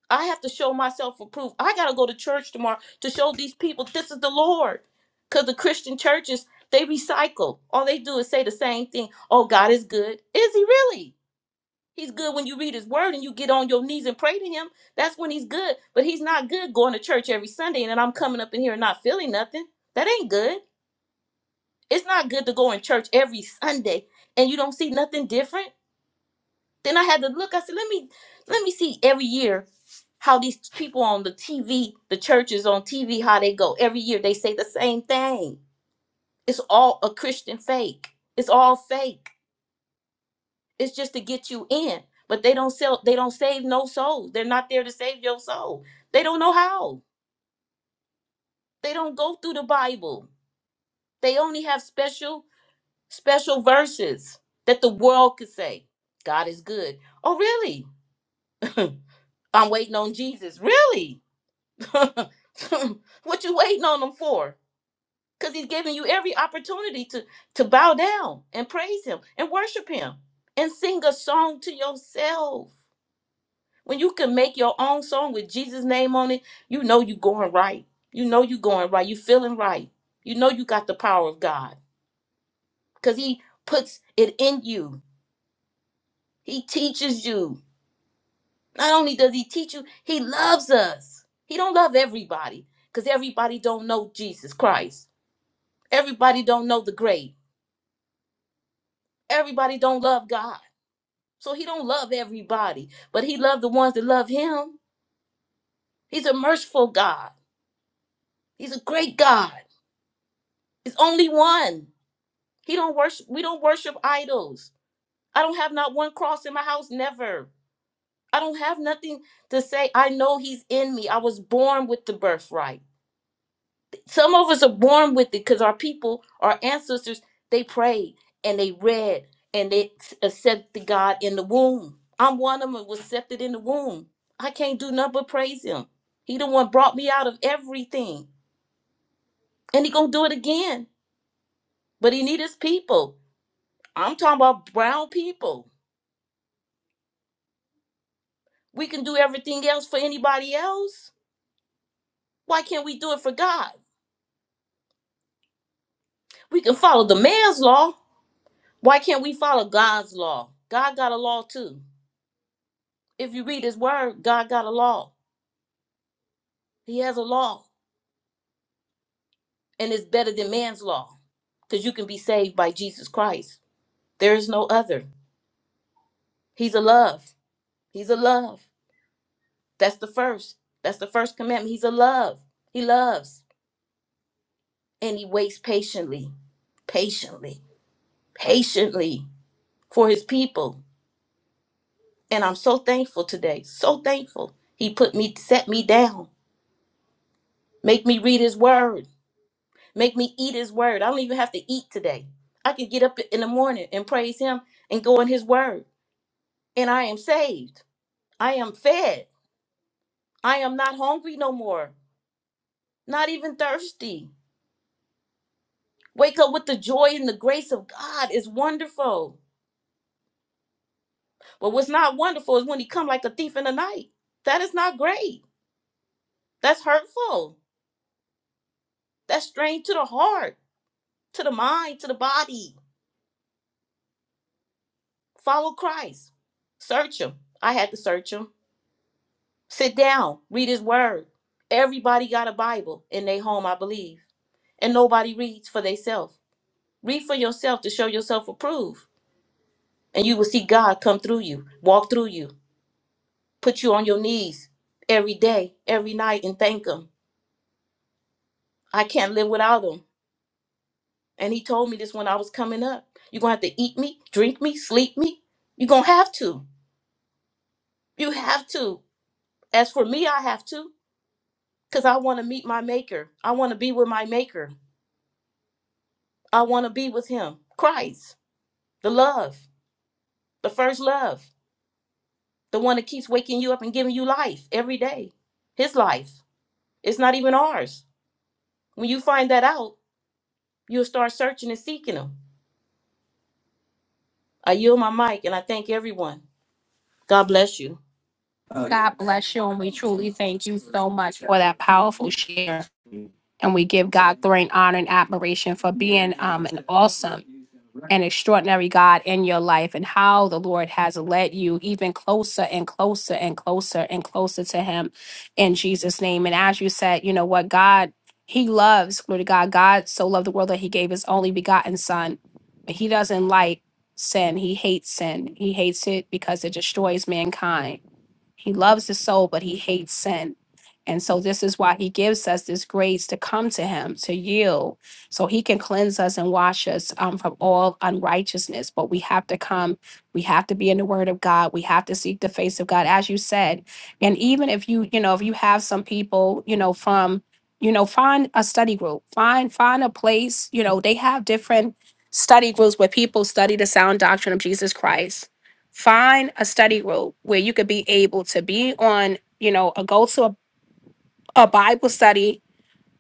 S2: I have to show myself approved. I got to go to church tomorrow to show these people this is the Lord. Because the Christian churches, they recycle. All they do is say the same thing. Oh, God is good. Is he really? He's good when you read his word and you get on your knees and pray to him. That's when he's good. But he's not good going to church every Sunday and then I'm coming up in here and not feeling nothing. That ain't good. It's not good to go in church every Sunday and you don't see nothing different. Then I had to look. I said, let me let me see every year how these people on the TV, the churches on TV, how they go. Every year they say the same thing. It's all a Christian fake. It's all fake. It's just to get you in. But they don't sell they don't save no souls. They're not there to save your soul. They don't know how. They don't go through the Bible. They only have special, special verses that the world could say. God is good. Oh, really? I'm waiting on Jesus. Really? what you waiting on him for? Because he's giving you every opportunity to to bow down and praise him and worship him and sing a song to yourself. When you can make your own song with Jesus' name on it, you know you going right. You know you going right. You feeling right. You know you got the power of God because He puts it in you. He teaches you. Not only does He teach you, He loves us. He don't love everybody because everybody don't know Jesus Christ Everybody don't know the grade. Everybody don't love God. So he don't love everybody, but he loved the ones that love him. He's a merciful God. He's a great God. He's only one. He don't worship we don't worship idols. I don't have not one cross in my house never. I don't have nothing to say I know he's in me. I was born with the birthright. Some of us are born with it because our people, our ancestors, they prayed and they read and they s- accepted God in the womb. I'm one of them that was accepted in the womb. I can't do nothing but praise him. He the one brought me out of everything. And he gonna do it again. But he need his people. I'm talking about brown people. We can do everything else for anybody else. Why can't we do it for God? We can follow the man's law. Why can't we follow God's law? God got a law too. If you read his word, God got a law. He has a law, and it's better than man's law because you can be saved by Jesus Christ. There is no other. He's a love. He's a love. That's the first. That's the first commandment. He's a love. He loves, and he waits patiently, patiently, patiently for his people. And I'm so thankful today. So thankful. He put me, set me down, make me read his word. Make me eat his word. I don't even have to eat today. I can get up in the morning and praise him and go in his word. And I am saved. I am fed. I am not hungry no more, not even thirsty. Wake up with the joy and the grace of God is wonderful. But what's not wonderful is when he come like a thief in the night. That is not great. That's hurtful. That's strained to the heart, to the mind, to the body. Follow Christ. Search him. I had to search him. Sit down, read his word. Everybody got a Bible in their home, I believe, and nobody reads for themselves. Read for yourself to show yourself approved, and you will see God come through you, walk through you, put you on your knees every day, every night, and thank Him. I can't live without Him. And He told me this when I was coming up. You're going to have to eat me, drink me, sleep me. You're going to have to. You have to. As for me, I have to, because I want to meet my Maker. I want to be with my Maker. I want to be with him. Christ, the love, the first love, the one that keeps waking you up and giving you life every day. His life. It's not even ours. When you find that out, you'll start searching and seeking him. I yield my mic and I thank everyone. God bless you.
S1: God bless you. And we truly thank you so much for that powerful share. And we give God glory and honor and admiration for being um, an awesome. An extraordinary God in your life and how the Lord has led you even closer and closer and closer and closer to Him in Jesus' name. And as you said, you know what, God, He loves, glory to God. God so loved the world that He gave His only begotten Son, but He doesn't like sin. He hates sin. He hates it because it destroys mankind he loves the soul, but he hates sin. And so this is why he gives us this grace to come to him, to yield, so he can cleanse us and wash us um, from all unrighteousness. But we have to come, we have to be in the word of God, we have to seek the face of God, as you said. And even if you, you know, if you have some people, you know, from, you know, find a study group, find, find a place, you know, they have different study groups where people study the sound doctrine of Jesus Christ find a study group where you could be able to be on, you know, a go to a, a Bible study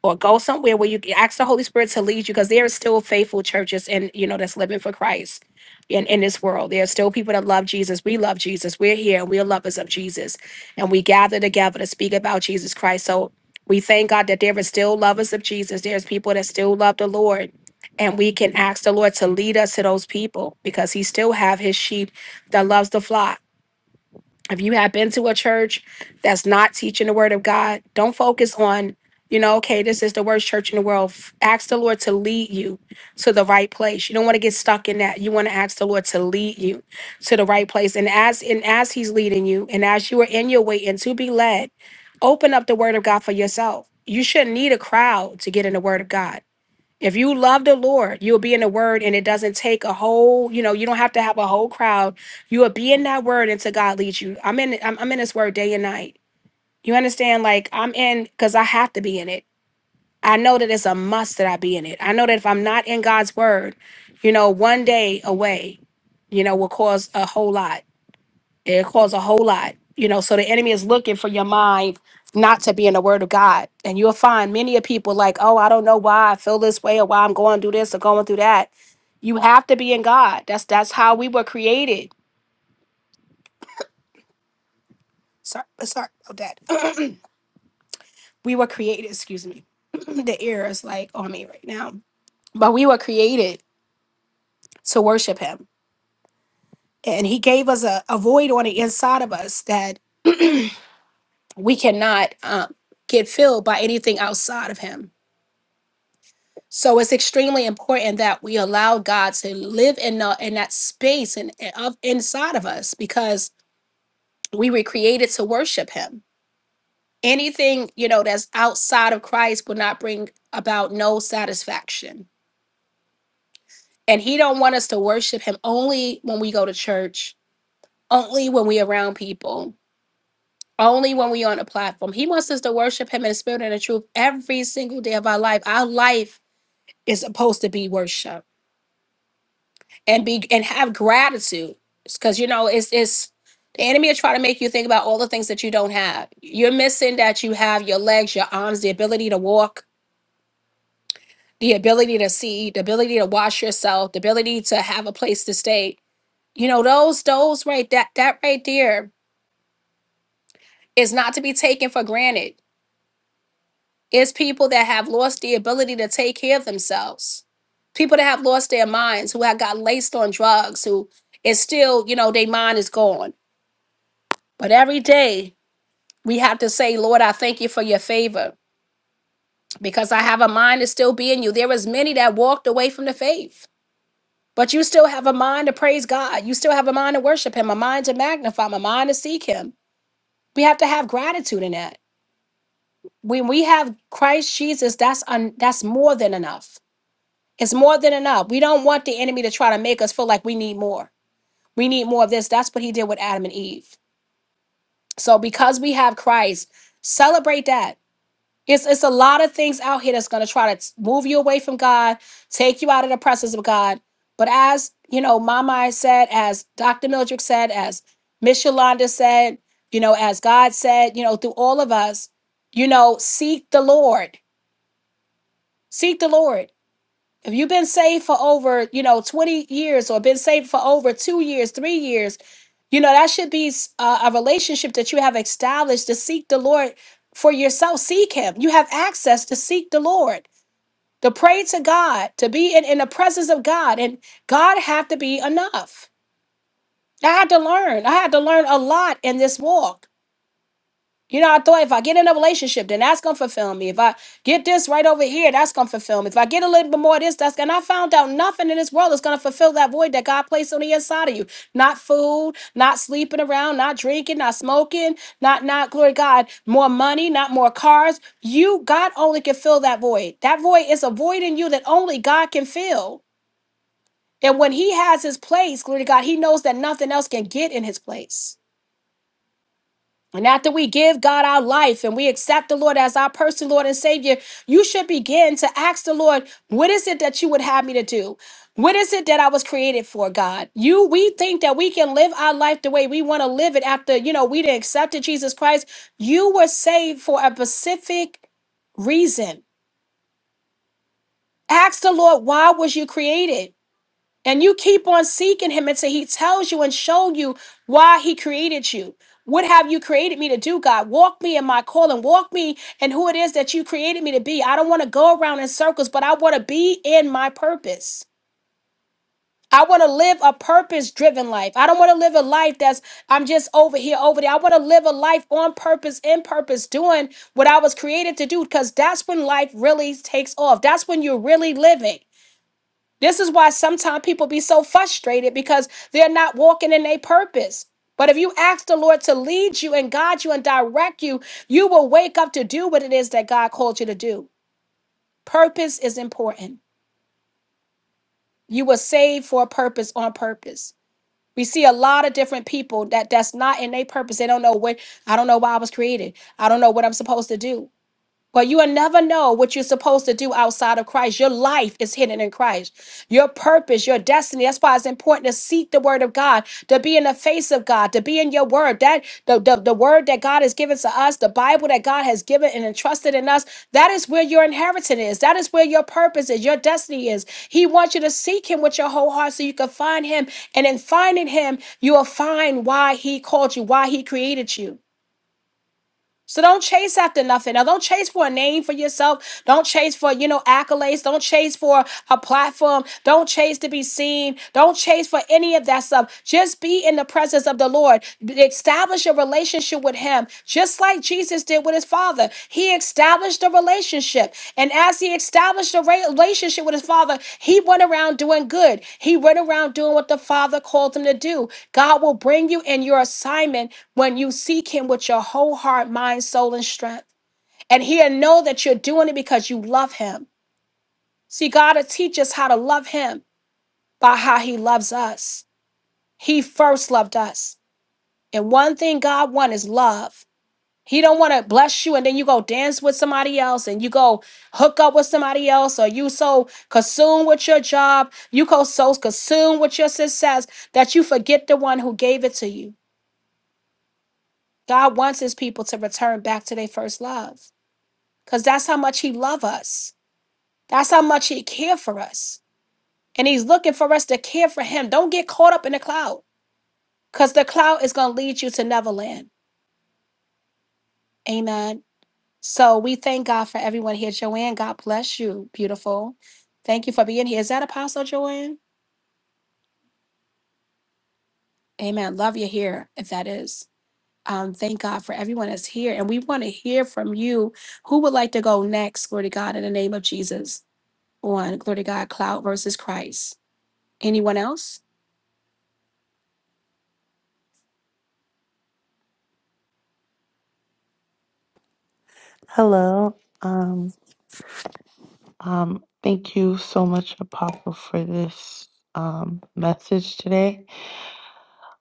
S1: or go somewhere where you can ask the Holy Spirit to lead you because there are still faithful churches and you know that's living for Christ in, in this world. There are still people that love Jesus. We love Jesus. We're here and we're lovers of Jesus. And we gather together to speak about Jesus Christ. So we thank God that there are still lovers of Jesus. There's people that still love the Lord. And we can ask the Lord to lead us to those people because He still have His sheep that loves the flock if you have been to a church that's not teaching the word of God, don't focus on, you know, okay, this is the worst church in the world. F- Ask the Lord to lead you to the right place. You don't want to get stuck in that. You want to ask the Lord to lead you to the right place. And as and as He's leading you, and as you are in your way and to be led, open up the word of God for yourself. You shouldn't need a crowd to get in the word of God. If you love the Lord, you'll be in the word and it doesn't take a whole, you know, you don't have to have a whole crowd. You will be in that word until God leads you. I'm in I'm, I'm in this word day and night. You understand? Like I'm in because I have to be in it. I know that it's a must that I be in it. I know that if I'm not in God's word, you know, one day away, you know, will cause a whole lot. It'll cause a whole lot. You know, so the enemy is looking for your mind not to be in the word of God. And you'll find many of people like, oh, I don't know why I feel this way or why I'm going through this or going through that. You have to be in God. That's that's how we were created. Sorry, sorry about that. we were created, excuse me. the ear is like on me right now. But we were created to worship him. And he gave us a, a void on the inside of us that we cannot um, get filled by anything outside of him So it's extremely important that we allow God to live in the, in that space and and of inside of us because we were created to worship Him. Anything you know that's outside of Christ will not bring about no satisfaction, and He don't want us to worship Him only when we go to church, only when we around people, only when we on a platform. He wants us to worship Him in the spirit and in truth every single day of our life. Our life is supposed to be worship and be and have gratitude because you know it's it's the enemy will try to make you think about all the things that you don't have you're missing that you have your legs your arms the ability to walk the ability to see the ability to wash yourself the ability to have a place to stay you know those those right that that right there is not to be taken for granted it's people that have lost the ability to take care of themselves people that have lost their minds who have got laced on drugs who is still you know their mind is gone But every day we have to say, Lord, I thank you for your favor because I have a mind to still be in you. There was many that walked away from the faith, but you still have a mind to praise God. You still have a mind to worship him, a mind to magnify him, a mind to seek him. We have to have gratitude in that. When we have Christ Jesus, that's un- that's more than enough. It's more than enough. We don't want the enemy to try to make us feel like we need more. We need more of this. That's what he did with Adam and Eve. So because we have Christ, celebrate that It's it's a lot of things out here that's going to try to t- move you away from God, take you out of the presence of God. But as you know, Mama said, as Dr. Mildred said, as Miss Yolanda said, you know, as God said, you know, through all of us, you know, seek the Lord, seek the Lord. If you've been saved for over, you know, 20 years or been saved for over two years, three years, you know, that should be s- uh, a relationship that you have established to seek the Lord for yourself. Seek Him. You have access to seek the Lord, to pray to God, to be in, in the presence of God. And God had to be enough. I had to learn. I had to learn a lot in this walk you know, I thought if I get in a relationship, then that's gonna fulfill me. If I get this right over here, that's gonna fulfill me. If I get a little bit more of this, that's gonna. and I found out nothing in this world is gonna fulfill that void that God placed on the inside of you. Not food, not sleeping around, not drinking, not smoking, not not glory to God, more money, not more cars. You God only can fill that void. That void is a void in you that only God can fill. And when He has His place, glory to God, He knows that nothing else can get in His place. And after we give God our life and we accept the Lord as our personal Lord and Savior, you should begin to ask the Lord, what is it that you would have me to do? What is it that I was created for, God? You we think that we can live our life the way we want to live it after, you know, we didn't accept Jesus Christ. You were saved for a specific reason. Ask the Lord, why was you created? and you keep on seeking him until he tells you and show you why he created you what have you created me to do god walk me in my calling walk me in who it is that you created me to be i don't want to go around in circles but i want to be in my purpose I want to live a purpose driven life. I don't want to live a life that's, I'm just over here, over there. I want to live a life on purpose, in purpose, doing what I was created to do, because that's when life really takes off. That's when you're really living. This is why sometimes people be so frustrated because they're not walking in their purpose. But if you ask the Lord to lead you and guide you and direct you, you will wake up to do what it is that God called you to do. Purpose is important. You were saved for a purpose on purpose. We see a lot of different people that that's not in their purpose. They don't know what I don't know why I was created. I don't know what I'm supposed to do. But you will never know what you're supposed to do outside of Christ. Your life is hidden in Christ. Your purpose, your destiny. That's why it's important to seek the word of God, to be in the face of God, to be in your word. That the, the, the word that God has given to us, the Bible that God has given and entrusted in us, that is where your inheritance is. That is where your purpose is, your destiny is. He wants you to seek him with your whole heart so you can find him. And in finding him, you will find why he called you, why he created you. So don't chase after nothing. Now don't chase for a name for yourself. Don't chase for, you know, accolades. Don't chase for a platform. Don't chase to be seen. Don't chase for any of that stuff. Just be in the presence of the Lord. Establish a relationship with him, just like Jesus did with with his father. He established a relationship. And as he established a re- relationship with his father, he went around doing good. He went around doing what the father called him to do. God will bring you in your assignment when you seek him with your whole heart, mind, soul, and strength. And he'll know that you're doing it because you love him. See, God will teach us how to love him by how he loves us. He first loved us. And one thing God wants is love. He don't want to bless you and then you go dance with somebody else and you go hook up with somebody else or you so consumed with your job, you go so consumed with your success that you forget the one who gave it to you. God wants his people to return back to their first love cuz that's how much he loves us. That's how much he care for us. And he's looking for us to care for him. Don't get caught up in the cloud cuz the cloud is going to lead you to Neverland. Amen. So we thank God for everyone here. Joanne, God bless you. Beautiful. Thank you for being here. Is that Apostle Joanne? Amen. Love you here, if that is. Um, thank God for everyone that's here. And we want to hear from you. Who would like to go next? Glory to God in the name of Jesus on Glory to God, Cloud versus Christ. Anyone else?
S5: Hello. Um, um, thank you so much, Apostle, for this um, message today.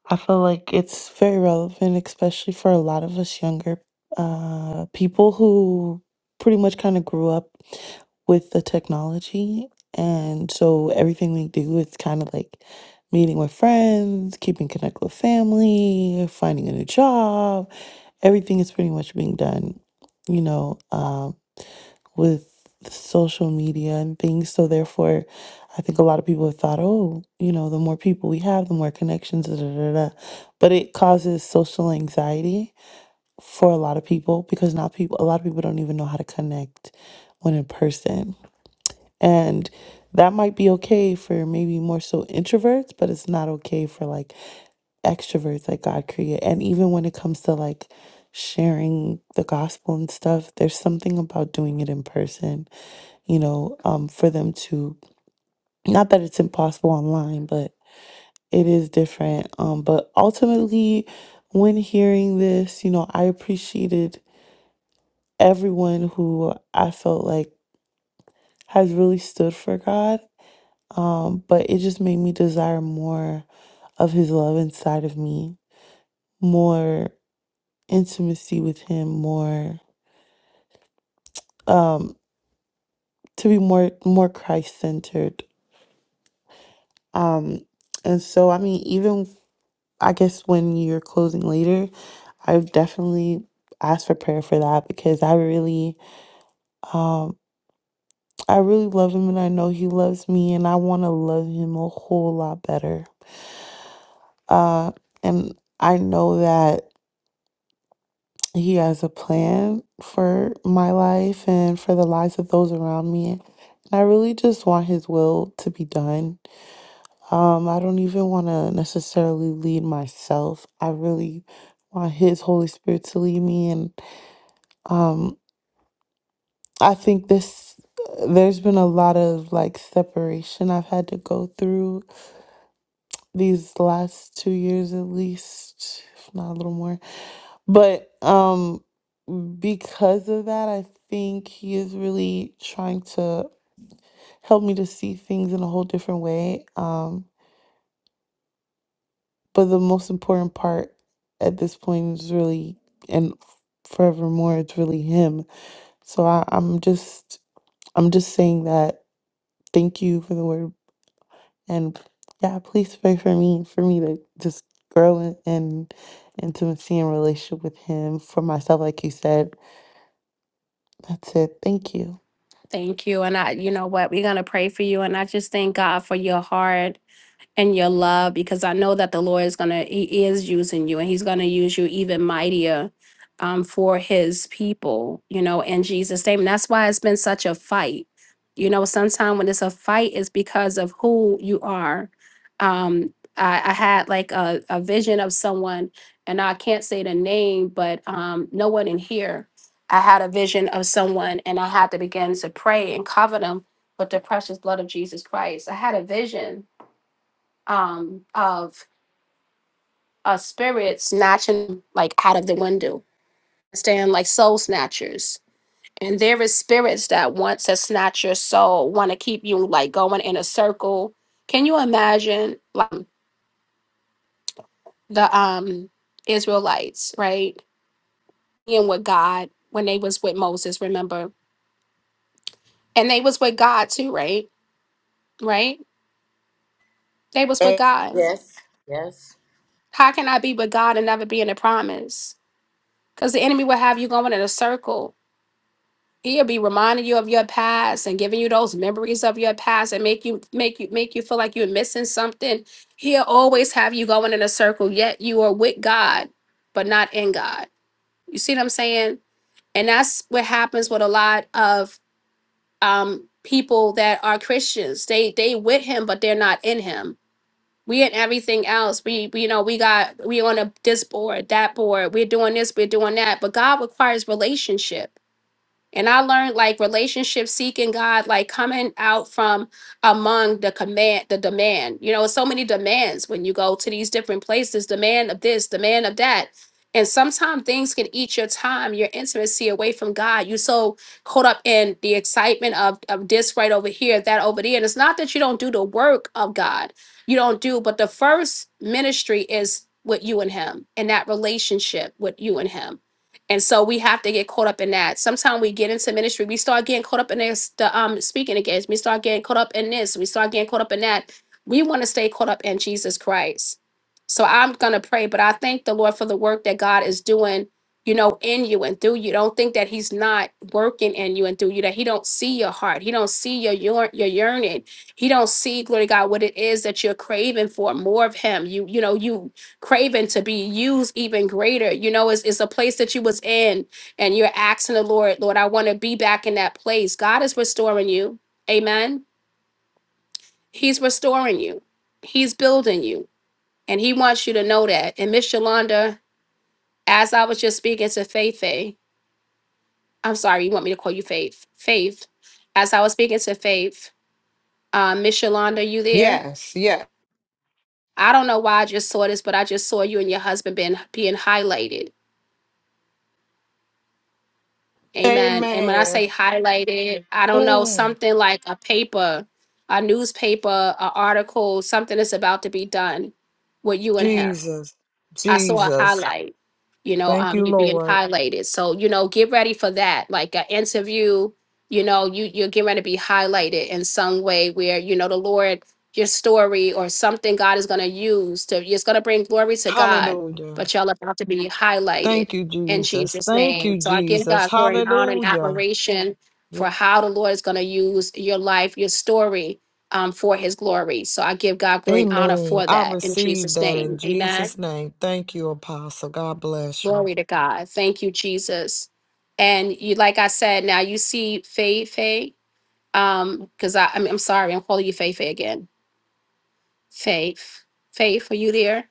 S5: I feel like it's very relevant, especially for a lot of us younger uh, people who pretty much kind of grew up with the technology. And so everything we do is kind of like meeting with friends, keeping connect with family, finding a new job. Everything is pretty much being done, you know, um, with social media and things. So therefore, I think a lot of people have thought, oh, you know, the more people we have, the more connections, da, da, da, da. but it causes social anxiety for a lot of people because not people, a lot of people don't even know how to connect when in person, and that might be okay for maybe more so introverts, but it's not okay for like extroverts, like God created, and even when it comes to like sharing the gospel and stuff, there's something about doing it in person, you know, um, for them to not that it's impossible online, but it is different. Um, but ultimately, when hearing this, you know, I appreciated everyone who I felt like has really stood for God. Um, but it just made me desire more of His love inside of me, more intimacy with Him, more um, to be more more Christ centered. Um, and so, I mean, even I guess when you're closing later, I've definitely asked for prayer for that because I really Um, I really love him and I know he loves me and I want to love him a whole lot better. Uh, and I know that he has a plan for my life and for the lives of those around me. And I really just want his will to be done. Um, I don't even want to necessarily lead myself. I really want his Holy Spirit to lead me and um I think this there's been a lot of like separation I've had to go through these last two years at least, if not a little more. But um because of that, I think he is really trying to help me to see things in a whole different way. Um, but the most important part at this point is really and forevermore it's really him. So I, I'm just I'm just saying that thank you for the word And yeah, please pray for me, for me to just grow in, in intimacy and relationship with Him for myself, like you said. That's it. Thank you.
S1: Thank you. And I, you know what? We're going to pray for you. And I just thank God for your heart and your love because I know that the Lord is going to, He is using you and He's going to use you even mightier um, for His people, you know, in Jesus' name. And that's why it's been such a fight. You know, sometimes when it's a fight, it's because of who you are. Um, I, I had like a, a vision of someone, and I can't say the name, but um, no one in here. I had a vision of someone, and I had to begin to pray and cover them with the precious blood of Jesus Christ. I had a vision um of a spirit snatching like out of the window stand like soul snatchers and there is spirits that want to snatch your soul want to keep you like going in a circle can you imagine like the um israelites right being with god when they was with moses remember and they was with god too right right they was with god
S2: Yes. Yes.
S1: how can i be with god and never be in the promise because the enemy will have you going in a circle He'll be reminding you of your past and giving you those memories of your past and make you make you make you feel like you're missing something. He'll always have you going in a circle, yet you are with God, but not in God. You see what I'm saying? And that's what happens with a lot of um people that are Christians. They they with him, but they're not in him. We and everything else. We, we you know, we got we on a this board, that board, we're doing this, we're doing that. But God requires relationship. And I learned like relationship seeking God, like coming out from among the command, the demand. You know, so many demands when you go to these different places, demand of this, demand of that. And sometimes things can eat your time, your intimacy away from God. You are so caught up in the excitement of, of this right over here, that over there. And it's not that you don't do the work of God. You don't do, but the first ministry is with you and him and that relationship with you and him and so we have to get caught up in that. Sometimes we get into ministry, we start getting caught up in this, the um speaking against, we start getting caught up in this, we start getting caught up in that. We want to stay caught up in Jesus Christ. So I'm gonna pray, but I thank the Lord for the work that God is doing, you know, in you and through you. Don't think that He's not working in you and through you, that He don't see your heart, He don't see your yearn- your yearning, He don't see, glory to God, what it is that you're craving for, more of Him. You, you know, you craving to be used even greater. You know, it's, it's a place that you was in and you're asking the Lord, Lord, I want to be back in that place. God is restoring you. Amen. He's restoring you. He's building you. And he wants you to know that. And Miss Yolanda, as I was just speaking to Faith, eh, I'm sorry, you want me to call you Faith. Faith. As I was speaking to Faith, uh, Miss Yolanda, you there?
S3: Yes, yes.
S1: I don't know why I just saw this, but I just saw you and your husband being being highlighted Amen. And when I
S3: Amen.
S1: say highlighted, I don't know,
S3: Mm.
S1: something like a paper, a newspaper, an article, something that's about to be done with you and him.
S3: Jesus,
S1: I saw a
S3: Jesus.
S1: highlight, you know,
S3: Thank
S1: um,
S3: you,
S1: you being
S3: Lord.
S1: highlighted. So, you know, get ready for that. Like an interview, you know, you you're getting ready to be highlighted in some way where, you know, the Lord, your story or something God is gonna use to it's gonna bring glory to God,
S3: Hallelujah.
S1: but y'all about to be highlighted
S3: Thank you,
S1: in
S3: Jesus.
S1: Jesus'
S3: Thank
S1: name.
S3: you,
S1: So I give
S3: Jesus.
S1: God glory and honor and
S3: Hallelujah.
S1: admiration
S3: Yeah.
S1: for how the Lord is gonna use your life, your story um, for his glory. So I give God glory and honor
S3: Amen.
S1: for
S3: I
S1: that in
S3: receive
S1: Jesus'
S3: that in
S1: name. Amen.
S3: Jesus' name. Thank you, Apostle. God bless you.
S1: Glory to God. Thank you, Jesus. And you, like I said, now you see Faith, Faith. Um, because I, I mean, I'm sorry, I'm calling you Faith, Faith again. Faith, Faith, are you there?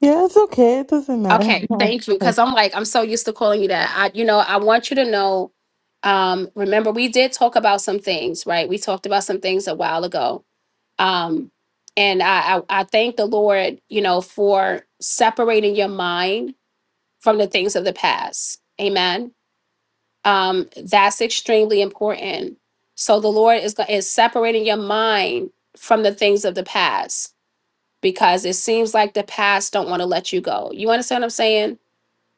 S5: Yeah, it's okay. It doesn't matter.
S1: Okay, thank you. Because I'm like, I'm so used to calling you that. I, you know, I want you to know. Um, remember, we did talk about some things, right? We talked about some things a while ago. Um, and I, I, I thank the Lord, you know, for separating your mind from the things of the past. Amen um, that's extremely important. So the Lord is go- is separating your mind from the things of the past because it seems like the past don't want to let you go. You understand what I'm saying?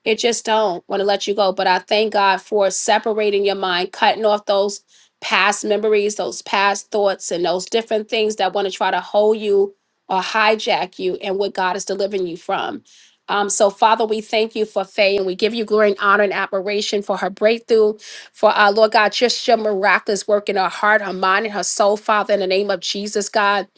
S1: It just don't want to let you go. But I thank God for separating your mind, cutting off those past memories, those past thoughts, and those different things that want to try to hold you or hijack you and what God is delivering you from. Um, so, Father, we thank you for Faye and we give you glory and honor and admiration for her breakthrough, for our Lord God, just your miraculous work in her heart, her mind, and her soul, Father, in the name of Jesus, God.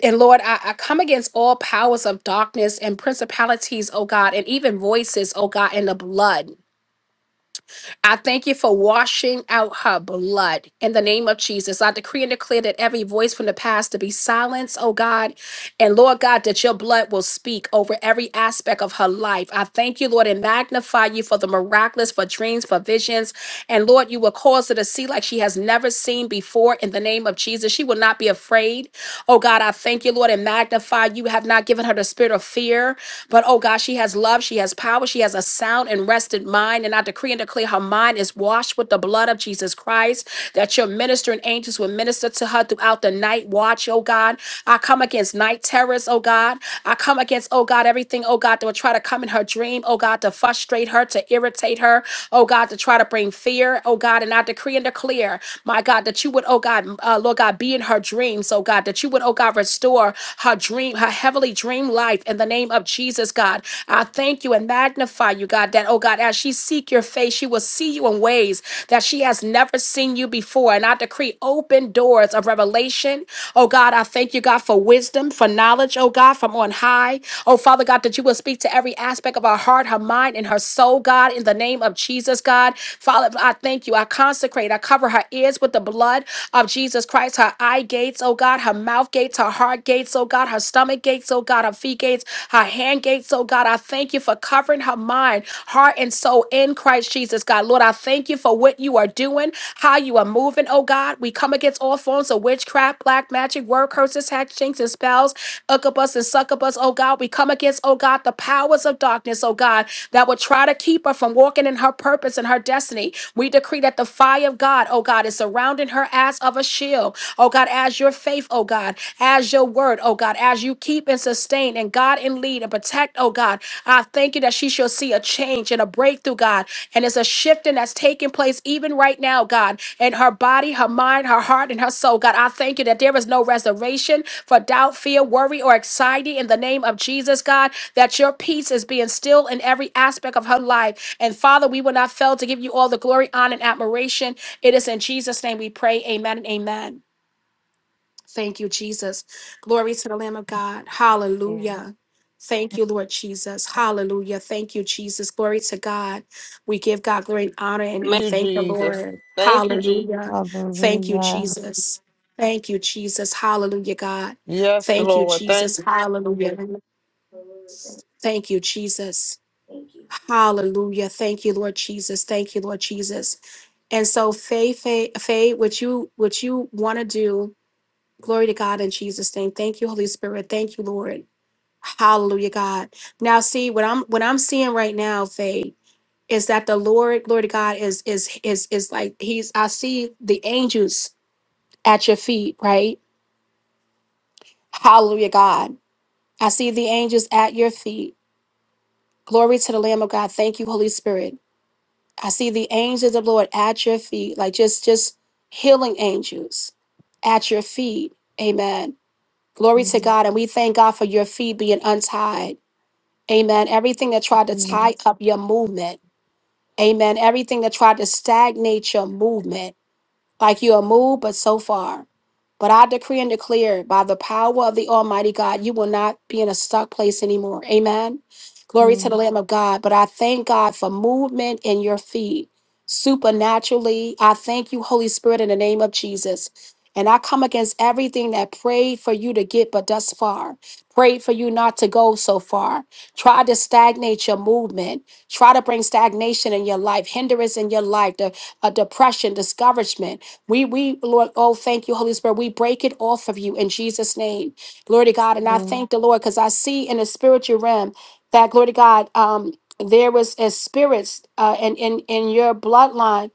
S1: And Lord, I, I come against all powers of darkness and principalities, oh God, and even voices, oh God, in the blood. I thank you for washing out her blood in the name of Jesus. I decree and declare that every voice from the past to be silenced, oh God, and Lord God, that your blood will speak over every aspect of her life. I thank you, Lord, and magnify you for the miraculous, for dreams, for visions. And Lord, you will cause her to see like she has never seen before in the name of Jesus. She will not be afraid. Oh God, I thank you, Lord, and magnify you. Have not given her the spirit of fear, but oh God, she has love, she has power, she has a sound and rested mind. And I decree and declare her mind is washed with the blood of Jesus Christ, that your ministering angels will minister to her throughout the night night watch, oh God. I come against night terrors, oh God. I come against, oh God, everything, oh God, that will try to come in her dream, oh God, to frustrate her, to irritate her, oh God, to try to bring fear, oh God. And I decree and declare, my God, that you would, oh God, uh, Lord God, be in her dreams, oh God, that you would, oh God, restore her dream, her heavenly dream life in the name of Jesus, God. I thank you and magnify you, God, that, oh God, as she seek your face, she will see you in ways that she has never seen you before. And I decree decree open doors of revelation. Oh God, I thank you, God, for wisdom, for knowledge, oh God, from on high. Oh Father God, that you will speak to every aspect of her heart, her mind, and her soul, God, in the name of Jesus, God. Father, I thank you. I consecrate, I cover her ears with the blood of Jesus Christ, her eye gates, oh God, her mouth gates, her heart gates, oh God, her stomach gates, oh God, her feet gates, her hand gates, oh God. I thank you for covering her mind, heart, and soul in Christ Jesus, God. Lord, I thank you for what you you are doing, how you are moving, oh God. We come against all forms of witchcraft, black magic, word curses, hexings, and spells, incubus and succubus, oh God. We come against, oh God, the powers of darkness, oh God, that would try to keep her from walking in her purpose and her destiny. We decree that the fire of God, oh God, is surrounding her as of a shield, oh God, as your faith, oh God, as your word, oh God, as you keep and sustain and God and lead and protect, oh God. I thank you that she shall see a change and a breakthrough, God, and it's a shifting that's taking place even right now, God, in her body, her mind, her heart, and her soul. God, I thank you that there is no reservation for doubt, fear, worry, or anxiety in the name of Jesus, God, that your peace is being still in every aspect of her life. And Father, we will not fail to give you all the glory, honor, and admiration. It is in Jesus' name we pray. Amen and amen. Thank you, Jesus. Glory to the Lamb of God. Hallelujah. Thank you, Lord Jesus. Hallelujah. Thank you, Jesus. Glory to God. We give God glory and honor and we
S3: Thank you,
S1: thank the
S3: Jesus.
S1: Lord.
S3: Thank you, Jesus.
S1: Hallelujah. Thank you,
S5: Hallelujah.
S1: Jesus. Thank you, Jesus. Hallelujah, God.
S3: Yes,
S1: Thank you,
S3: Lord. Thank
S1: Jesus. Hallelujah. Thank you, Jesus. Hallelujah. Thank you, Lord Jesus. Thank you, Lord Jesus. And so, Faye, Faye, Faye, what you what you want to do? Glory to God in Jesus' name. Thank you, Holy Spirit. Thank you, Lord. Hallelujah, God. Now, see what I'm what I'm seeing right now, Faye, is that the Lord, glory to God, is is is is like He's. I see the angels at your feet, right? Hallelujah, God. I see the angels at your feet. Glory to the Lamb of God. Thank you, Holy Spirit. I see the angels of the Lord at your feet, like just just healing angels at your feet. Amen Glory to
S5: Amen.
S1: God. And we thank God for your feet being untied. Amen. Everything that tried to
S5: Amen.
S1: tie up your movement. Amen. Everything that tried to stagnate your movement like you are moved, but so far. But I decree and declare by the power of the Almighty God, you will not be in a stuck place anymore. Amen. Glory to the Lamb of God. But I thank God for movement in your feet supernaturally. I thank you, Holy Spirit, in the name of Jesus. And I come against everything that prayed for you to get but thus far, prayed for you not to go so far, tried to stagnate your movement, try to bring stagnation in your life, hindrance in your life, the, uh, depression, discouragement. We, we, Lord, oh, thank you, Holy Spirit. We break it off of you in Jesus' name. Glory to God. And I
S5: Amen.
S1: thank the Lord because I see in the spiritual realm that, glory to God, um, there was a spirits uh, in, in, in your bloodline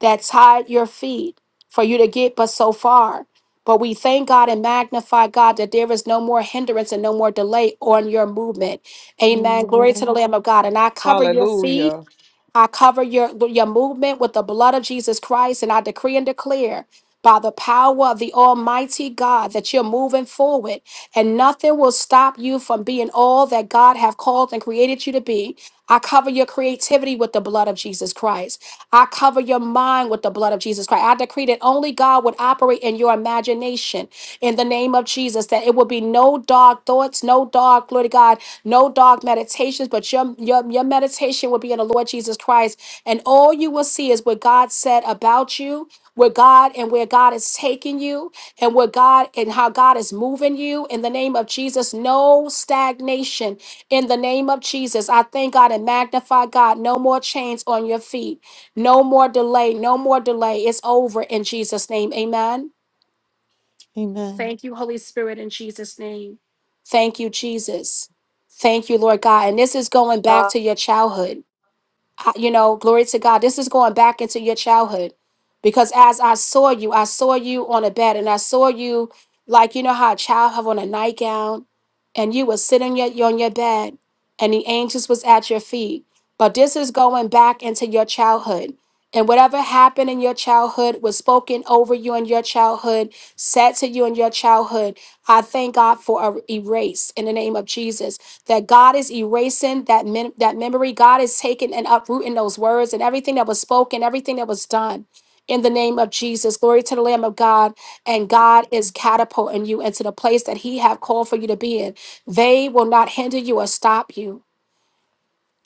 S1: that tied your feet for you to get but so far. But we thank God and magnify God that there is no more hindrance and no more delay on your movement. Amen. Glory to
S5: Amen.
S1: the Lamb of God. And I cover your feet.
S3: Hallelujah.
S1: I cover your, your movement with the blood of Jesus Christ, and I decree and declare by the power of the Almighty God that you're moving forward and nothing will stop you from being all that God have called and created you to be. I cover your creativity with the blood of Jesus Christ. I cover your mind with the blood of Jesus Christ. I decree that only God would operate in your imagination in the name of Jesus, that it will be no dark thoughts, no dark, glory to God, no dark meditations, but your, your, your meditation will be in the Lord Jesus Christ. And all you will see is what God said about you where God and where God is taking you and where God and how God is moving you in the name of Jesus. No stagnation in the name of Jesus. I thank God and magnify God. No more chains on your feet. No more delay. No more delay. It's over in Jesus' name. Amen.
S5: Amen.
S1: Thank you, Holy Spirit, in Jesus' name. Thank you, Jesus. Thank you, Lord God. And this is going back
S3: Ha-
S1: to your childhood. I- you know, glory to God. This is going back into your childhood because as I saw you, I saw you on a bed and I saw you like, you know, how a child have on a nightgown and you were sitting your, on your bed and the angels was at your feet. But this is going back into your childhood. And whatever happened in your childhood was spoken over you in your childhood, said to you in your childhood. I thank God for a erase in the name of Jesus that God is erasing that mem- that memory. God is taking and uprooting those words and everything that was spoken, everything that was done. In the name of Jesus, glory to the Lamb of God, and God is catapulting you into the place that He have called for you to be in. They will not hinder you or stop you.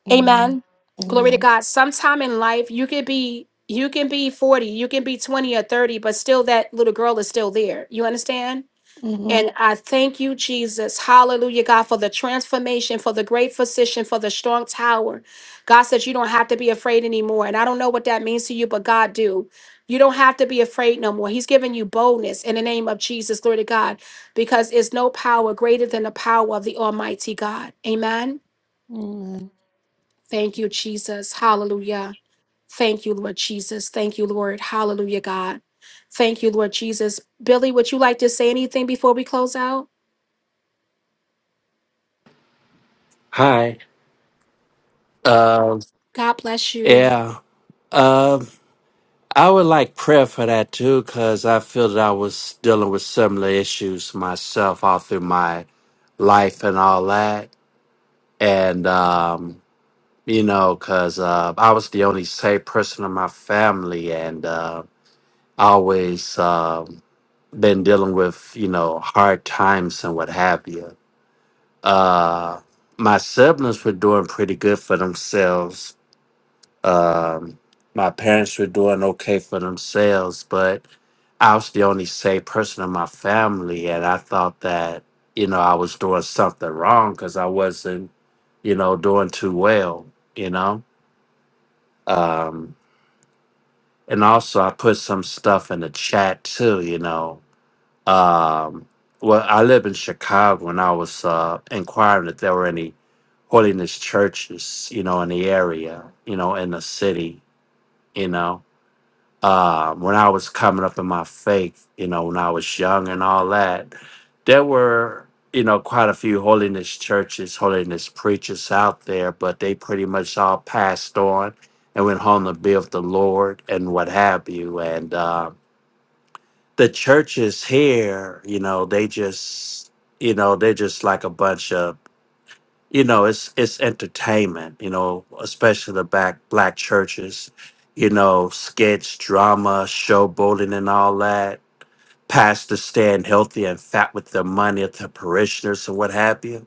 S5: Amen.
S1: Amen. Glory to
S5: Amen.
S1: God. Sometime in life, you can be you can be 40, you can be 20 or 30, but still that little girl is still there. You understand?
S5: Mhm.
S1: And I thank you, Jesus. Hallelujah, God, for the transformation, for the great physician, for the strong tower. God says you don't have to be afraid anymore. And I don't know what that means to you, but God do. You don't have to be afraid no more. He's giving you boldness in the name of Jesus. Glory to God. Because it's no power greater than the power of the Almighty God. Amen.
S5: Amen.
S1: Thank you, Jesus. Hallelujah. Thank you, Lord Jesus. Thank you, Lord. Hallelujah, God. Thank you, Lord Jesus. Billy, would you like to say anything before we close out?
S6: Hi. Um.
S1: God bless you.
S6: yeah. Um, I would like prayer for that too, because I feel that I was dealing with similar issues myself all through my life and all that. And, um, you know, because uh, I was the only safe person in my family and uh, I always um been dealing with, you know, hard times and what have you. Uh, my siblings were doing pretty good for themselves Um, my parents were doing okay for themselves, but I was the only safe person in my family, and I thought that you know I was doing something wrong because I wasn't you know doing too well, you know. Um, and also, I put some stuff in the chat too, you know. Um, well, I live in Chicago, and I was uh, inquiring if there were any holiness churches, you know, in the area, you know, in the city, you know. uh, when I was coming up in my faith, you know, when I was young and all that, there were, you know, quite a few holiness churches, holiness preachers out there, but they pretty much all passed on and went home to be with the Lord and what have you. And uh, the churches here, you know, they just, you know, they're just like a bunch of you know it's it's entertainment you know especially the back black churches you know sketch drama showboating and all that pastors staying healthy and fat with the money of the parishioners and what have you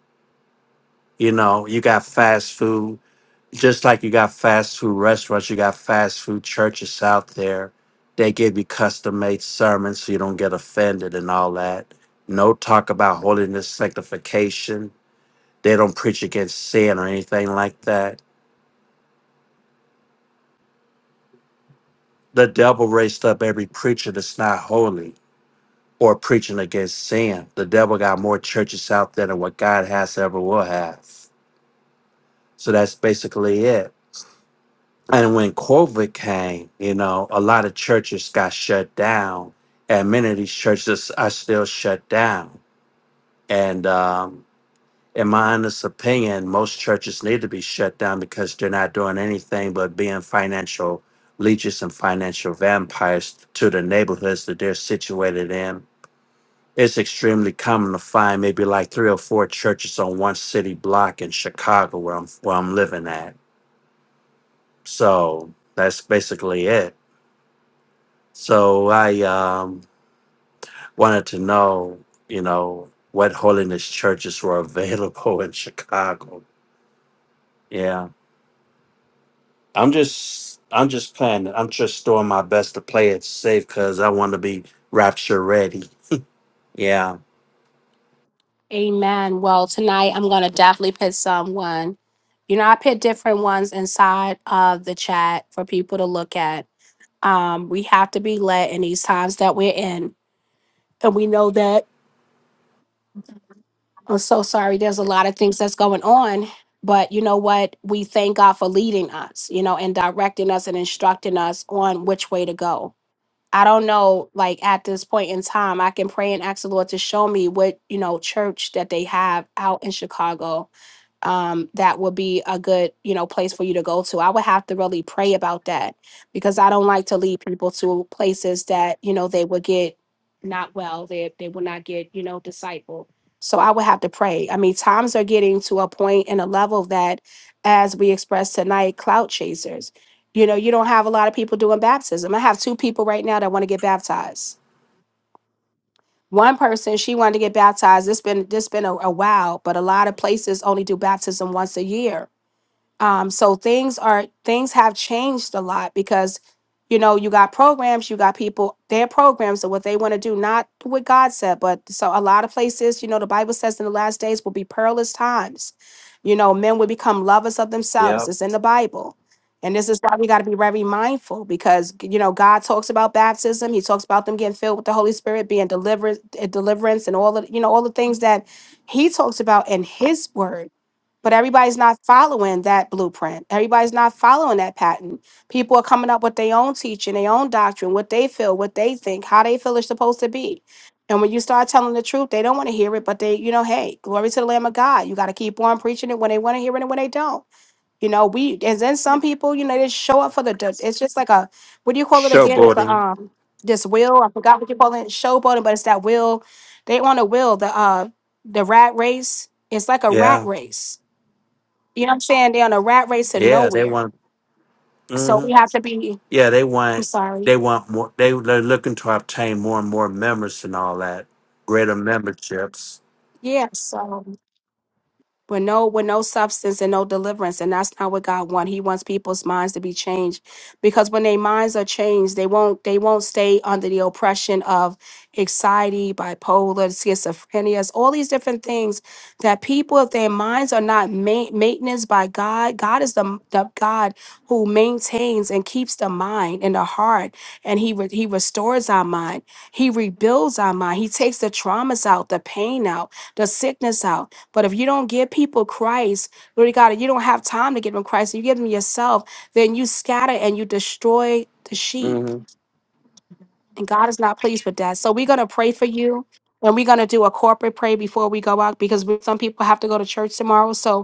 S6: you know you got fast food just like you got fast food restaurants you got fast food churches out there they give you custom made sermons so you don't get offended and all that no talk about holiness sanctification they don't preach against sin or anything like that. The devil raised up every preacher that's not holy or preaching against sin. The devil got more churches out there than what God has ever will have. So that's basically it. And when COVID came, you know, a lot of churches got shut down, and many of these churches are still shut down. And um, in my honest opinion, most churches need to be shut down because they're not doing anything but being financial leeches and financial vampires to the neighborhoods that they're situated in. It's extremely common to find maybe like three or four churches on one city block in Chicago where I'm where I'm living at. So that's basically it. So I um, wanted to know, you know, what holiness churches were available in Chicago. Yeah. I'm just I'm just playing. it. I'm just doing my best to play it safe because I want to be rapture ready. Yeah.
S1: Amen. Well, tonight I'm going to definitely put someone. You know, I put different ones inside of the chat for people to look at. Um, we have to be led in these times that we're in. And we know that, I'm so sorry, there's a lot of things that's going on. But you know what? We thank God for leading us, you know, and directing us and instructing us on which way to go I don't know, like at this point in time, I can pray and ask the Lord to show me what, you know, church that they have out in Chicago um, that would be a good, you know, place for you to go to. I would have to really pray about that because I don't like to lead people to places that, you know, they would get not well, they, they would not get, you know, discipled. So I would have to pray. I mean, times are getting to a point and a level that, as we expressed tonight, cloud chasers. You know, you don't have a lot of people doing baptism. I have two people right now that want to get baptized. One person, she wanted to get baptized. It's been this been a, a while, but a lot of places only do baptism once a year. Um, so things are things have changed a lot because you know you got programs, you got people, their programs are what they want to do, not what God said. But so a lot of places, you know, the Bible says in the last days will be perilous times. You know, men will become lovers of themselves.
S6: Yeah.
S1: It's in the Bible. And this is why we got to be very mindful because you know God talks about baptism. He talks about them getting filled with the Holy Spirit, being deliverance, deliverance, and all the you know all the things that He talks about in His Word. But everybody's not following that blueprint. Everybody's not following that pattern. People are coming up with their own teaching, their own doctrine, what they feel, what they think, how they feel it's supposed to be. And when you start telling the truth, they don't want to hear it, but they, you know, hey, glory to the Lamb of God. You got to keep on preaching it when they want to hear it and when they don't. You know, we, and then some people, you know, they just show up for the, the- it's just like a, what do you call it again? It's the,
S6: Showboating.
S1: um, this will, I forgot what you call it, showboating, but it's that will. They on a will, the, uh, the rat race. It's like a rat
S6: Yeah.
S1: race you know what I'm saying? They're on a rat race to
S6: Yeah. They
S1: nowhere.
S6: want.
S1: So
S6: hmm
S1: we have to be,
S6: Yeah. They
S1: I'm
S6: want. They
S1: sorry.
S6: want more. They they're looking to obtain more and more members and all that. Greater memberships.
S1: Yeah. So with no with no substance and no deliverance and that's not what god wants he wants people's minds to be changed because when their minds are changed they won't they won't stay under the oppression of anxiety bipolar schizophrenia all these different things that people if their minds are not ma- maintenance by god god is the, the god who maintains and keeps the mind and the heart and he re- he restores our mind he rebuilds our mind he takes the traumas out the pain out the sickness out but if you don't give people Christ, Lord God, and you don't have time to give them Christ, you give them yourself, then you scatter and you destroy the sheep.
S6: hmm
S1: And God is not pleased with that. So we're going to pray for you. And we're going to do a corporate pray before we go out because we- some people have to go to church tomorrow. So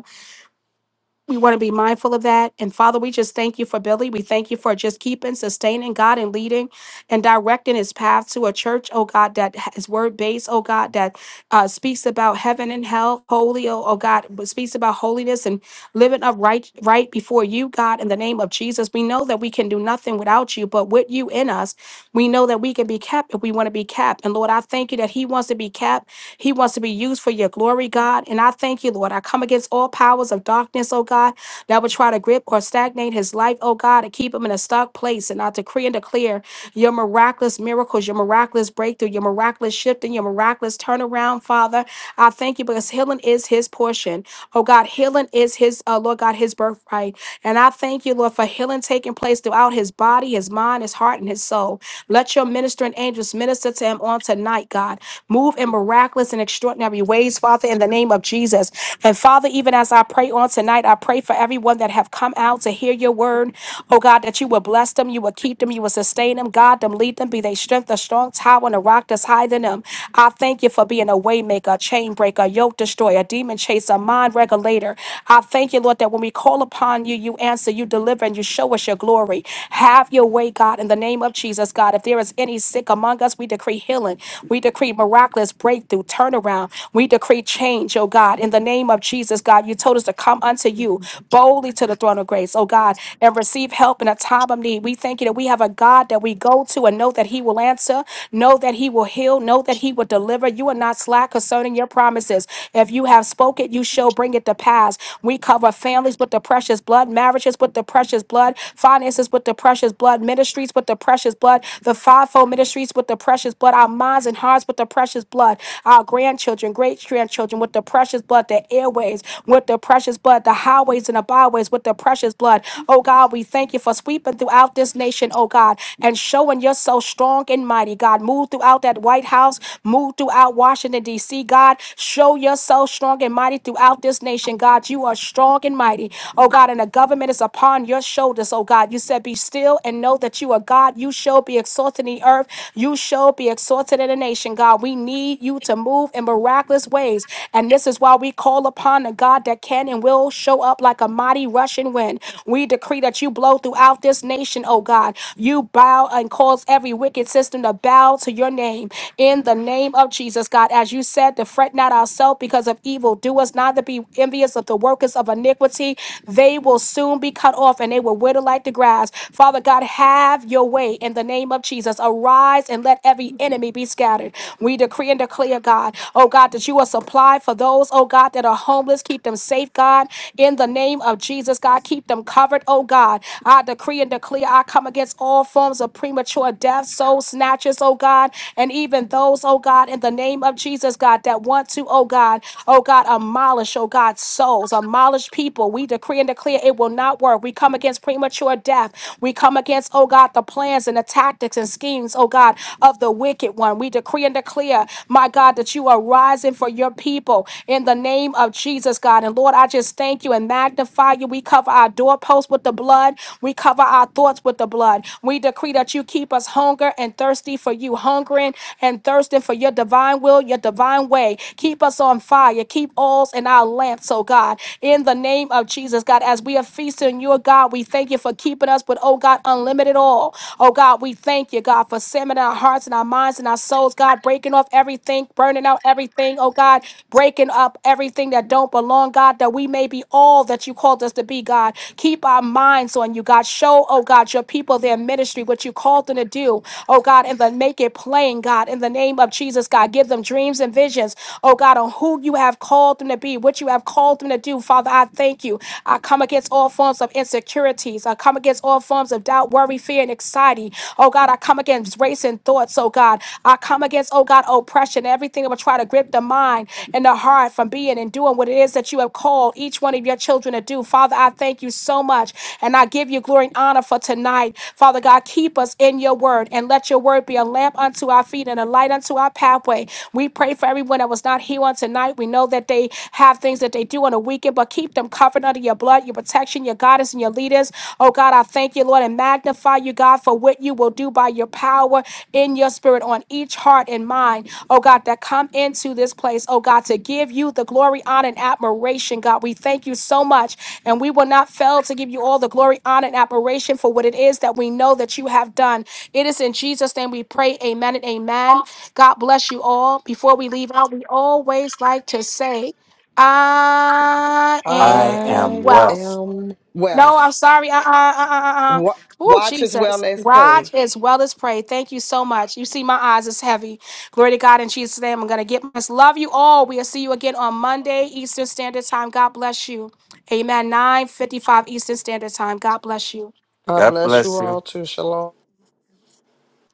S1: we want to be mindful of that. And Father, we just thank you for Billy. We thank you for just keeping, sustaining God and leading and directing his path to a church, oh God, that is word based, oh God, that uh, speaks about heaven and hell, holy, oh, oh God, but speaks about holiness and living up right, right before you, God, in the name of Jesus. We know that we can do nothing without you, but with you in us, we know that we can be kept if we want to be kept. And Lord, I thank you that he wants to be kept he wants to be used for your glory, God. And I thank you, Lord. I come against all powers of darkness, oh God that would try to grip or stagnate his life, oh God, and keep him in a stuck place. And I decree and declare your miraculous miracles, your miraculous breakthrough, your miraculous shifting, your miraculous turnaround, Father. I thank you because healing is his portion. Oh God, healing is his, uh, Lord God, his birthright. And I thank you, Lord, for healing taking place throughout his body, his mind, his heart, and his soul. Let your ministering angels minister to him on tonight, God. Move in miraculous and extraordinary ways, Father, in the name of Jesus. And Father, even as I pray on tonight, I pray for everyone that have come out to hear your word. Oh God, that you will bless them, you will keep them, you will sustain them, God them, lead them, be they strength, a strong tower, and a rock that's higher than them. I thank you for being a way maker, a chain breaker, a yoke destroyer, a demon chaser, a mind regulator. I thank you, Lord, that when we call upon you, you answer, you deliver, and you show us your glory. Have your way, God, in the name of Jesus, God. If there is any sick among us, we decree healing. We decree miraculous breakthrough, turnaround turnaround. We decree change, oh God, in the name of Jesus, God. You told us to come unto you boldly to the throne of grace, oh God, and receive help in a time of need. We thank you that we have a God that we go to and know that He will answer, know that He will heal, know that He will deliver. You are not slack concerning your promises. If you have spoken, you shall bring it to pass. We cover families with the precious blood, marriages with the precious blood, finances with the precious blood, ministries with the precious blood, the fivefold ministries with the precious blood our our minds and hearts with the precious blood, our grandchildren, great grandchildren with the precious blood, the airways with the precious blood, the highways and the byways with the precious blood. Oh God, we thank you for sweeping throughout this nation, oh God, and showing yourself strong and mighty, God. Move throughout that White House, move throughout Washington, D.C., God. Show yourself strong and mighty throughout this nation, God. You are strong and mighty, oh God, and the government is upon your shoulders, oh God. You said, Be still and know that you are God. You showed shall be exalted in the earth. You shall be exalted in the nation, God. We need you to move in miraculous ways. And this is why we call upon the God that can and will show up like a mighty rushing wind. We decree that you blow throughout this nation, oh God. You bow and cause every wicked system to bow to your name. In the name of Jesus, God, as you said, to fret not ourselves because of evil. Do us not to be envious of the workers of iniquity. They will soon be cut off and they will wither like the grass grasp. Father God, have your way in the name of Jesus. Arise and let every enemy be scattered. We decree and declare, God, oh God, that you will supply for those, oh God, that are homeless. Keep them safe, God, in the name of Jesus, God. Keep them covered, oh God. I decree and declare, I come against all forms of premature death, soul snatches, oh God, and even those, oh God, in the name of Jesus, God, that want to, oh God, oh God, demolish, oh God, souls, demolish people. We decree and decree and declare it will not work. We come against premature death. We come against, oh God, the plans and the tactics and schemes, oh God, of the wicked one. We decree and declare, my God, that you are rising for your people in the name of Jesus, God. And Lord, I just thank you and magnify you. We cover our doorposts with the blood. We cover our thoughts with the blood. We decree that you keep us hunger and thirsty for you, hungering and thirsting for your divine will, your divine way. Keep us on fire. Keep oils in our our lamps, oh God. In the name of Jesus, God, as we are feasting you, oh God, we thank you for keeping us with, oh God, unlimited oil. Oh God, we thank you, God, for sending our hearts and our minds and our souls, God, breaking off everything, burning out everything, oh God, breaking up everything that don't belong, God, that we may be all that you called us to be, God. Keep our minds on you, God. Show, oh God, your people their ministry, what you called them to do, oh God, and then make it plain, God, in the name of Jesus, God. Give them dreams and visions hands, oh God, on who you have called them to be, what you have called them to do. Father, I thank you. I come against all forms of insecurities. I come against all forms of doubt, worry, fear, and anxiety. Oh God, I come against racing thoughts, oh God. I come against, oh God, oppression, everything that will try to grip the mind and the heart from being and doing what it is that you have called each one of your children to do. Father, I thank you so much. And I give you glory and honor for tonight. Father God, keep us in your word and let your word be a lamp unto our feet lead and a light unto our pathway. We pray for everyone that was not here on tonight. We know that they have things that they do on a weekend, but keep them covered under your blood, your protection, your guidance, and your leaders. Oh God, I thank you, Lord, and magnify you, God, for what you will do by your power in your spirit on each heart and mind. Oh God, that come into this place, oh God, to give you the glory, honor, and admiration, God. We thank you so much, and we will not fail to give you all the glory, honor, and admiration for what it is that we know that you have done. It is in Jesus' name we pray. Amen and amen. God bless you all. Before we leave out, we always like to say, I
S6: I am
S1: am
S3: I
S6: well.
S1: wealth.
S3: am
S1: No, I'm
S3: wealth.
S1: sorry. Uh, uh, uh, uh, uh.
S3: Wa-
S1: Oh,
S3: Watch as well
S1: Jesus.
S3: as pray.
S1: Watch as well as pray. Thank you so much. You see, my eyes is heavy. Glory to God in Jesus' name. I'm going to get my love you all. We'll see you again on Monday, Eastern Standard Time. God bless you. Amen. 9 55 Eastern Standard Time. God bless you.
S3: God
S6: God
S3: bless you
S6: bless you.
S3: all too. Shalom.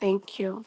S1: Thank you.